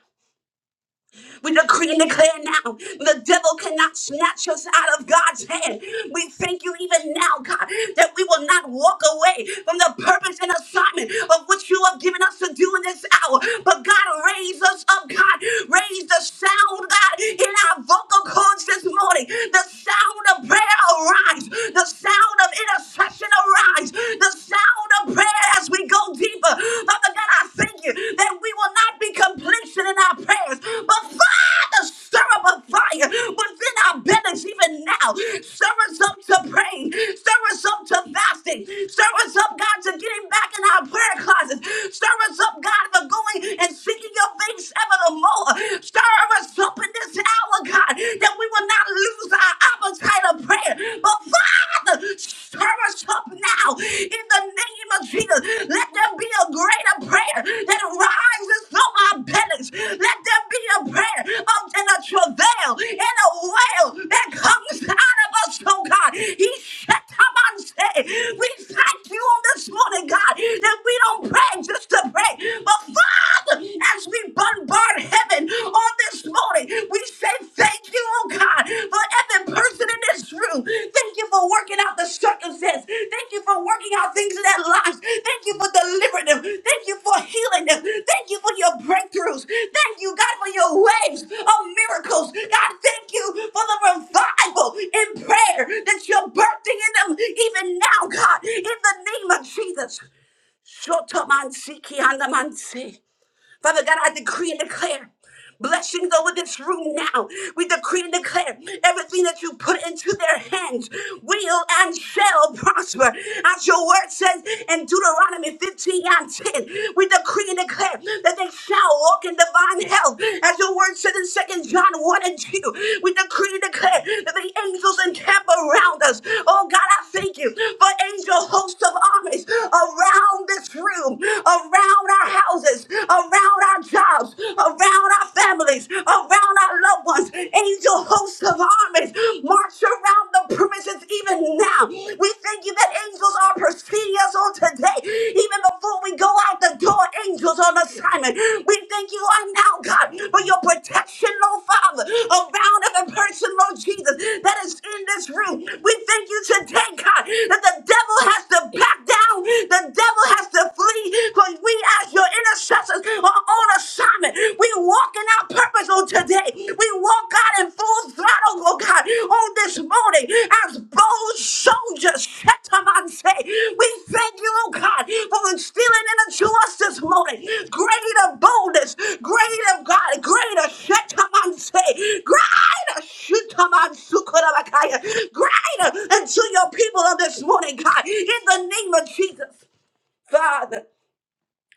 Speaker 1: We decree and declare now the devil cannot snatch us out of God's hand. We thank you even now, God, that we will not walk away from the purpose and assignment of which you have given us to do in this hour. But God, raise us up, God. Raise the sound, God, in our vocal coach this morning. The sound of prayer arise. The sound of intercession arise. The sound of prayer as we go deeper. Father God, I thank you that we will not be complacent in our prayers, but Father, stir up a fire within our bellies even now. Stir us up to praying. Stir us up to fasting. Stir us up, God, to getting back in our prayer closets. Stir us up, God, for going and seeking your face ever the more. Stir us up in this hour, God, that we will not lose our appetite of prayer. But Father, stir us up now in the name of Jesus. Let there be a greater prayer that rises from our bellies. Let there be a prayer of and a travail and a wail that comes out of us, oh God. He shut up and said, We thank you on this morning, God, that we don't pray just to pray. but Father, as we bombard heaven on this morning, we say thank you, oh God, for every person in this room. Thank you for working out the circumstance. Thank you for working out things in their lives. Thank you for delivering them. Thank you for healing them. Thank you for your breakthroughs. Thank you, God, for your waves of miracles. God, thank you for the revival in prayer that you're birthing in them even now, God, in the name of Jesus. Shotomansi kiandamansi. Father God, I decree and declare blessings over this room now. We decree and declare everything that you put into their hands will and shall prosper. As your word says in Deuteronomy 15 and 10, we decree and declare that they shall walk in divine health. As your word says in 2 John 1 and 2, we decree and declare that the angels encamp around us. Oh God, I thank you for angel hosts of armies around this room, around our our houses, around our jobs, around our families, around our loved ones. Angel hosts of armies march around the premises even now. We thank you that angels are preceding us on today. Even before we go out the door, angels on assignment. We thank you right now, God, for your protection, Lord Father, around every person, Lord Jesus, that is in this room. We thank you today, God, that the devil has to back down, the devil has to flee because we as your intercessors are on assignment. We walk in our purpose on today. We walk out in full throttle, oh God, on this morning as bold soldiers. Shetaman say, We thank you, oh God, for instilling into us this morning greater boldness, greater God, greater Shetaman say, greater Shetaman Sukurabakaya, greater into your people on this morning, God, in the name of Jesus, Father.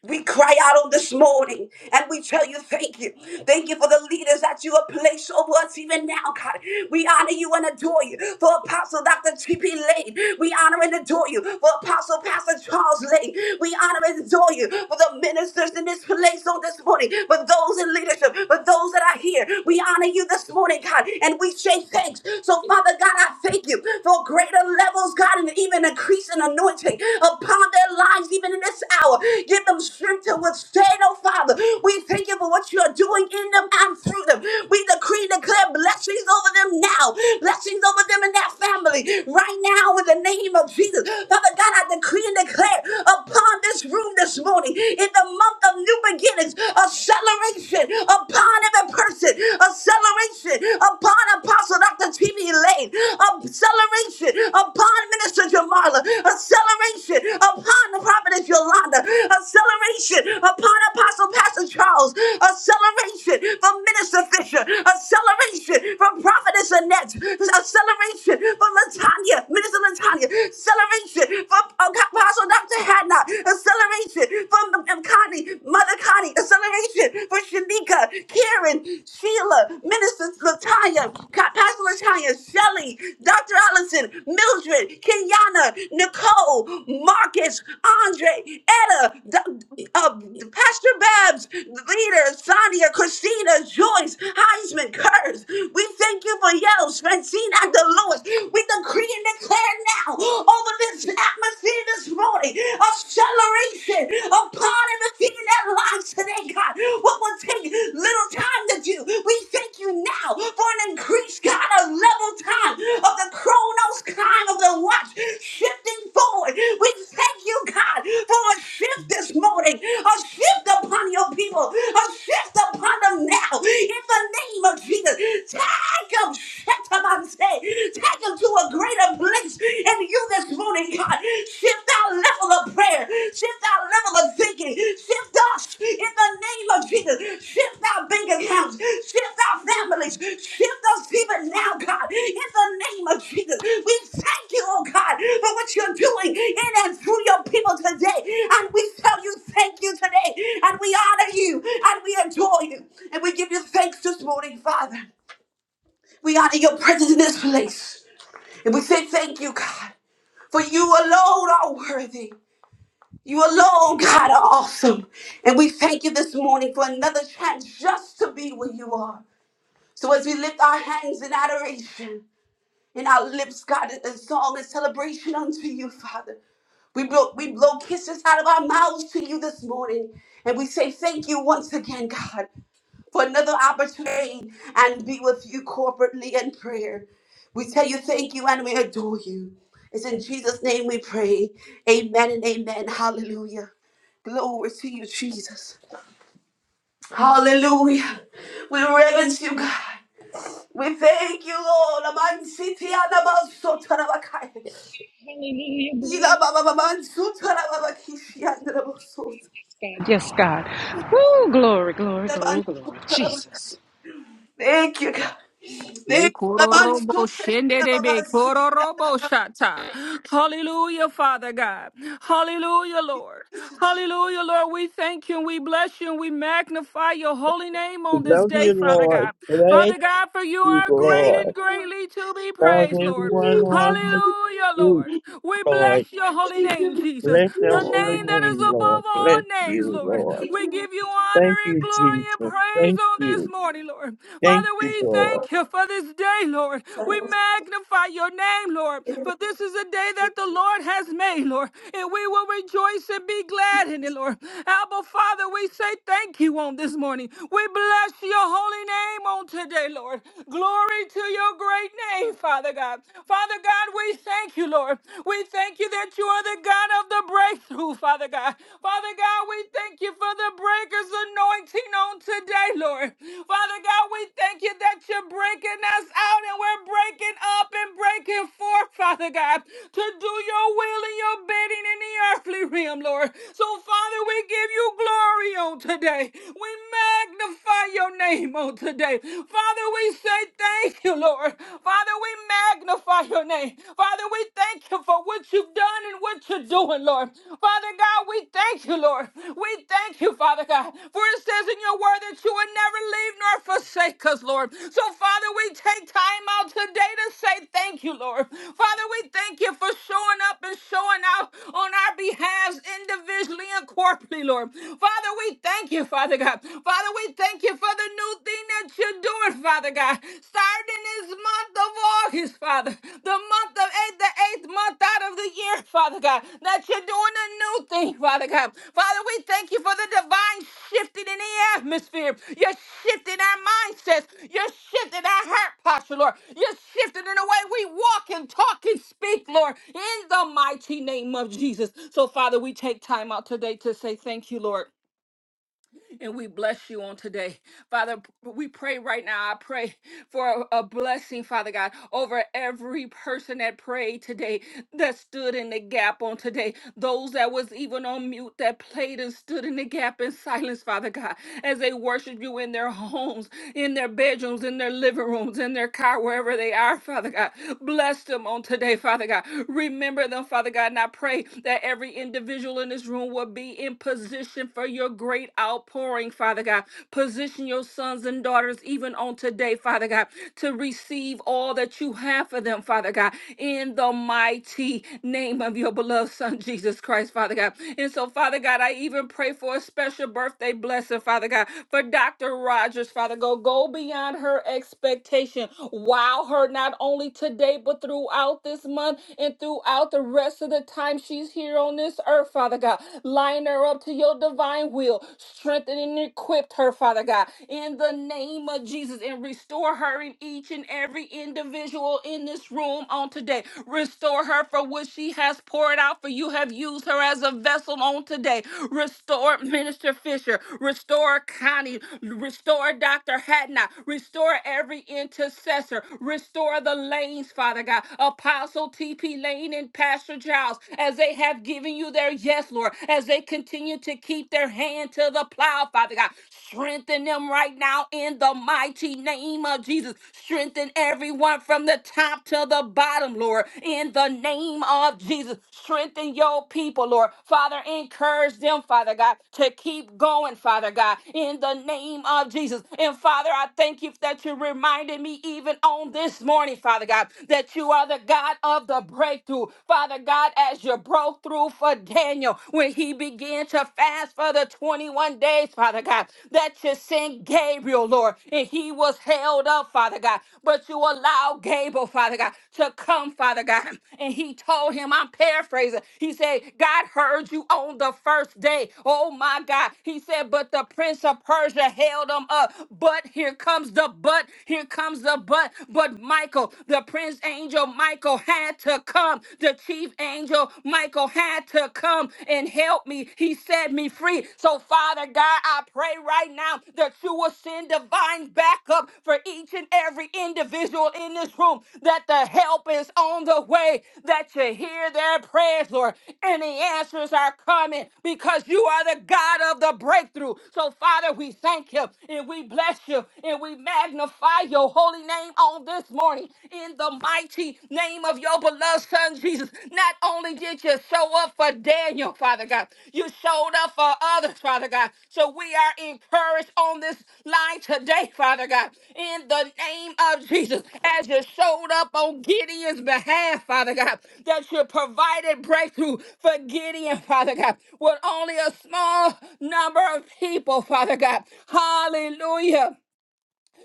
Speaker 1: We cry out on this morning and we tell you thank you. Thank you for the leaders that you have placed over us even now, God. We honor you and adore you for Apostle Dr. T.P. Lane. We honor and adore you for Apostle Pastor Charles Lane. We honor and adore you for the ministers in this place on this morning, for those in leadership, for those that are here. We honor you this morning, God, and we say thanks. So, Father God, I thank you for greater levels, God, and even an increase in anointing upon their lives, even in this hour. Give them strength to withstand, oh Father. We thank you for what you are doing in them and through them. We decree and declare blessings over them now, blessings over them and their family right now in the name of Jesus. Father God, I decree and declare upon this room this morning in the month of new beginnings, acceleration upon every person, acceleration upon Apostle. Apostle Dr. TV Lane, acceleration upon Minister Jamarla, acceleration upon the prophetess Yolanda, acceleration upon Apostle Pastor Charles, acceleration from Minister Fisher, acceleration from Prophetess Annette, acceleration from Latanya, Minister Latanya, acceleration from uh, Apostle Dr. Hadnot, acceleration from um, Connie, Mother Connie, acceleration Shanika, Karen, Sheila, Minister Latanya, Ca- Pastor Latanya, Shelly, Dr. Allison, Mildred, Kenyana, Nicole, Marcus, Andre, Etta, D- uh, Pastor Babs, Leader, Sonia, Christina, Joyce, Heisman, Kurz. We thank you for yells, Francine, Dr. Lewis. We decree and declare now over this atmosphere this morning declaration upon everything in their lives today, God. What will take little time to do, we thank you now for an increased, God, a level time of the chronos time of the watch shifting forward. We thank you, God, for a shift this morning, a shift upon your people, a shift upon them now. In the name of Jesus, take them, take them to a greater place place in you this morning, God. Shift our level of prayer. Shift our level of thinking. Shift us in the name of Jesus. Shift our bank accounts. Shift our families. Shift us even now, God. In the name of Jesus, we thank you, oh God, for what you're doing in and through your people today. And we tell you thank you today. And we honor you. And we adore you. And we give you thanks this morning, Father. We honor your presence in this place. And we say thank you, God. For you alone are worthy. You alone, God, are awesome. And we thank you this morning for another chance just to be where you are. So as we lift our hands in adoration in our lips, God, in song and celebration unto you, Father. We blow, we blow kisses out of our mouths to you this morning. And we say thank you once again, God for another opportunity and be with you corporately in prayer. We tell you thank you and we adore you. It's in Jesus' name we pray. Amen and amen. Hallelujah. Glory to you, Jesus. Hallelujah. We reverence you, God. We thank you, Lord. Aman siti anabas Thank you, God.
Speaker 8: Ye
Speaker 1: Thank you.
Speaker 8: kororobo shenderebe, kororobo shata. Hallelujah, Father God. Hallelujah, Lord.
Speaker 1: Jesus.
Speaker 8: Hallelujah, Lord. We thank you and we bless you and we magnify your holy name on
Speaker 5: We
Speaker 8: this
Speaker 5: love
Speaker 8: day,
Speaker 5: you,
Speaker 8: Father
Speaker 5: Lord.
Speaker 8: God.
Speaker 5: Bless
Speaker 8: Father God, for you
Speaker 5: you,
Speaker 8: are great
Speaker 1: Thank
Speaker 5: Lord.
Speaker 8: and
Speaker 1: you.
Speaker 8: greatly to be
Speaker 5: Love
Speaker 8: praised, Lord.
Speaker 5: everyone
Speaker 1: Thank
Speaker 5: on the
Speaker 8: Hallelujah,
Speaker 5: street,
Speaker 8: Lord.
Speaker 1: you.
Speaker 8: We
Speaker 5: Lord.
Speaker 8: bless your holy
Speaker 1: Thank
Speaker 8: name,
Speaker 1: you.
Speaker 8: Jesus,
Speaker 5: Bless your
Speaker 8: the
Speaker 5: holy
Speaker 8: name that is
Speaker 5: name,
Speaker 8: above
Speaker 5: Lord.
Speaker 8: all
Speaker 5: Bless
Speaker 8: names,
Speaker 5: you,
Speaker 8: Lord.
Speaker 5: Lord.
Speaker 1: Thank
Speaker 8: We
Speaker 1: you.
Speaker 8: give you honor
Speaker 5: Thank
Speaker 8: and
Speaker 5: you,
Speaker 8: glory and
Speaker 5: Jesus.
Speaker 8: praise
Speaker 5: Thank
Speaker 8: on this
Speaker 5: you.
Speaker 8: morning, Lord. Father,
Speaker 5: Thank you,
Speaker 8: we
Speaker 5: Lord.
Speaker 8: thank you for this day, Lord. We magnify your name, Lord, for this is a day that the Lord has made, Lord, and we will rejoice and be glad in it, Lord. Abba, Father, we say thank you on this morning. We bless your holy name on today, Lord. Glory to your great name, Father. God. Father God, we thank you, Lord. We thank you that you are the God of the breakthrough, Father God. Father God, we thank you for the breaker's anointing on today, Lord. Father God, we thank you that you're breaking us out and we're breaking up and breaking forth, Father God, to do your will and your bidding in the earthly realm, Lord. So, Father, we give you glory on today. We magnify your name on today. Father, we say thank you, Lord. Father, we magnify your name. Father, we thank you for what you've done and what you're doing, Lord. Father God, we thank you, Lord. We thank you, Father God. For it says in your word that you would never leave nor forsake us, Lord. So, Father, we take time out today to say thank you, Lord. Father, we thank you for showing up and showing out on our behalf individually and corporately, Lord. Father, we thank you, Father God. Father, we thank thank you for the new thing that you're doing, Father God. Starting this month of August, Father, the month of eight, the eighth month out of the year, Father God, that you're doing a new thing, Father God. Father, we thank you for the divine shifting in the atmosphere. You're shifting our mindsets. You're shifting our heart posture, Lord. You're shifting in the way we walk and talk and speak, Lord, in the mighty name of Jesus. So, Father, we take time out today to say thank you, Lord and we bless you on today. Father, p- we pray right now. I pray for a, a blessing, Father God, over every person that prayed today, that stood in the gap on today, those that was even on mute, that played and stood in the gap in silence, Father God, as they worship you in their homes, in their bedrooms, in their living rooms, in their car, wherever they are, Father God. Bless them on today, Father God. Remember them, Father God, and I pray that every individual in this room will be in position position for your great outpouring, Father God. Position your sons and daughters even on today, Father God, to receive all that you have for them, Father God, in the mighty name of your beloved Son, Jesus Christ, Father God. And so, Father God, I even pray for a special birthday blessing, Father God, for Dr. Rogers, Father God. Go beyond her expectation. Wow her not only today, but throughout this month and throughout the rest of the time she's here on this earth, her, Father God. Line her up to your divine will. Strengthen and equip her, Father God, in the name of Jesus. And restore her in each and every individual in this room on today. Restore her for what she has poured out, for you have used her as a vessel on today. Restore Minister Fisher. Restore Connie. Restore Dr. Hatnot. Restore every intercessor. Restore the lanes, Father God. Apostle T.P. Lane and Pastor Jackie. Gentiles, as they have given you their yes, Lord, as they continue to keep their hand to the plow, Father God. Strengthen them right now in the mighty name of Jesus. Strengthen everyone from the top to the bottom, Lord, in the name of Jesus. Strengthen your people, Lord. Father, encourage them, Father God, to keep going, Father God, in the name of Jesus. And Father, I thank you that you reminded me even on this morning, Father God, that you are the God of the breakthrough. Father God, as you broke through for Daniel when he began to fast for the 21 days, Father God, that you sent Gabriel, Lord, and he was held up, Father God. But you allowed Gabriel, Father God, to come, Father God. And he told him, I'm paraphrasing, he said, God heard you on the first day. Oh my God. He said, but the prince of Persia held him up. But here comes the but, here comes the but. But Michael, the prince angel Michael had to come. The chief angel Michael had to come and help me. He set me free. So, Father God, I pray right now that you will send divine backup for each and every individual in this room, that the help is on the way, that you hear their prayers, Lord, and the answers are coming because you are the God of the breakthrough. So, Father, we thank you and we bless you and we magnify your your holy name on this morning in the mighty name of your beloved son Jesus. Not only did you show up for Daniel, Father God, you showed up for others, Father God. So we are encouraged on this line today, Father God, in the name of Jesus, as you showed up on Gideon's behalf, Father God, that you provided breakthrough for Gideon, Father God, with only a small number of people, Father God. Hallelujah.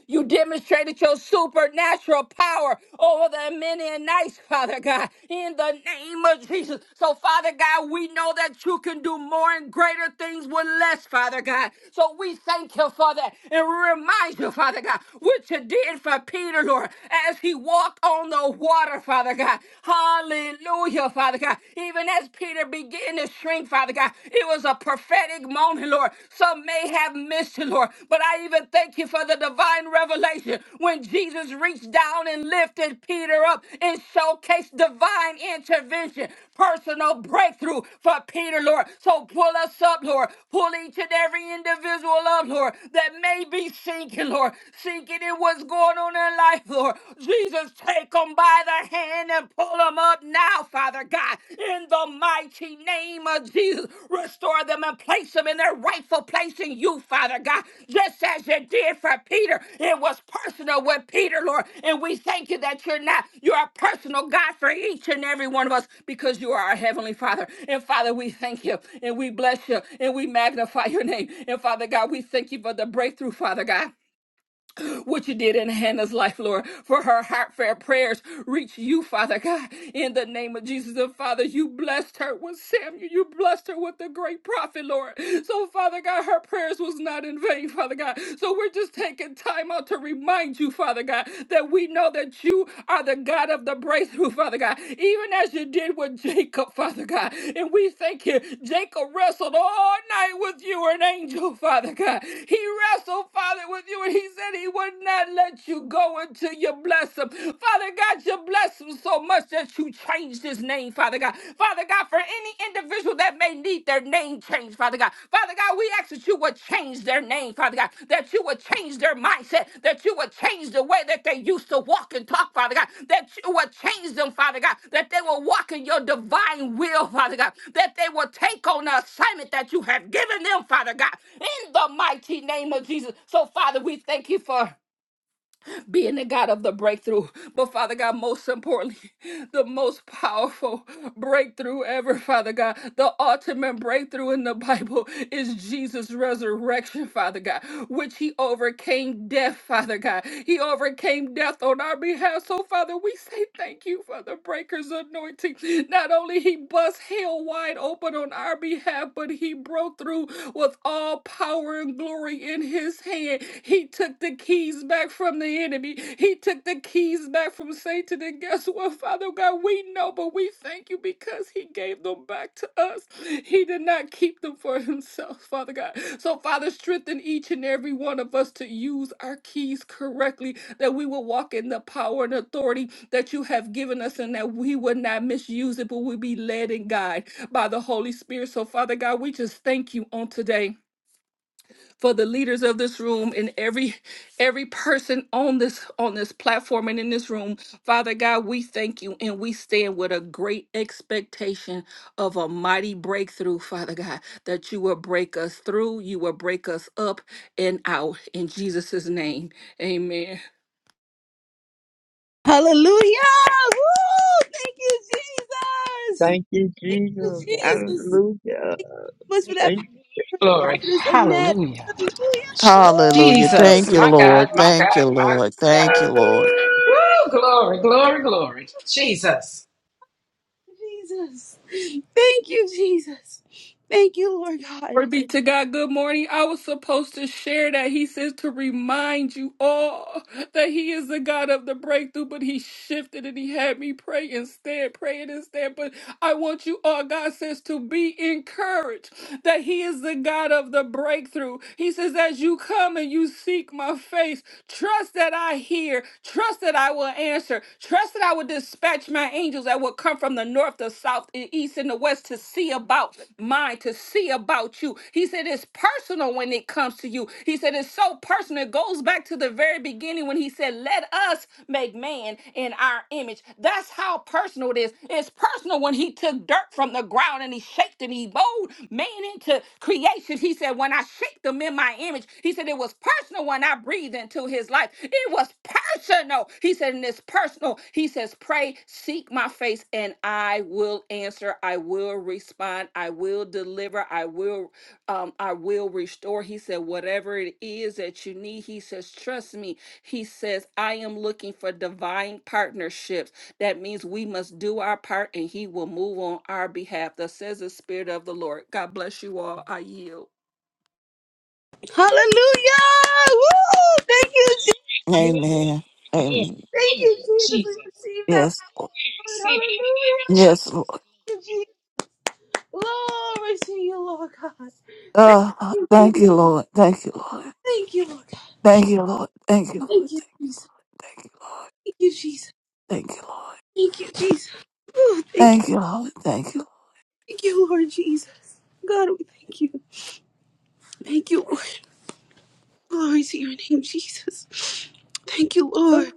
Speaker 8: You demonstrated your supernatural power over the Midianites, Father God, in the name of Jesus. So, Father God, we know that you can do more and greater things with less, Father God. So, we thank you for that. And we remind you, Father God, what you did for Peter, Lord, as he walked on the water, Father God. Hallelujah, Father God. Even as Peter began to shrink, Father God, it was a a prophetic moment, Lord. Some may have missed it, Lord. But I even thank you for the divine revelation when Jesus reached down and lifted Peter up and showcased divine intervention, personal breakthrough for Peter, Lord. So pull us up, Lord. Pull each and every individual up, Lord, that may be sinking, Lord, sinking in what's going on in life, Lord. Jesus, take them by the hand hand and pull them up now, Father God, in the mighty name of Jesus. Restore them and place them in their rightful place in you, Father God, just as you did for Peter. It was personal with Peter, Lord, and we thank you that you're not, you're a personal God for each and every one of us because you are our Heavenly Father. And Father, we thank you and we bless you and we magnify your name. And Father God, we thank you for the breakthrough, Father God what you did in Hannah's life, Lord, for her heartfelt prayers reach you, Father God, in the name of Jesus. And Father, you blessed her with Samuel. You blessed her with the great prophet, Lord. So, Father God, her prayers was not in vain, Father God. So we're just taking time out to remind you, Father God, that we know that you are the God of the breakthrough, Father God, even as you did with Jacob, Father God. And we thank you. Jacob wrestled all night with you, an angel, Father God. He wrestled, Father, with you, and he said he would would not let you go until you bless him. Father God, you bless him so much that you changed his name, Father God. Father God, for any individual that may need their name changed, Father God. Father God, we ask that you would change their name, Father God, that you would change their mindset, that you would change the way that they used to walk and talk, Father God, that you would change them, Father God, that they will walk in your divine will, Father God, that they will take on the assignment that you have given them, Father God, in the mighty name of Jesus. So, Father, we thank you for being the God of the breakthrough. But Father God, most importantly, the most powerful breakthrough ever, Father God, the ultimate breakthrough in the Bible is Jesus' resurrection, Father God, which he overcame death, Father God. He overcame death on our behalf. So, Father, we say thank you for the breaker's anointing. Not only he bust hell wide open on our behalf, but he broke through with all power power and glory in his hand. He took the keys back from the enemy. He took the keys back from Satan. And guess what, Father God? We know, but we thank you because he gave them back to us. He did not keep them for himself, Father God. So, Father, strengthen each and every one of us to use our keys correctly, that we will walk in the power and authority that you have given us, and that we would not misuse it, but we be led and guided by the Holy Spirit. So, Father God, we just thank you on today for the leaders of this room and every every person on this on this platform and in this room. Father God, we thank you and we stand with a great expectation of a mighty breakthrough, Father God, that you will break us through, you will break us up and out in Jesus' name. Amen.
Speaker 1: Hallelujah. Woo! Thank you, Jesus.
Speaker 5: Thank you,
Speaker 1: Thank you,
Speaker 5: Jesus.
Speaker 1: Jesus.
Speaker 5: Hallelujah.
Speaker 1: Much for that
Speaker 5: Thank,
Speaker 2: Glory.
Speaker 1: prophetess Annette.
Speaker 2: Hallelujah.
Speaker 1: Hallelujah.
Speaker 6: Hallelujah.
Speaker 2: Jesus,
Speaker 6: Thank
Speaker 1: Woo!
Speaker 6: you,
Speaker 2: my
Speaker 6: Lord.
Speaker 2: God, my
Speaker 6: Thank you,
Speaker 2: God, my
Speaker 6: Lord. Thank you,
Speaker 2: God.
Speaker 6: Lord.
Speaker 2: Woo, glory, glory, glory. Jesus.
Speaker 1: Lord Jesus. Thank you, Jesus. Thank you, Lord God.
Speaker 8: Glory be to God. Good morning. I was supposed to share that. He says to remind you all that He is the God of the breakthrough, but He shifted and He had me pray instead, praying instead. But I want you all, God says, to be encouraged that He is the God of the breakthrough. He says, as you come and you seek my face, trust that I hear, Trust. Trust that I will answer. Trust that I will dispatch my angels that will come from the north, the south, the east, and the west to see about mine, to see about you. He said it's personal when it comes to you. He said it's so personal. It goes back to the very beginning when he said, Let us make man in our image. That's how personal it is. It's personal when he took dirt from the ground and he shaped it and he molded man into creation. He said, When I shaped them in my image, he said, It was personal when I breathed into his life. It was personal. He said, And it's personal. He says, Pray, seek my face, and I will answer. I will respond. I will deliver. I will, um, I will restore. He said, Whatever it is that you need, he says, Trust me. He says, I am looking for divine partnerships that means we must do our part and he will move on our behalf. Thus says the Spirit of the Lord. God bless you all. I yield.
Speaker 1: Hallelujah. Woo! Thank you, Jesus.
Speaker 2: Glory,
Speaker 6: Amen.
Speaker 2: glory,
Speaker 6: Amen.
Speaker 1: Thank you,
Speaker 2: glory.
Speaker 1: Jesus. We
Speaker 2: Jesus.
Speaker 1: receive that
Speaker 6: Yes. Lord.
Speaker 1: word.
Speaker 2: Receive it in the name
Speaker 1: Hallelujah.
Speaker 2: of Jesus.
Speaker 6: Yes, Lord.
Speaker 1: Jesus. Lord, thank
Speaker 6: Uh,
Speaker 1: you, Jesus.
Speaker 6: thank you, Lord. Thank you, Lord.
Speaker 1: Thank you, Lord.
Speaker 6: Thank you, Lord. Thank you, Lord.
Speaker 1: Thank you,
Speaker 6: Thank
Speaker 1: Jesus.
Speaker 6: you,
Speaker 1: Thank you, Jesus.
Speaker 6: thank you, Lord.
Speaker 1: Thank you, Jesus. Oh, thank you.
Speaker 6: Thank you, Lord. Thank you, Lord. Thank you,
Speaker 1: Thank you, Lord Jesus. God, we thank you. Thank you, Lord. Glory to your name, Jesus. Thank you,
Speaker 6: Lord.
Speaker 1: Lord.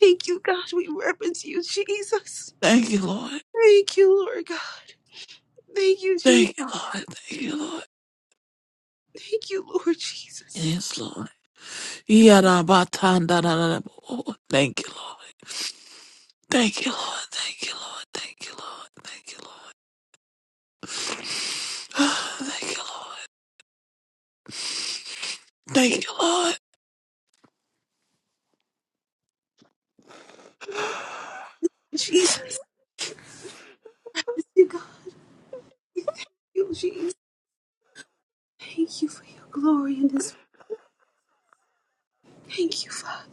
Speaker 1: Thank you, God. We reverence you, Jesus.
Speaker 6: Thank you, Lord.
Speaker 1: Thank you, Lord God. Thank you, Jesus.
Speaker 6: Thank you, Lord. Thank you, Lord.
Speaker 1: Thank you, Lord Jesus.
Speaker 6: Yes, Lord. Yarabatandarabu. Thank you, Lord. Thank you, Lord. Thank you, Lord. Thank you, Lord. Thank you, Lord. Ah, Thank you, Lord.
Speaker 1: Jesus, you God, you Jesus. Thank you for your glory in this. Thank you, Father.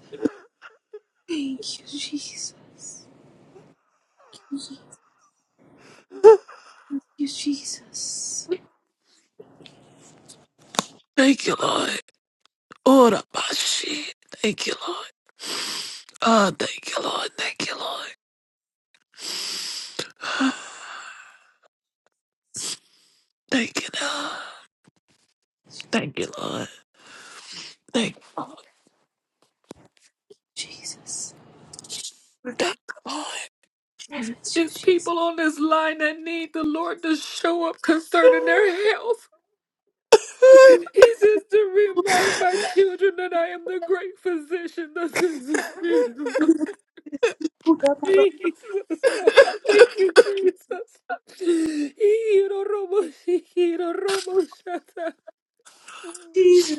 Speaker 1: Thank you, Jesus. Thank you, Jesus. You, Jesus.
Speaker 6: Thank you, Lord. Thank you, Lord. Ora bashi. Thank you, Lord. Ah, thank you, Lord. Thank you, Lord. Ah, Thank you, Lord. Thank you, Lord. Thank you, Lord.
Speaker 1: Jesus. Lord God,
Speaker 6: Thank you, Lord.
Speaker 1: reverence you,
Speaker 8: It's
Speaker 1: Jesus.
Speaker 8: people on this line that need the Lord to show up concerning their health. He says to remind my children that I am the great physician. Thus is the Spirit of the Jesus. Thank you, Jesus.
Speaker 1: Thank you,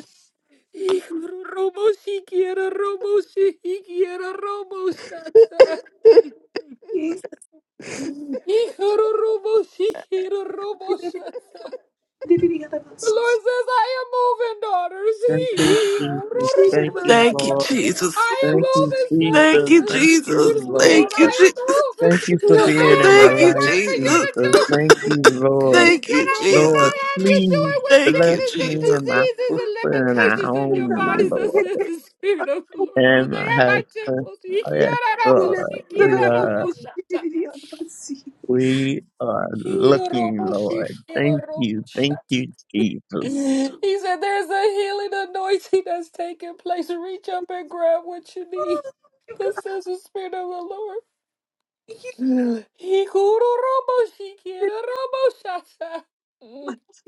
Speaker 8: Ich Robo siquiera, robo siquiera, robo sata. Hijaro robo siquiera, robo sata.
Speaker 1: the
Speaker 8: The Lord says, I am moving, daughters.
Speaker 5: thank you,
Speaker 8: Hijaro
Speaker 5: Jesus.
Speaker 1: Spirit
Speaker 8: robo
Speaker 5: Thank you,
Speaker 6: Thank you,
Speaker 8: sata.
Speaker 5: Lord.
Speaker 6: Jesus.
Speaker 8: I am
Speaker 5: Thank you,
Speaker 8: moving, son.
Speaker 6: Thank
Speaker 5: Jesus.
Speaker 8: This
Speaker 6: you,
Speaker 8: is
Speaker 5: Thank
Speaker 8: the
Speaker 6: Jesus.
Speaker 8: spirit
Speaker 5: you,
Speaker 8: of the
Speaker 5: Lord.
Speaker 8: Lord.
Speaker 6: Thank you,
Speaker 8: I
Speaker 6: Jesus.
Speaker 8: am
Speaker 5: Thank you
Speaker 1: of
Speaker 5: for
Speaker 8: moving.
Speaker 1: the
Speaker 8: I
Speaker 5: being in
Speaker 8: have
Speaker 5: my
Speaker 1: Lord.
Speaker 6: Thank
Speaker 8: great
Speaker 6: you,
Speaker 5: life,
Speaker 8: work for you
Speaker 6: Jesus.
Speaker 8: to
Speaker 5: Jesus.
Speaker 8: do.
Speaker 5: Thank you,
Speaker 8: And
Speaker 5: Lord.
Speaker 1: Thank
Speaker 6: Thank
Speaker 1: you, Lord. Thank you,
Speaker 6: you,
Speaker 8: I
Speaker 5: Lord,
Speaker 6: Jesus.
Speaker 8: cannot have you
Speaker 5: please
Speaker 8: doing with
Speaker 6: Thank
Speaker 5: bless
Speaker 6: you,
Speaker 8: sickness
Speaker 6: Jesus.
Speaker 5: me and
Speaker 1: Lord.
Speaker 5: my sister and our
Speaker 8: and diseases and limitations in your
Speaker 5: home,
Speaker 8: bodies, thus
Speaker 5: Lord,
Speaker 8: says
Speaker 1: Thank
Speaker 8: the Spirit of the Lord. For
Speaker 5: and
Speaker 8: they
Speaker 5: my
Speaker 8: are my
Speaker 5: husband.
Speaker 8: temples. He
Speaker 5: Yes,
Speaker 8: quiera robo,
Speaker 5: Lord.
Speaker 8: she
Speaker 5: We
Speaker 8: quiera
Speaker 5: are.
Speaker 8: robo,
Speaker 1: you,
Speaker 8: shata.
Speaker 5: We are
Speaker 8: Hiro
Speaker 5: looking,
Speaker 8: robo, she
Speaker 5: Lord.
Speaker 8: quiera
Speaker 5: Thank
Speaker 8: robo,
Speaker 5: you. Thank
Speaker 8: shata.
Speaker 5: you, Jesus.
Speaker 8: He said, There's a healing anointing that's taking place. Reach up and grab what you need. Thus says the Spirit of the Lord. He robo she quiero robo shasha.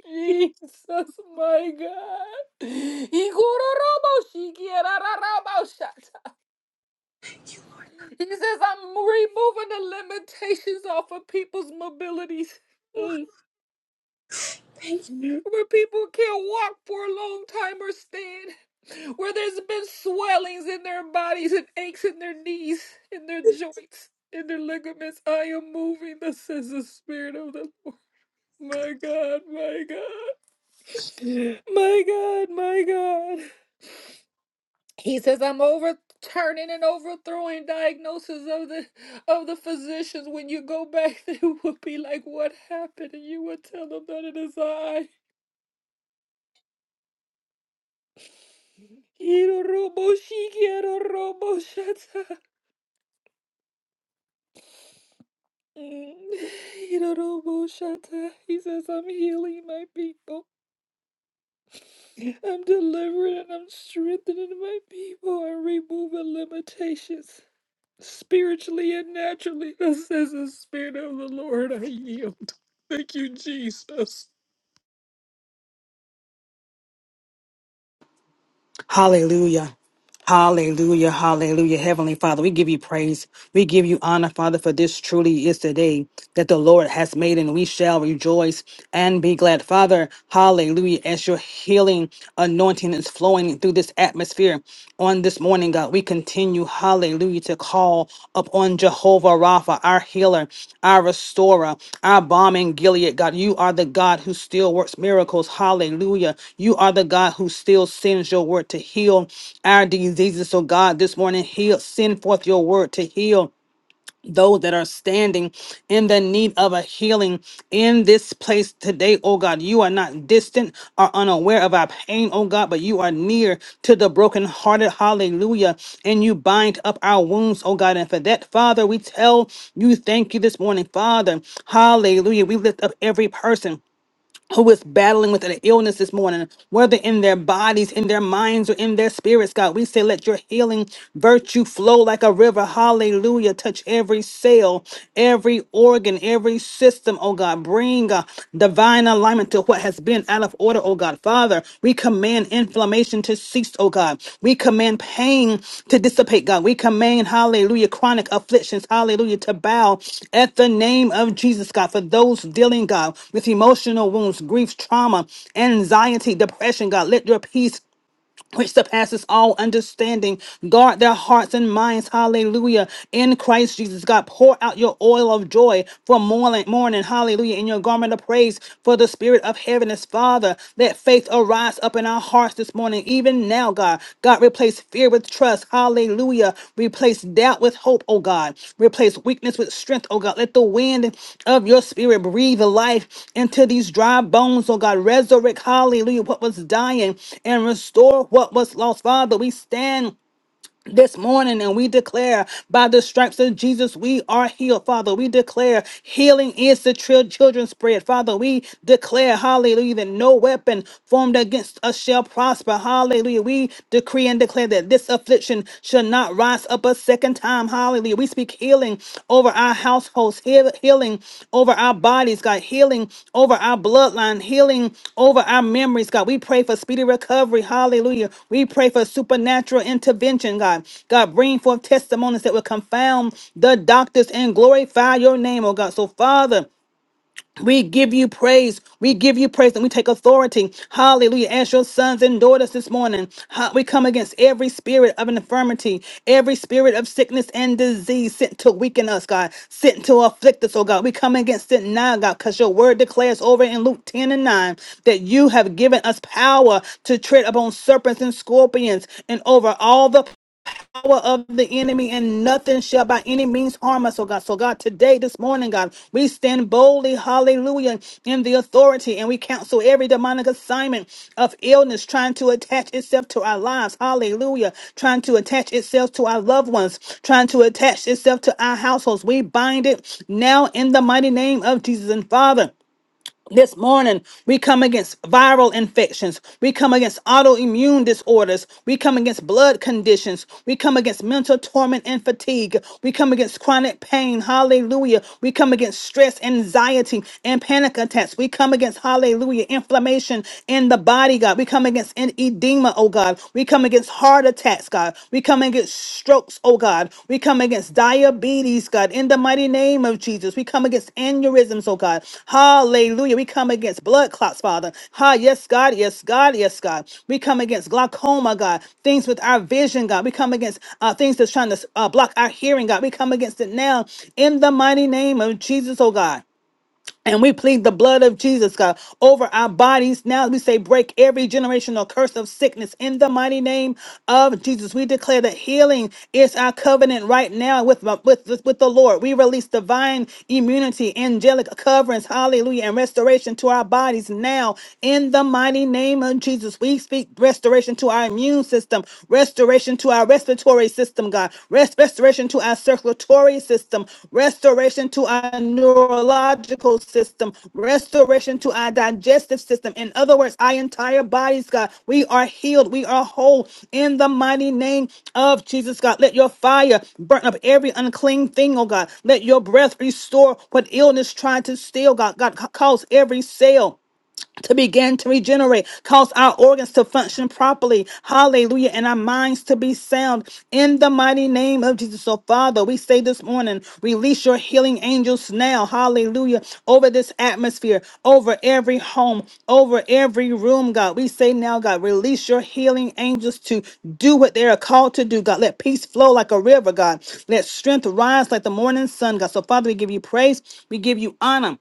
Speaker 8: Jesus, my God. He robo she quiero robo shasha. He says, I'm removing the limitations off of people's mobilities. Mm. Where people can't walk for a long time or stand. Where there's been swellings in their bodies and aches in their knees, in their joints, in their ligaments. I am moving, this is the spirit of the Lord. My God, my God, my God, my God. He says, I'm overturning and overthrowing diagnoses of the of the physicians. When you go back, they will be like, What happened? And you will tell them that it is I. Hiroroboshikiaroroboshata. Mm. Hiroroboshata. He says, I'm healing my people. I'm delivering and I'm strengthening my people. I'm removing limitations. spiritually and naturally. This is the Spirit of the Lord. I yield. Thank you, Jesus.
Speaker 9: Hallelujah. Hallelujah. Hallelujah. Heavenly Father, we give you praise. We give you honor, Father, for this truly is the day that the Lord has made, and we shall rejoice and be glad. Father, hallelujah. As your healing anointing is flowing through this atmosphere on this morning, God, we continue hallelujah, to call upon Jehovah Rapha, our healer, our restorer, our bomb in Gilead, God. You are the God who still works miracles, hallelujah. You are the God who still sends your word to heal our diseases. So, God, this morning, heal, send forth your word to heal those that are standing in the need of a healing in this place today, oh God. You are not distant or unaware of our pain, oh God, but you are near to the brokenhearted. Hallelujah. And you bind up our wounds, oh God. And for that, Father, we tell you thank you this morning, Father. Hallelujah. We lift up every person who is battling with an illness this morning, whether in their bodies, in their minds, or in their spirits, God. We say, let your healing virtue flow like a river. Hallelujah. Touch every cell, every organ, every system, oh God. Bring uh, divine alignment to what has been out of order, oh God. God. Father, we command inflammation to cease, oh God. We command pain to dissipate, God. We command, hallelujah, chronic afflictions, hallelujah, to bow at the name of Jesus, God. For those dealing, God, with emotional wounds, grief, trauma, anxiety, depression, God, let your peace which surpasses all understanding. Guard their hearts and minds. Hallelujah. In Christ Jesus, God, pour out your oil of joy for morning, morning. Hallelujah. In your garment of praise for the spirit of heaviness. Father, let faith arise up in our hearts this morning, even now, God. God, God, replace fear with trust. Hallelujah. Replace doubt with hope, oh God. Replace weakness with strength, oh God. Let the wind of your spirit breathe life into these dry bones, oh God. Resurrect, hallelujah, what was dying and restore what was lost. Father, we stand this morning and we declare by the stripes of Jesus we are healed father we declare healing is the chil- children's bread father we declare hallelujah that no weapon formed against us shall prosper hallelujah we decree and declare that this affliction shall not rise up a second time hallelujah we speak healing healing over our households, heal- healing over our bodies, God, healing over our bloodline, healing over our memories, God. We pray for speedy recovery. Hallelujah. We pray for supernatural intervention, God. God, bring forth testimonies that will confound the doctors and glorify your name, oh God. So, Father, we give you praise. We give you praise and we take authority. Hallelujah. As your sons and daughters this morning, ha- we come against every spirit of infirmity, every spirit of sickness and disease sent to weaken us, God, sent to afflict us, oh God. We come against it now, God, because your word declares over in Luke 10 and 9 that you have given us power to tread upon serpents and scorpions and over all the power of the enemy, and nothing shall by any means harm us, oh God. So, God, today, this morning, God, we stand boldly, hallelujah, in the authority, and we counsel every demonic assignment of illness trying to attach itself to our lives, hallelujah, trying to attach itself to our loved ones, trying to attach itself to our households. We bind it now in the mighty name of Jesus and Father. This morning, we come against viral infections. We come against autoimmune disorders. We come against blood conditions. We come against mental torment and fatigue. We come against chronic pain. Hallelujah. We come against stress, anxiety, and panic attacks. We come against, hallelujah, inflammation in the body, God. We come against an edema, oh God. We come against heart attacks, God. God. We come against strokes, oh God. We come against diabetes, God, in the mighty name of Jesus. We come against aneurysms, oh God. Hallelujah. We come against blood clots, Father. Ha, yes, God, yes, God, yes, God. We come against glaucoma, God, things with our vision, God. We come against uh, things that's trying to uh, block our hearing, God. We come against it now in the mighty name of Jesus, oh God. And we plead the blood of Jesus, God, over our bodies. Now we say, break every generational curse of sickness in the mighty name of Jesus. We declare that healing is our covenant right now with, with, with the Lord. We release divine immunity, angelic coverings, hallelujah, and restoration to our bodies now in the mighty name of Jesus. We speak restoration to our immune system, restoration to our respiratory circulatory system, God. Rest, restoration to our circulatory system, restoration to our neurological system, restoration to our digestive system. In other words, our entire bodies, God. We are healed. We are whole in the mighty name of Jesus, God. Let your fire burn up every unclean thing, oh God. Let your breath restore what illness tried to steal, God. God, ca- cause every cell to begin to regenerate, cause our organs to function properly. Hallelujah. And our minds to be sound in the mighty name of Jesus. So, Father, we say this morning, release your healing angels now. Hallelujah. Over this atmosphere, over every home, over every room, God. We say now, God, release your healing angels to do what they are called to do, God. Let peace flow like a river, God. Let strength rise like the morning sun, God. So, Father, we give you praise. We give you honor.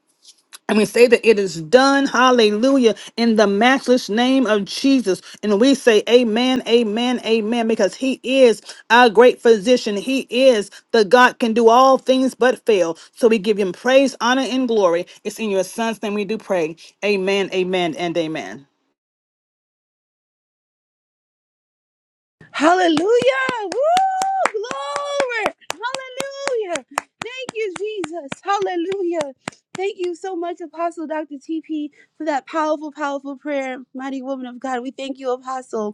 Speaker 9: And we say that it is done, hallelujah, in the matchless name of Jesus. And we say, Amen, Amen, Amen, because He is our great physician. He is the God can do all things but fail. So we give Him praise, honor, and glory. It's in your Son's name we do pray. Amen, Amen, and Amen.
Speaker 1: Hallelujah. Woo! Glory. Hallelujah. Thank you, Jesus. Hallelujah. Thank you so much, Apostle Dr. TP, for that powerful, powerful prayer. Mighty woman of God, we thank you, Apostle.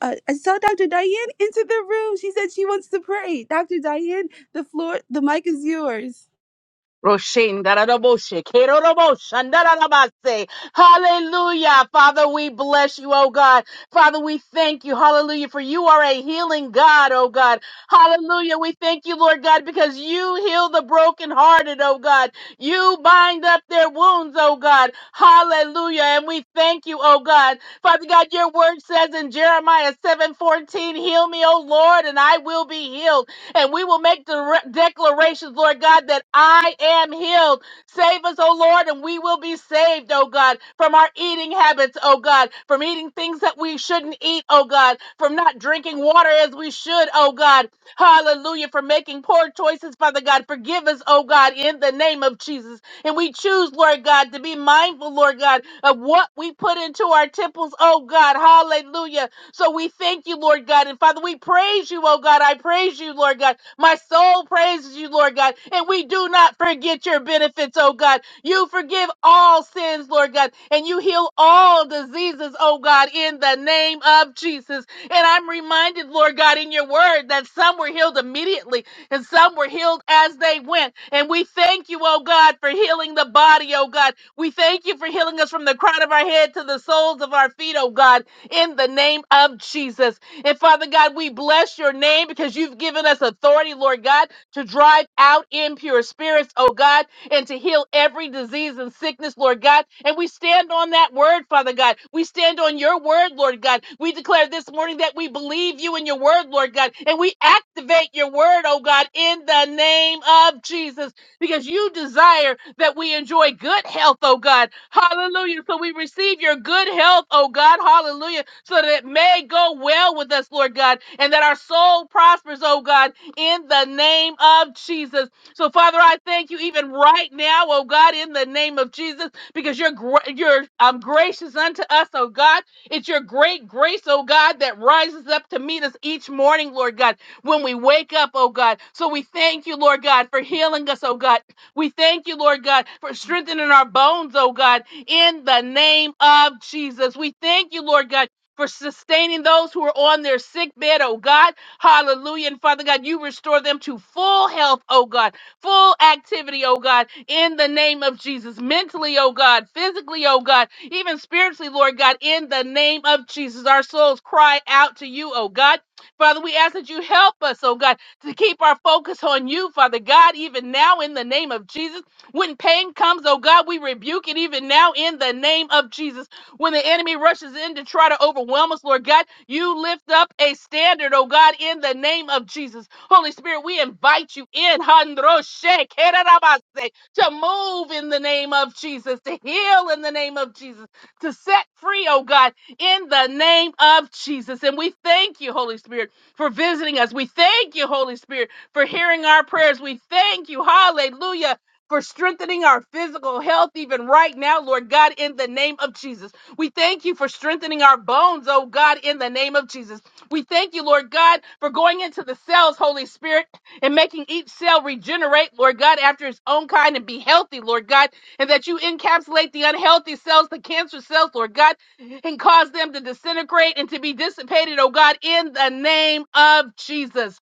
Speaker 1: uh, I saw Dr. Diane into the room. She said she wants to pray. Dr. Diane, the floor, the mic is yours.
Speaker 10: Roshin, daraboshe, keroroboshan, darabase. Hallelujah. Father, we bless you, oh God. Father, we thank you. Hallelujah. For you are a healing God, oh God. Hallelujah. We thank you, Lord God, because you heal the brokenhearted, oh God. You bind up their wounds, oh God. Hallelujah. And we thank you, oh God. Father God, your word says in Jeremiah 7:14, heal me, oh Lord, and I will be healed. And we will make the re- declarations, Lord God, that I am healed. Save us, O Lord, and we will be saved, O God, from our eating habits, O God, from eating things that we shouldn't eat, O God, from not drinking water as we should, O God. Hallelujah, for making poor choices, Father God. Forgive us, O God, in the name of Jesus. And we choose, Lord God, to be mindful, Lord God, of what we put into our temples, O God. Hallelujah so we thank you, Lord God. And Father, we praise you, oh God. I praise you, Lord God. My soul praises you, Lord God. And we do not forget your benefits, oh God. You forgive all sins, Lord God. And you heal all diseases, oh God, in the name of Jesus. And I'm reminded, Lord God, in your word that some were healed immediately and some were healed as they went. And we thank you, oh God, for healing the body, oh God. We thank you for healing us from the crown of our head to the soles of our feet, oh God in the name of Jesus. And Father God, we bless your name because you've given us authority, Lord God, to drive out impure spirits, oh God, and to heal every disease and sickness, Lord God. And we stand on that word, Father God. We stand on your word, Lord God. We declare this morning that we believe you in your word, Lord God, and we activate your word, oh God, in the name of Jesus because you desire that we enjoy good health, oh God. Hallelujah. So we receive your good health, oh God. Hallelujah. So that it may go well with us, Lord God, and that our soul prospers, oh God, in the name of Jesus. So, Father, I thank you even right now, oh God, in the name of Jesus, because you're gra- you're um, gracious unto us, oh God. It's your great grace, oh God, that rises up to meet us each morning, Lord God when we wake up, oh God. So we thank you, Lord God, for healing us, oh God. We thank you, Lord God, for strengthening our bones, oh God, in the name of Jesus. We thank you, Lord God. For sustaining those who are on their sick bed, oh God. Hallelujah. And Father God, you restore them to full health, oh God, full activity, oh God, in the name of Jesus. Mentally, oh God, physically, oh God, even spiritually, Lord God, in the name of Jesus. Our souls cry out to you, oh God. Father, we ask that you help us, oh God, to keep our focus on you, Father God, even now in the name of Jesus. When pain comes, oh God, we rebuke it even now in the name of Jesus. When the enemy rushes in to try to overwhelm us, Lord God, you lift up a standard, oh God, in the name of Jesus. Holy Spirit, we invite you in, Handroshe, Kerarabase, to move in the name of Jesus, to heal in the name of Jesus, to set free, oh God, in the name of Jesus. And we thank you, Holy Spirit for visiting us. We thank you, Holy Spirit, for hearing our prayers. We thank you, hallelujah, for strengthening our physical health even right now, Lord God, in the name of Jesus. We thank you for strengthening our bones, oh God, in the name of Jesus. We thank you, Lord God, for going into the cells, Holy Spirit, and making each cell regenerate, Lord God, after its own kind and be healthy, Lord God, and that you encapsulate the unhealthy cells, the cancer cells, Lord God and cause them to disintegrate and to be dissipated, oh God, in the name of Jesus.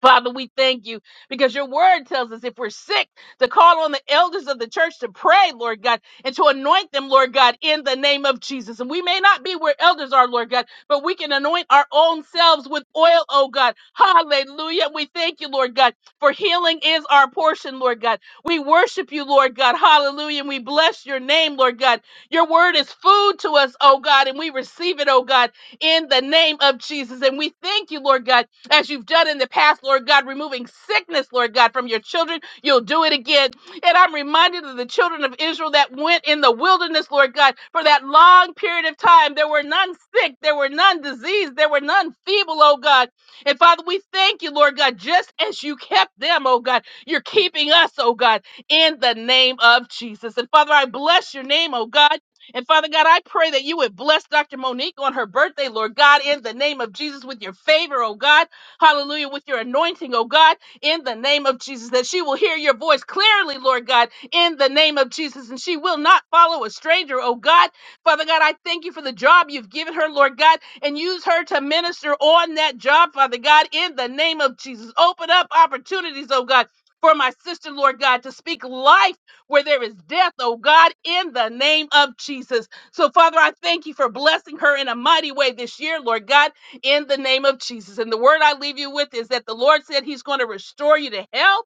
Speaker 10: Father, we thank you because your word tells us if we're sick to call on the elders of the church to pray, Lord God, and to anoint them, Lord God, in the name of Jesus. And we may not be where elders are, Lord God, but we can anoint our own selves with oil, oh God. Hallelujah. We thank you, Lord God, for healing is our portion, Lord God. We worship you, Lord God. Hallelujah. And we bless your name, Lord God. Your word is food to us, oh God, and we receive it, oh God, in the name of Jesus. And we thank you, Lord God as you've done in the past, Lord God, removing sickness, Lord God, from your children. You'll do it again. And I'm reminded of the children of Israel that went in the wilderness, Lord God, for that long period of time. There were none sick, there were none diseased, there were none feeble, oh God. And Father, we thank you, Lord God, just as you kept them, oh God, you're keeping us, oh God, in the name of Jesus. And Father, I bless your name, oh God. And Father God, I pray that you would bless Dr. Monique on her birthday, Lord God, in the name of Jesus with your favor, oh God. Hallelujah. With your anointing, oh God, in the name of Jesus, that she will hear your voice clearly, Lord God, in the name of Jesus, and she will not follow a stranger, oh God. Father God, I thank you for the job you've given her, Lord God, and use her to minister on that job, Father God, in the name of Jesus. Open up opportunities, oh God. For my sister, Lord God, to speak life where there is death, oh God, in the name of Jesus. So, Father, I thank you for blessing her in a mighty way this year, Lord God in the name of Jesus. And the word I leave you with is that the Lord said He's going to restore you to health.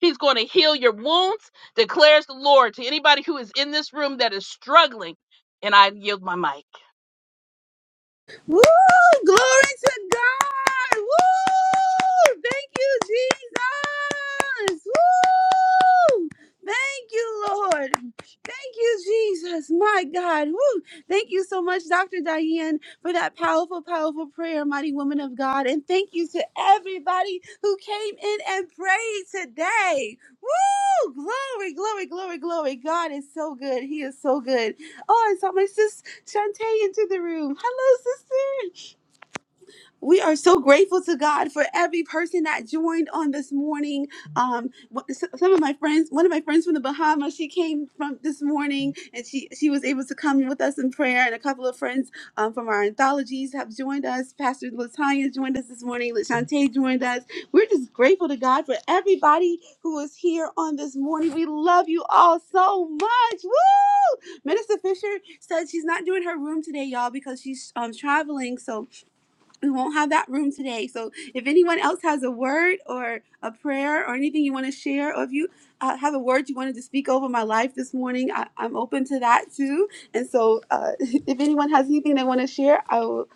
Speaker 10: He's going to heal your wounds, declares the Lord to anybody who is in this room that is struggling. And I yield my mic.
Speaker 1: Woo! Glory to God! Woo! Thank you, Jesus! Woo! Thank you, Lord. Thank you, Jesus. My God. Woo. Thank you so much, Dr. Diane, for that powerful, powerful prayer, mighty woman of God. And thank you to everybody who came in and prayed today. Woo! Glory, glory, glory, glory. God is so good. He is so good. Oh, I saw my sis Shantae into the room. Hello, sister. We are so grateful to God for every person that joined on this morning. Um, wh- s- some of my friends, one of my friends from the Bahamas, she came from this morning and she she was able to come with us in prayer. And a couple of friends um, from our anthologies have joined us. Pastor Latanya joined us this morning. Lashante joined us. We're just grateful to God for everybody who is here on this morning. We love you all so much. Woo! Minister Fisher said she's not doing her room today, y'all, because she's um, traveling. So we won't have that room today. So if anyone else has a word or a prayer or anything you want to share, or if you uh, have a word you wanted to speak over my life this morning, I, I'm open to that too. And so uh, if anyone has anything they want to share, I will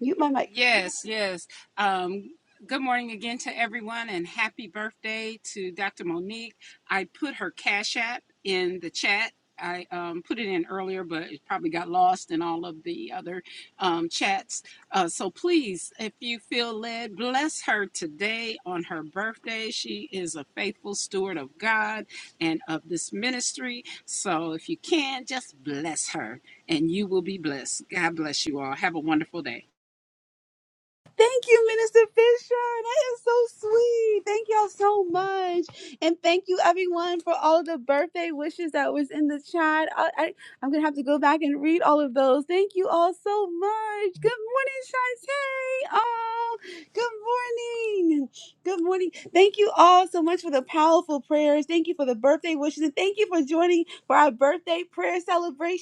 Speaker 1: mute my mic.
Speaker 2: Yes, yes. Um, good morning again to everyone and happy birthday to Dr. Monique. I put her Cash App in the chat. I um, put it in earlier, but it probably got lost in all of the other um, chats. Uh, so please, if you feel led, bless her today on her birthday. She is a faithful steward of God and of this ministry. So if you can, just bless her and you will be blessed. God bless you all. Have a wonderful day.
Speaker 1: And thank you Ellen, for birthday. I, I, I'm going to thank you. Orange. Good morning. Orange. Good morning. Good morning. Thank you all so much for the powerful prayers. Thank you for the birthday wishes. And thank you for joining for our birthday prayer celebration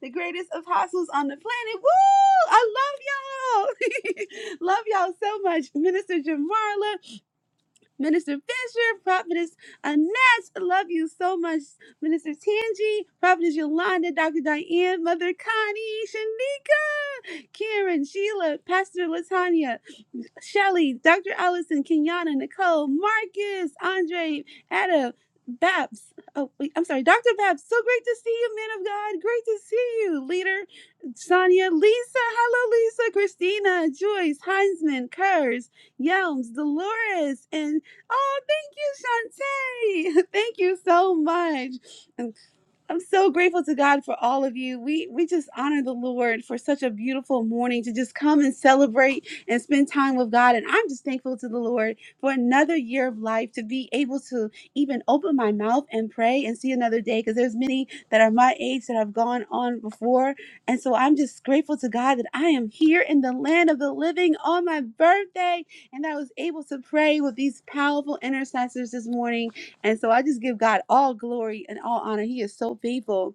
Speaker 1: the greatest apostles on the planet. Woo! I love y'all. love y'all so much. Minister Jamarla, Minister Fisher, Prophetess Annette. Love you so much. Minister Tangi, Prophetess Yolanda, Dr. Diane, Mother Connie, Shanika, Karen, Sheila, Pastor Latanya. Shelly, Dr. Allison, Kenyana, Nicole, Marcus, Andre, Adam, Babs. Oh, wait, I'm sorry, Dr. Babs. So great to see you, man of God. Great to see you, leader. Sonia, Lisa, hello, Lisa, Christina, Joyce, Heinzman, Kurz, Yelms, Dolores, and oh, thank you, Shantae. Thank you so much. I'm so grateful to God for all of you. We we just honor the Lord for such a beautiful morning to just come and celebrate and spend time with God. And I'm just thankful to the Lord for another year of life to be able to even open my mouth and pray and see another day. Because there's many that are my age that have gone on before, and so I'm just grateful to God that I am here in the land of the living on my birthday, and I was able to pray with these powerful intercessors this morning and so I just give God all glory and all honor. He is so faithful.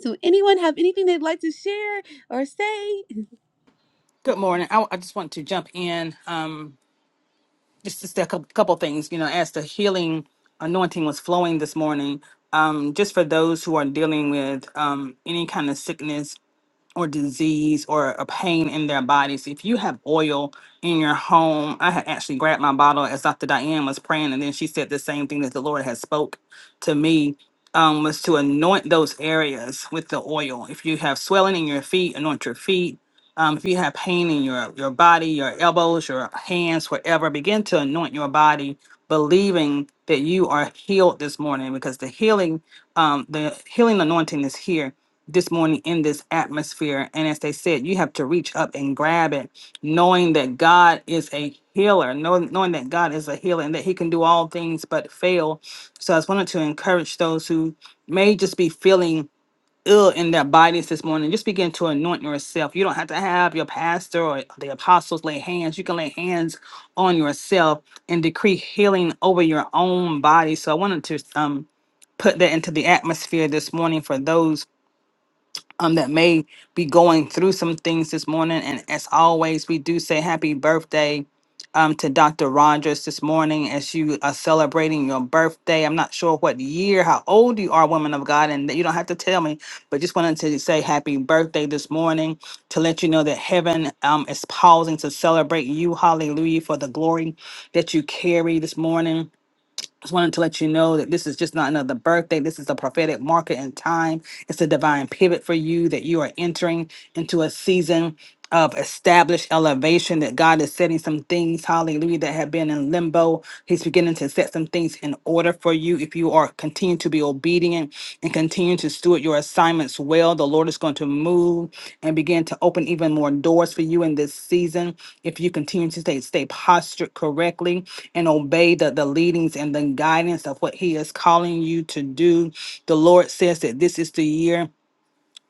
Speaker 1: So, anyone have anything they'd like to share or say?
Speaker 9: Good morning. I, I just want to jump in. Um, just just a cou- couple things, you know, as the healing anointing was flowing this morning. Um, just for those who are dealing with um, any kind of sickness or disease or a pain in their bodies. If you have oil in your home, I had actually grabbed my bottle as Dr. Diane was praying, and then she said the same thing that the Lord has spoke to me um, was to anoint those areas with the oil. If you have swelling in your feet, anoint your feet. Um, if you have pain in your your body, your elbows, your hands, wherever, begin to anoint your body, believing that you are healed this morning because the healing, um, the healing anointing is here this morning in this atmosphere. And as they said, you have to reach up and grab it, knowing that God is a healer, knowing, knowing that God is a healer and that He can do all things but fail. So I just wanted to encourage those who may just be feeling ill in their bodies this morning. Just begin to anoint yourself. You don't have to have your pastor or the apostles lay hands. You can lay hands on yourself and decree healing over your own body. So I wanted to um put that into the atmosphere this morning for those um, that may be going through some things this morning. And as always, we do say happy birthday um, to Dr. Rogers this morning as you are celebrating your birthday. I'm not sure what year, how old you are, woman of God, and you don't have to tell me, but just wanted to say happy birthday this morning to let you know that heaven um, is pausing to celebrate you. Hallelujah for the glory that you carry this morning just wanted to let you know that this is just not another birthday. This is a prophetic marker in time. It's a divine pivot for you that you are entering into a season of established elevation that God is setting some things, hallelujah, that have been in limbo. He's beginning to set some things in order for you. If you are continue to be obedient and continue to steward your assignments well, the Lord is going to move and begin to open even more doors for you in this season. If you continue to stay, stay postured correctly and obey the, the leadings and the guidance of what He is calling you to do, the Lord says that this is the year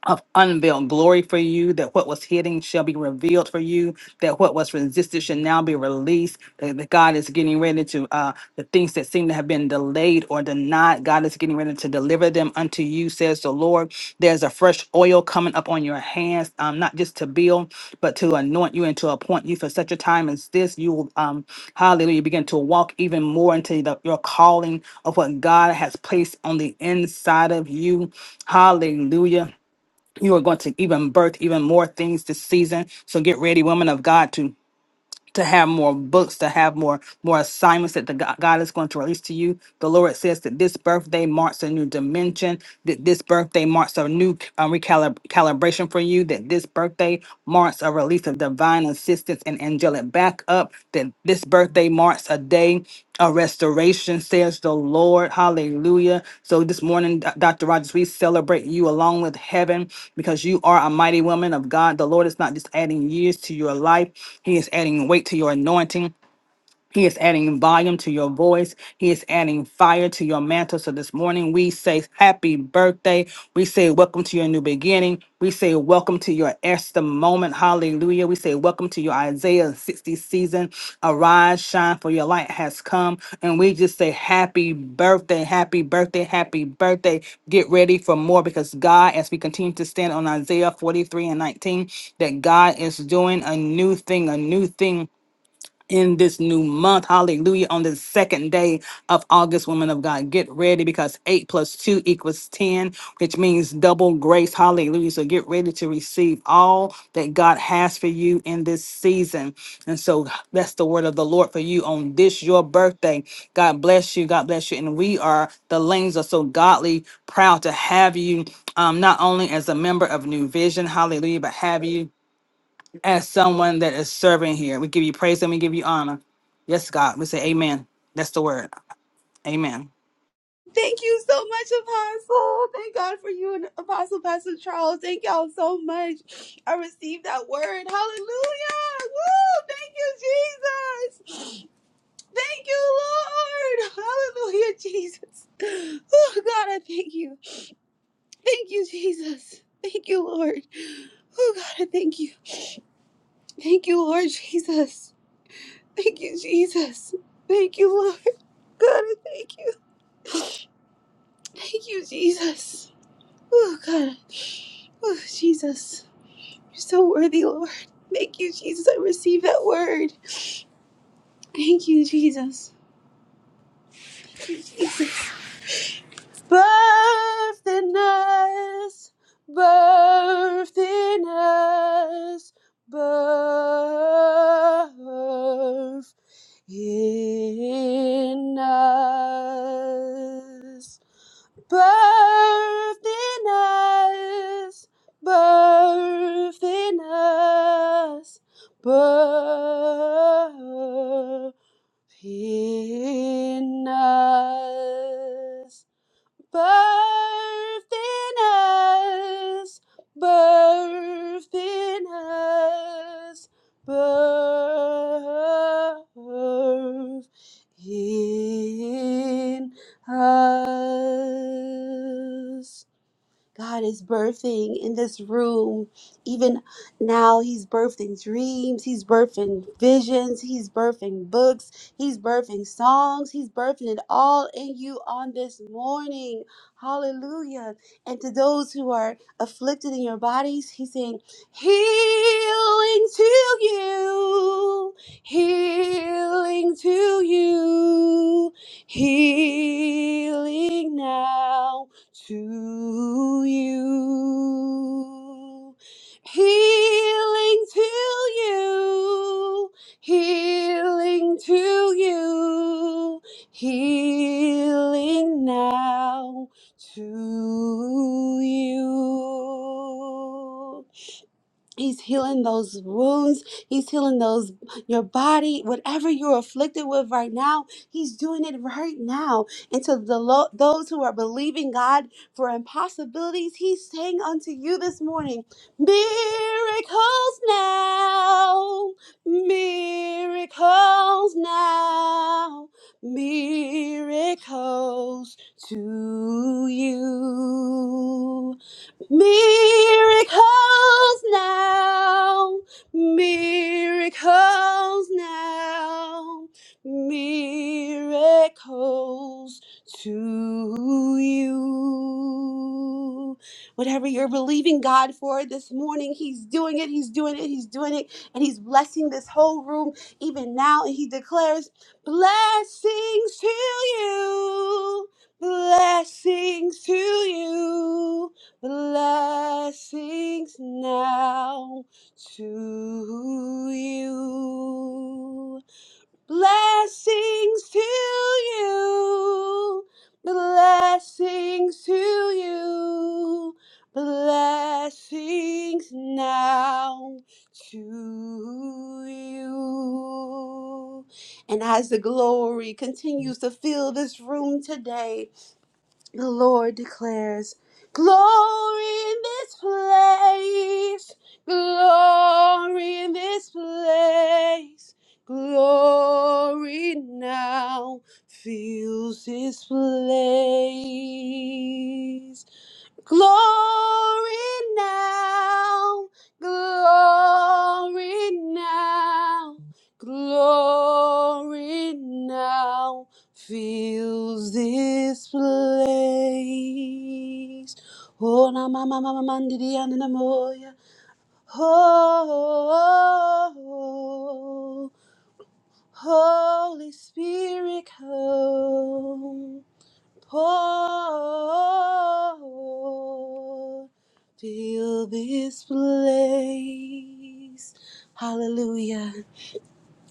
Speaker 9: of unveiled glory for you, that what was hidden shall be revealed for you, that what was resisted shall now be released, that, that God is getting ready to, uh, the things that seem to have been delayed or denied, God is getting ready to deliver them unto you, says the Lord. There's a fresh oil coming up on your hands, um, not just to build, but to anoint you and to appoint you for such a time as this. You will, um, hallelujah, begin to walk even more into the, your calling of what God has placed on the inside of you. Hallelujah you are going to even birth even more things this season. So get ready, women of God, to to have more books, to have more more assignments that the God God is going to release to you. The Lord says that this birthday marks a new dimension. That this birthday marks a new um, recalibration for you. That this birthday marks a release of divine assistance and angelic backup. That this birthday marks a day a restoration, says the Lord. Hallelujah. So this morning, Do- Dr. Rogers, we celebrate you along with heaven because you are a mighty woman of God. The Lord is not just adding years to your life, He is adding weight to your anointing. He is adding volume to your voice. He is adding fire to your mantle. So this morning we say happy birthday. We say welcome to your new beginning. We say welcome to your Esther moment. Hallelujah. We say welcome to your Isaiah 60 season. Arise, shine, for your light has come. And we just say happy birthday, happy birthday, happy birthday. Get ready for more because God, as we continue to stand on Isaiah 43 and 19, that God is doing a new thing, a new thing in this new month. Hallelujah. On the second day of August, women of God, get ready because eight plus two equals 10, which means double grace. Hallelujah. So get ready to receive all that God has for you in this season. And so that's the word of the Lord for you on this, your birthday. God bless you. God bless you. And we are, the Lanes are so godly proud to have you. Um, not only as a member of New Vision, hallelujah, but have you as someone that is serving here. We give you praise and we give you honor. Yes, God. We say amen. That's the word. Amen.
Speaker 1: Thank you so much, Apostle. Thank God for you and Apostle Pastor Charles. Thank y'all so much. I received that word. Hallelujah. Woo! Thank you, Jesus. Thank you, Lord. Hallelujah, Jesus. Oh, God, I thank you. Thank you, Jesus. Thank you, Lord. Oh, God, I thank you. Thank you, Lord Jesus. Thank you, Jesus. Thank you, Lord. God, I thank you. Thank you, Jesus. Oh, God. Oh, Jesus. You're so worthy, Lord. Thank you, Jesus. I receive that word. Thank you, Jesus. Birth in us. Birth in us. Birth in us, birth in us, birth in us, birth in us birth in us, birth in us, birth in us. God is birthing in this room. Even now, He's birthing dreams, He's birthing visions, He's birthing books, He's birthing songs, He's birthing it all in you on this morning. Hallelujah. And to those who are afflicted in your bodies, He's saying, Healing to you, healing to you, healing now to you. Healing to you, healing to you, healing now to you. He's healing those wounds. He's healing those, your body, whatever you're afflicted with right now. He's doing it right now. And to the lo- those who are believing God for impossibilities, He's saying unto you this morning, miracles now, miracles now, miracles to you. Miracles now, miracles now, miracles to you. Whatever you're believing God for this morning, He's doing it, He's doing it, He's doing it, and He's blessing this whole room even now. And He declares, Blessings to you, blessings to you blessings now to you. Blessings to you. Blessings to you. Blessings now to you. And as the glory continues to fill this room today, the Lord declares, Glory in this place, glory in this place, glory now fills this place. Glory now, glory now, glory now fills this place. Oh, na ma ma ma ma ma di na na moya. Oh, Holy Spirit, come. Oh, fill this place. Hallelujah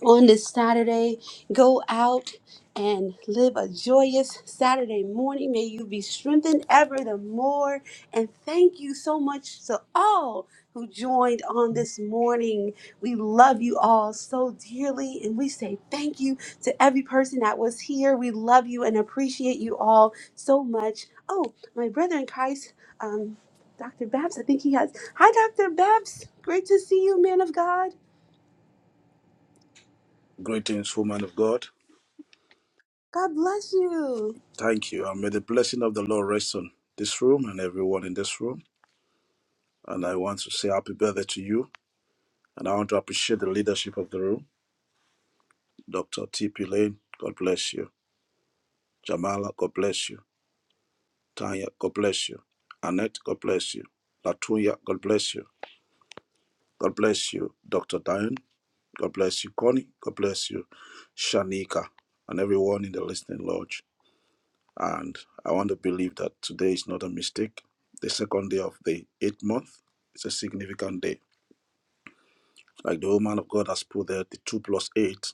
Speaker 1: on this Saturday. Go out and live a joyous Saturday morning. May you be strengthened ever the more. And thank you so much to all who joined on this morning. We love you all so dearly. And we say thank you to every person that was here. We love you and appreciate you all so much. Oh, my brother in Christ, um, Dr. Babs, I think he has. Hi, Dr. Babs. Great to see you, man of God.
Speaker 11: Greetings, woman of God.
Speaker 1: God bless you.
Speaker 11: Thank you. And may the blessing of the Lord rest on this room and everyone in this room. And I want to say happy birthday to you. And I want to appreciate the leadership of the room. Dr. T.P. Lane, God bless you. Jamala, God bless you. Tanya, God bless you. Annette, God bless you. Latunya, God bless you. God bless you. Dr. Diane, God bless you. Connie, God bless you. Shanika, and everyone in the listening lodge. And I want to believe that today is not a mistake. The second day of the eighth month is a significant day. Like the woman of God has put there, the two plus eight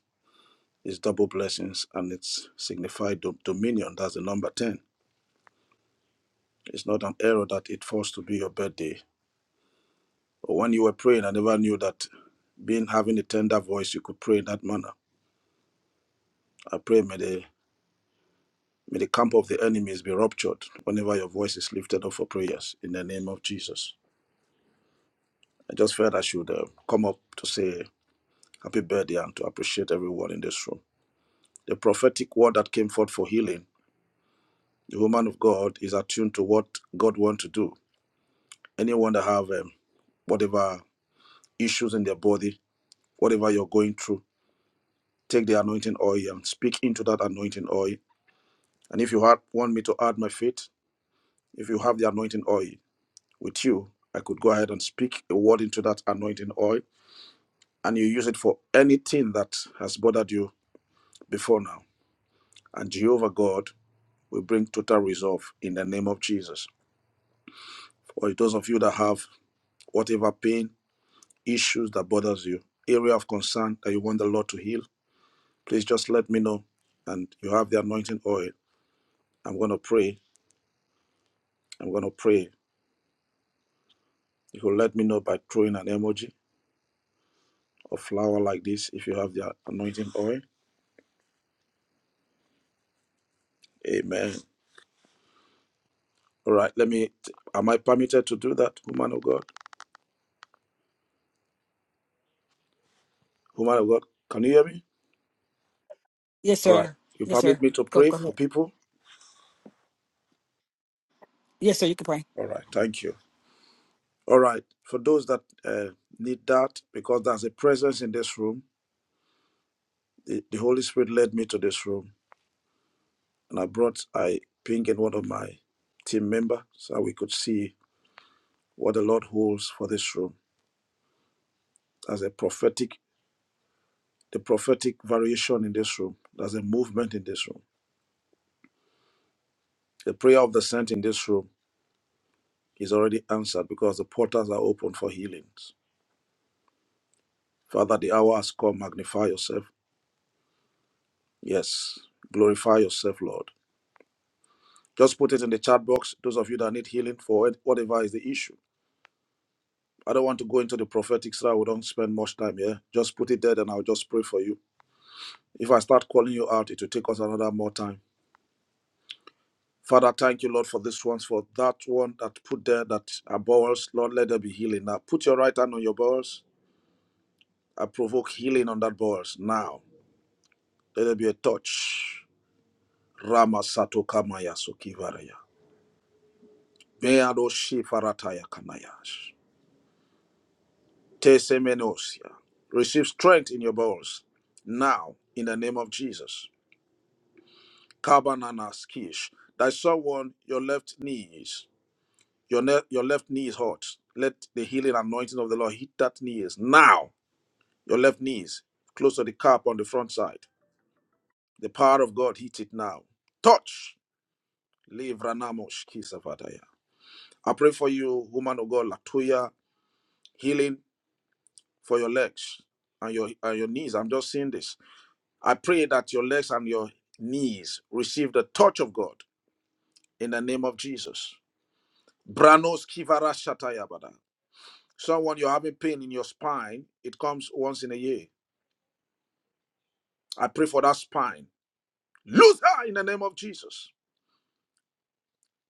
Speaker 11: is double blessings and it's signified dom- dominion. That's the number 10. It's not an error that it falls to be your birthday. Or when you were praying, I never knew that being having a tender voice, you could pray in that manner. I pray may the may the camp of the enemies be ruptured whenever your voice is lifted up for prayers in the name of Jesus. I just felt I should uh, come up to say Happy birthday and to appreciate everyone in this room. The prophetic word that came forth for healing, the woman of God is attuned to what God wants to do. Anyone that have um, whatever issues in their body, whatever you're going through, take the anointing oil and speak into that anointing oil. And if you had, want me to add my faith, if you have the anointing oil with you, I could go ahead and speak a word into that anointing oil, and you use it for anything that has bothered you before now. And Jehovah God We bring total resolve in the name of Jesus. For those of you that have whatever pain, issues that bothers you, area of concern that you want the Lord to heal, please just let me know. And you have the anointing oil. I'm going to pray. I'm going to pray. You will let me know by throwing an emoji or flower like this if you have the anointing oil. Amen. All right. Let me. Am I permitted to do that, woman of God? Woman of God, can you hear me?
Speaker 9: Yes,
Speaker 11: All
Speaker 9: sir.
Speaker 11: right. You
Speaker 9: Yes,
Speaker 11: permit
Speaker 9: sir.
Speaker 11: me to
Speaker 9: Go,
Speaker 11: pray
Speaker 9: go
Speaker 11: for
Speaker 9: ahead.
Speaker 11: people?
Speaker 9: Yes, sir. You can pray.
Speaker 11: All right. Thank you. All right. For those that uh, need that, because there's a presence in this room, the, the Holy Spirit led me to this room, and I brought I pinged in one of my team member so we could see what the Lord holds for this room. There's a prophetic, the prophetic variation in this room. There's a movement in this room. The prayer of the saint in this room is already answered because the portals are open for healings. Father, the hour has come. Magnify yourself. Yes. Glorify yourself, Lord. Just put it in the chat box, those of you that need healing for it, whatever is the issue. I don't want to go into the prophetic side. We don't spend much time here. Just put it there, and I'll just pray for you. If I start calling you out, it will take us another more time. Father, thank you, Lord, for this one, for that one that put there that are bowels. Lord, let there be healing now. Put your right hand on your bowels. I provoke healing on that bowels now. Let there be a touch. Rama Satokamaya Sukivaraya. Beado Shifarataya Kanayash. Tesemenosia. Receive strength in your bones now in the name of Jesus. Kabananas kish. That someone your left knee is your ne- your left knee is hot. Let the healing anointing of the Lord hit that knee now. Your left knees, close to the cup on the front side. The power of God hit it now. Touch. Livranamos kisavataya. I pray for you, woman of God, Latoya, healing for your legs and your and your knees. I'm just seeing this I pray that your legs and your knees receive the touch of God in the name of Jesus. Branos kivara shatayabada. Someone you're having pain in your spine, it comes once in a year. I pray for that spine. Loose her in the name of Jesus.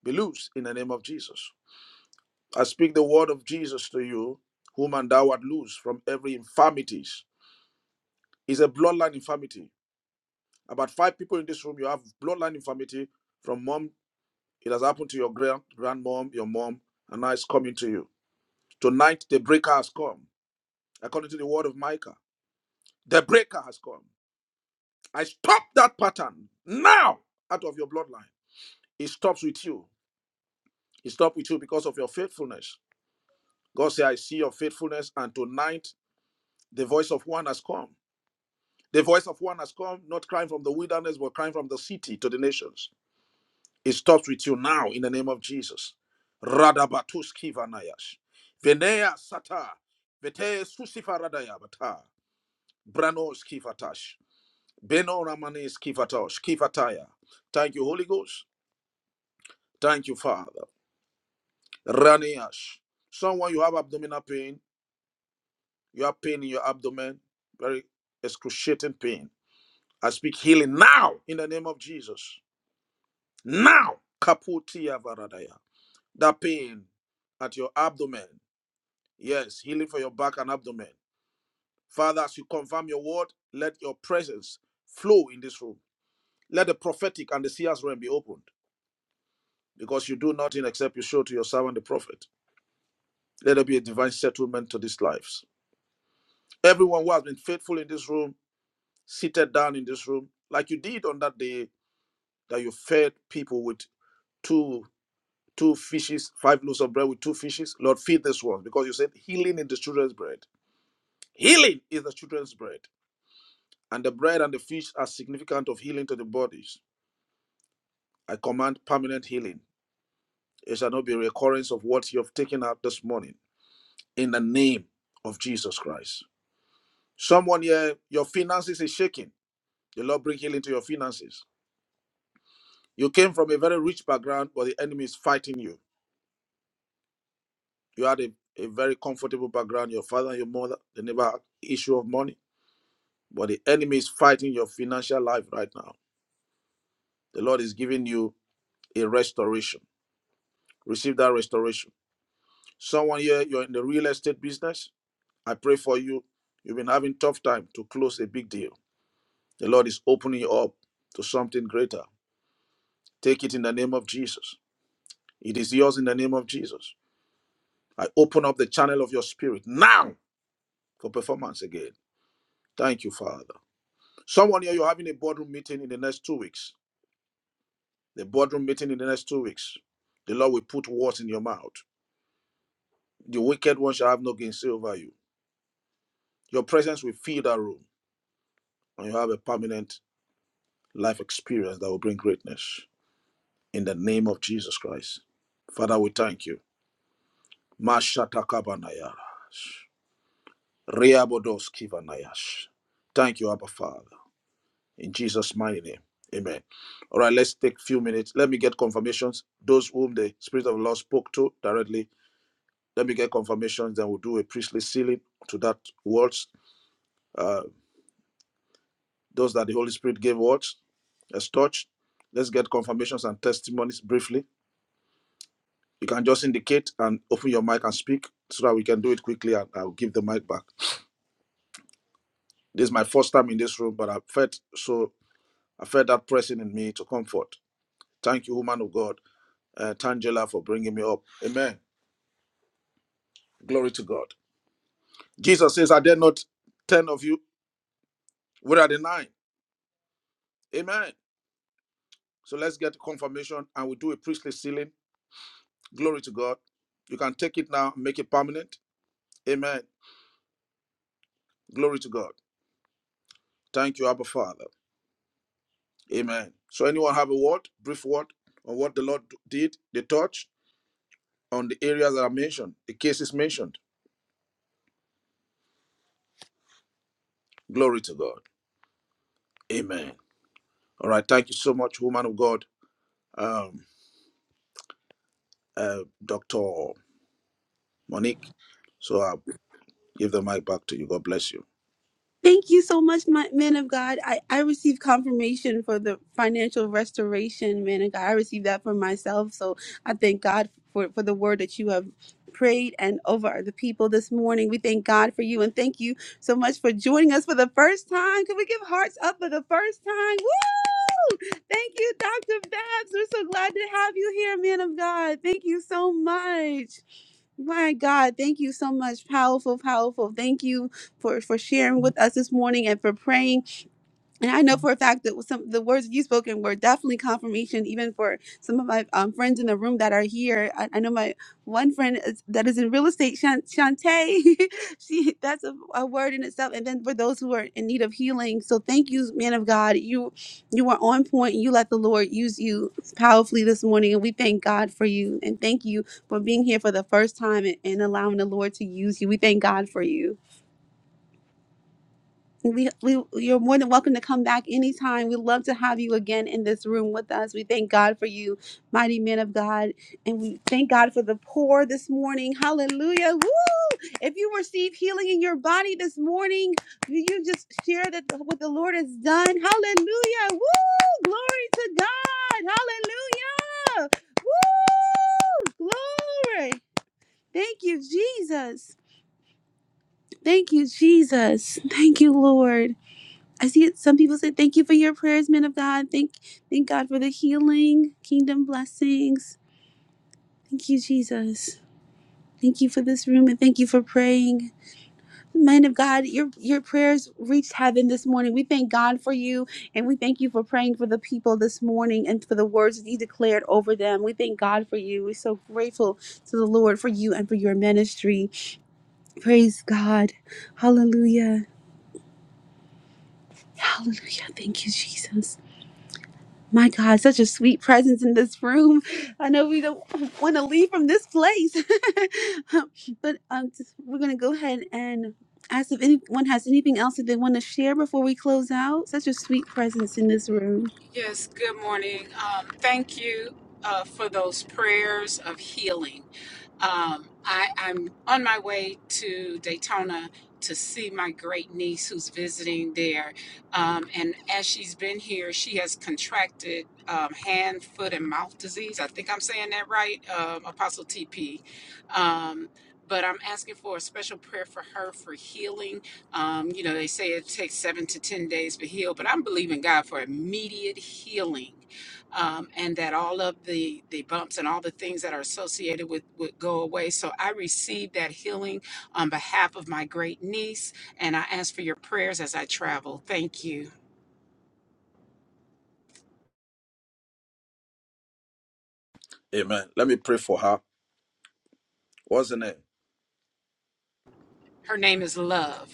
Speaker 11: Be loose in the name of Jesus. I speak the word of Jesus to you, whom and thou art loose from every infirmities. It's a bloodline infirmity. About five people in this room, you have bloodline infirmity from mom. It has happened to your grand grandmom, your mom, and now it's coming to you. Tonight, the breaker has come, according to the word of Micah. The breaker has come. I stop that pattern now out of your bloodline. It stops with you. It stops with you because of your faithfulness. God said, I see your faithfulness, and tonight the voice of one has come. The voice of one has come, not crying from the wilderness, but crying from the city to the nations. It stops with you now in the name of Jesus. Radabatuski vanayash. Venea sata. Vete susifa radayabata. Brano skivatash. Beno ramane skivatosh. Skivataya. Thank you, Holy Ghost. Thank you, Father. Raneash. Someone you have abdominal pain. You have pain in your abdomen. Very excruciating pain. I speak healing now in the name of Jesus. Now. Kaputia varadaya. That pain at your abdomen. Yes, healing for your back and abdomen. Father, as you confirm your word, let your presence flow in this room. Let the prophetic and the seer's realm be opened because you do nothing except you show to your servant the prophet. Let there be a divine settlement to these lives. Everyone who has been faithful in this room, seated down in this room, like you did on that day that you fed people with two two fishes, five loaves of bread with two fishes. Lord, feed this one because you said healing in the children's bread. Healing is the children's bread. And the bread and the fish are significant of healing to the bodies. I command permanent healing. It shall not be a recurrence of what you have taken out this morning in the name of Jesus Christ. Someone here, your finances is shaking. The Lord bring healing to your finances. You came from a very rich background, but the enemy is fighting you. You had a, a very comfortable background. Your father and your mother, they never had issue of money. But the enemy is fighting your financial life right now. The Lord is giving you a restoration. Receive that restoration Someone here, you're in the real estate business. I pray for you. You've been having tough time to close a big deal. The Lord is opening you up to something greater. Take it in the name of Jesus. It is yours in the name of Jesus. I open up the channel of your spirit now for performance again. Thank you, Father. Someone here, you're having a boardroom meeting in the next two weeks. The boardroom meeting in the next two weeks. The Lord will put words in your mouth. The wicked one shall have no gainsay over you. Your presence will fill that room, and you have a permanent life experience that will bring greatness in the name of Jesus Christ. Father, we thank you. Mashatakabanayas. Reabodoskivanayash. Thank you, Abba Father. In Jesus' mighty name. Amen. All right, let's take a few minutes. Let me get confirmations. Those whom the Spirit of the Lord spoke to directly, let me get confirmations. Then we'll do a priestly sealing to that words. Uh, those that the Holy Spirit gave words, as touched. Let's get confirmations and testimonies briefly You can just indicate and open your mic and speak so that we can do it quickly and I'll give the mic back. This is my first time in this room, but I felt so I felt that pressing in me to comfort. Thank you, woman of God, uh, Tangela, for bringing me up. Amen. Glory to God. Jesus says, Are there not 10 of you? Where are the nine?" Amen. So let's get confirmation and we do a priestly sealing. Glory to God. You can take it now, make it permanent. Amen. Glory to God. Thank you, Abba Father. Amen. So, anyone have a word, brief word on what the Lord did, the touch on the areas that are mentioned, the cases mentioned? Glory to God. Amen. All right. Thank you so much, woman of God, um, uh, Dr. Monique. So, I'll give the mic back to you. God bless you.
Speaker 1: Thank you so much, my, man of God. I, I received confirmation for the financial restoration, man of God. I received that for myself. So I thank God for, for the word that you have prayed and over the people this morning. We thank God for you and thank you so much for joining us for the first time. Can we give hearts up for the first time? Woo! Thank you, Dr. Babs. We're so glad to have you here, man of God. Thank you so much. My God, thank you so much. Powerful, powerful. Thank you for, for sharing with us this morning and for praying and I know for a fact that some the words you spoken were definitely confirmation, even for some of my um, friends in the room that are here. I, I know my one friend is, that is in real estate, Shan- Shantae. she that's a, a word in itself. And then for those who are in need of healing, so thank you, man of God. You you are on point. You let the Lord use you powerfully this morning, and we thank God for you. And thank you for being here for the first time and, and allowing the Lord to use you. We thank God for you we, we you're more than welcome to come back anytime. We'd love to have you again in this room with us. We thank God for you, mighty men of God, and we thank God for the poor this morning. Hallelujah. Woo! If you receive healing in your body this morning, will you just share that what the Lord has done? Hallelujah. Woo! Glory to God. Hallelujah. Woo! Glory. Thank you, Jesus. Thank you, Jesus. Thank you, Lord. I see it. Some people said, "Thank you for your prayers, men of God. Thank, thank God for the healing, kingdom blessings. Thank you, Jesus. Thank you for this room, and thank you for praying." Men of God, your your prayers reached heaven this morning. We thank God for you, and we thank you for praying for the people this morning and for the words that you declared over them. We thank God for you. We're so grateful to the Lord for you and for your ministry. Praise God. Hallelujah. Hallelujah. Thank you, Jesus. My God, such a sweet presence in this room. I know we don't want to leave from this place, but um, just- we're going to go ahead and ask if anyone has anything else that they want to share before we close out. Such a sweet presence in this room.
Speaker 2: Yes, good morning. Um, thank you uh, for those prayers of healing. Um, I, I'm on my way to Daytona to see my great niece who's visiting there. Um, and as she's been here, she has contracted um, hand, foot, and mouth disease. I think I'm saying that right, um, Apostle TP. Um, but I'm asking for a special prayer for her for healing um, you know, they say it takes seven to 10 days to heal, but I'm believing God for immediate healing um, and that all of the, the bumps and all the things that are associated with would go away. So I received that healing on behalf of my great niece, and I ask for your prayers as I travel. Thank you.
Speaker 11: Amen. Let me pray for her. What's her name?
Speaker 2: Her name is Love,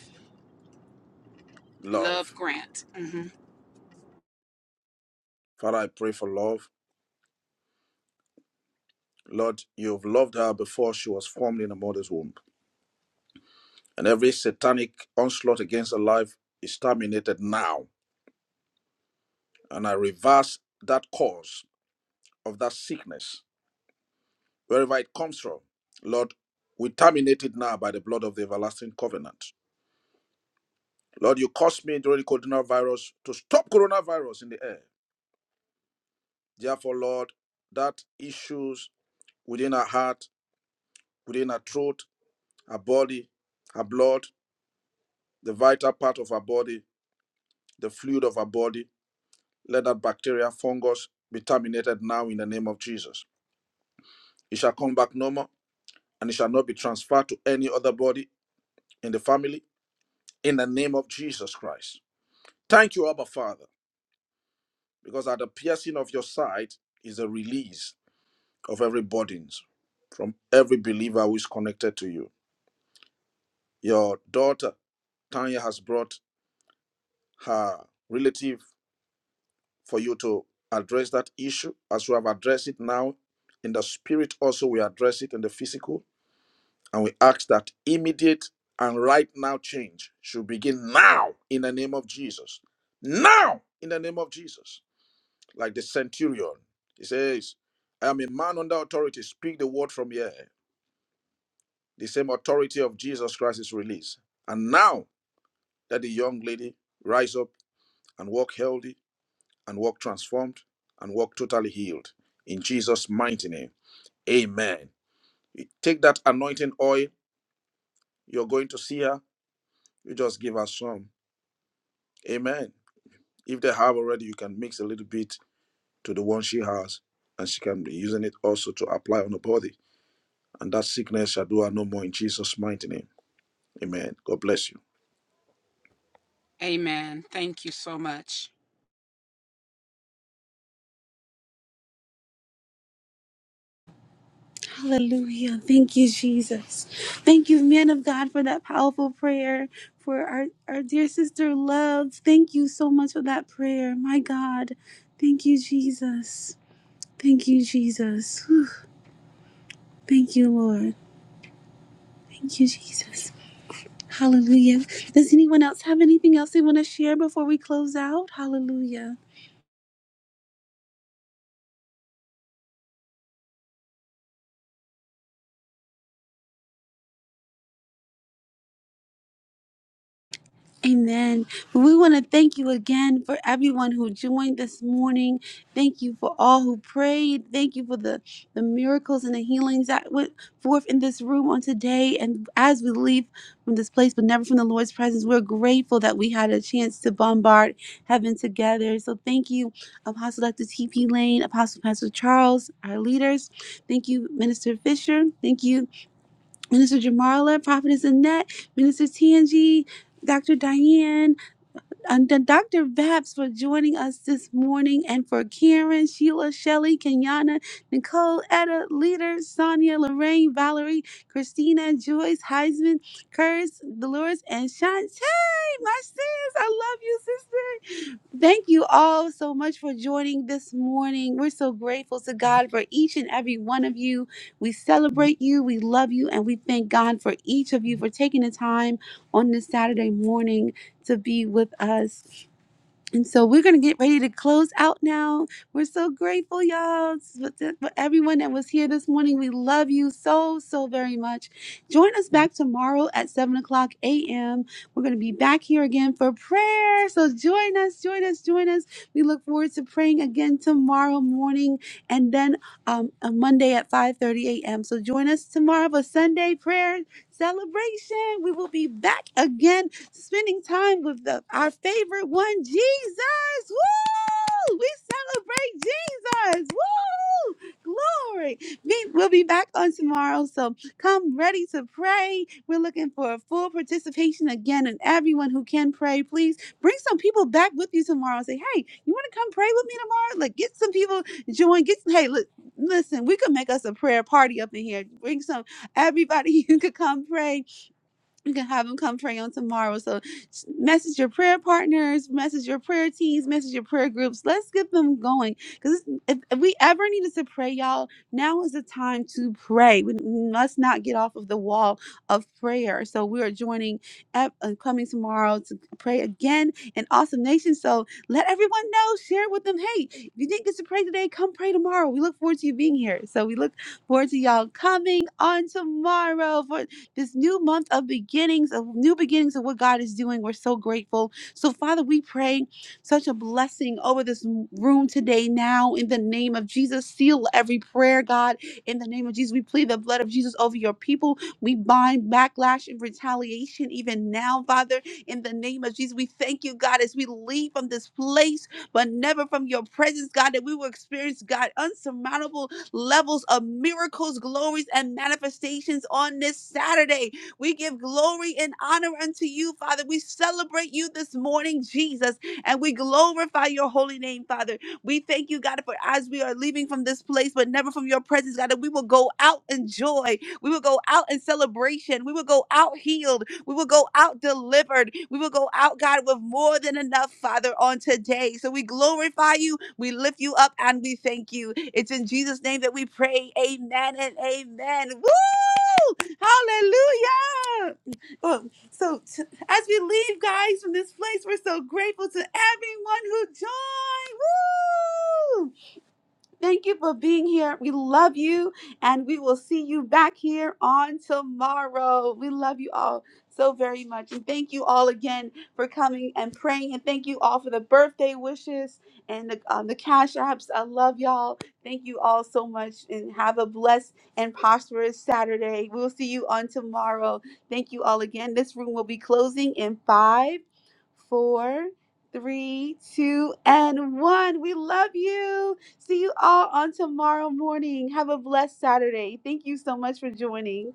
Speaker 11: Love.
Speaker 2: Love Grant. hmm
Speaker 11: Father, I pray for love. Lord, you've loved her before she was formed in her mother's womb. And every satanic onslaught against her life is terminated now And I reverse that cause of that sickness, wherever it comes from. Lord, we terminate it now by the blood of the everlasting covenant. Lord, you caused me during the coronavirus to stop coronavirus in the air. Therefore, Lord, that issues within our heart, within our throat, our body, our blood, the vital part of our body, the fluid of our body, let that bacteria, fungus be terminated now in the name of Jesus. It shall come back no more and it shall not be transferred to any other body in the family in the name of Jesus Christ. Thank you, Abba Father, because at the piercing of your side is a release of every burdens from every believer who is connected to you. Your daughter, Tanya, has brought her relative for you to address that issue as we have addressed it now in the spirit also we address it in the physical and we ask that immediate and right now change should begin now in the name of jesus now in the name of jesus like the centurion. He says, I am a man under authority. Speak the word from here. The same authority of Jesus Christ is released. And now that the young lady rise up and walk healthy and walk transformed and walk totally healed. In Jesus' mighty name. Amen. You take that anointing oil, you're going to see her. You just give her some. Amen. If they have already, you can mix a little bit to the one she has, and she can be using it also to apply on the body and that sickness shall do her no more in Jesus' mighty name. Amen. God bless you.
Speaker 2: Amen. Thank you so much.
Speaker 1: Hallelujah. Thank you, Jesus. Thank you, man of God, for that powerful prayer. For our, our dear sister, love. Thank you so much for that prayer. My God. Thank you, Jesus. Thank you, Jesus. Whew. Thank you, Lord. Thank you, Jesus. Hallelujah. Does anyone else have anything else they want to share before we close out? Hallelujah. Amen. But we want to thank you again for everyone who joined this morning. Thank you for all who prayed. Thank you for the, the miracles and the healings that went forth in this room on today. And as we leave from this place, but never from the Lord's presence, we're grateful that we had a chance to bombard heaven together. So thank you, Apostle Dr. T.P. Lane, Apostle Pastor Charles, our leaders. Thank you, Minister Fisher. Thank you. Minister Jamarla, Prophetess Annette, Minister Tangi, Dr. Diane, and D- Dr. Vaps for joining us this morning, and for Karen, Sheila, Shelley, Kenyana, Nicole, Etta, Leader, Sonia, Lorraine, Valerie, Christina, Joyce, Heisman, Curse, Dolores, and Shantae, my sis. I love you, sister. Thank you all so much for joining this morning. We're so grateful to God for each and every one of you. We celebrate you, we love you, and we thank God for each of you for taking the time on this Saturday morning to be with us. And so we're going to get ready to close out now. We're so grateful, y'all, for for everyone that was here this morning. We love you so, so very much. Join us back tomorrow at 7 o'clock a.m. We're going to be back here again for prayer. So join us, join us, join us. We look forward to praying again tomorrow morning and then um, on Monday at 5.30 a.m. So join us tomorrow for Sunday prayer celebration. We will be back again spending time with the, our favorite one, Jesus. Woo! We celebrate Jesus. Woo! Glory. We, we'll be back on tomorrow, so come ready to pray. We're looking for a full participation again, and everyone who can pray, please bring some people back with you tomorrow. Say, hey, you want to come pray with me tomorrow? Like, get some people join. Get some, hey, look, listen, we could make us a prayer party up in here. Bring some everybody. You could come pray you can have them come pray on tomorrow. So message your prayer partners, message your prayer teams, message your prayer groups. Let's get them going. Because if, if we ever needed to pray, y'all, now is the time to pray. We must not get off of the wall of prayer. So we are joining up and coming tomorrow to pray again in Awesome Nation. So let everyone know, share it with them. Hey, if you didn't get to pray today, come pray tomorrow. We look forward to you being here. So we look forward to y'all coming on tomorrow for this new month of beginnings, of new beginnings of what God is doing. We're so grateful. So, Father, we pray such a blessing over this room today now in the name of Jesus. Seal every prayer, God, in the name of Jesus. We plead the blood of Jesus over your people. We bind backlash and retaliation even now, Father, in the name of Jesus. We thank you, God, as we leave from this place, but never from your presence, God, that we will experience, God, unsurmountable levels of miracles, glories, and manifestations on this Saturday. We give glory and honor unto you, Father. We celebrate you this morning, Jesus, and we glorify your holy name, Father. We thank you, God, for as we are leaving from this place, but never from your presence, God, that we will go out in joy. We will go out in celebration. We will go out healed. We will go out delivered. We will go out, God, with more than enough, Father, on today. So we glorify you, we lift you up, and we thank you. It's in Jesus' name that we pray. Amen and amen. Woo! Hallelujah. Well, so t- as we leave, guys, from this place, we're so grateful to everyone who joined. Woo! Thank you for being here. We love you, and we will see you back here on tomorrow. We love you all so very much. And thank you all again for coming and praying. And thank you all for the birthday wishes and the, um, the cash apps. I love y'all. Thank you all so much. And have a blessed and prosperous Saturday. We'll see you on tomorrow. Thank you all again. This room will be closing in five, four, three, two, and one. We love you. See you all on tomorrow morning. Have a blessed Saturday. Thank you so much for joining.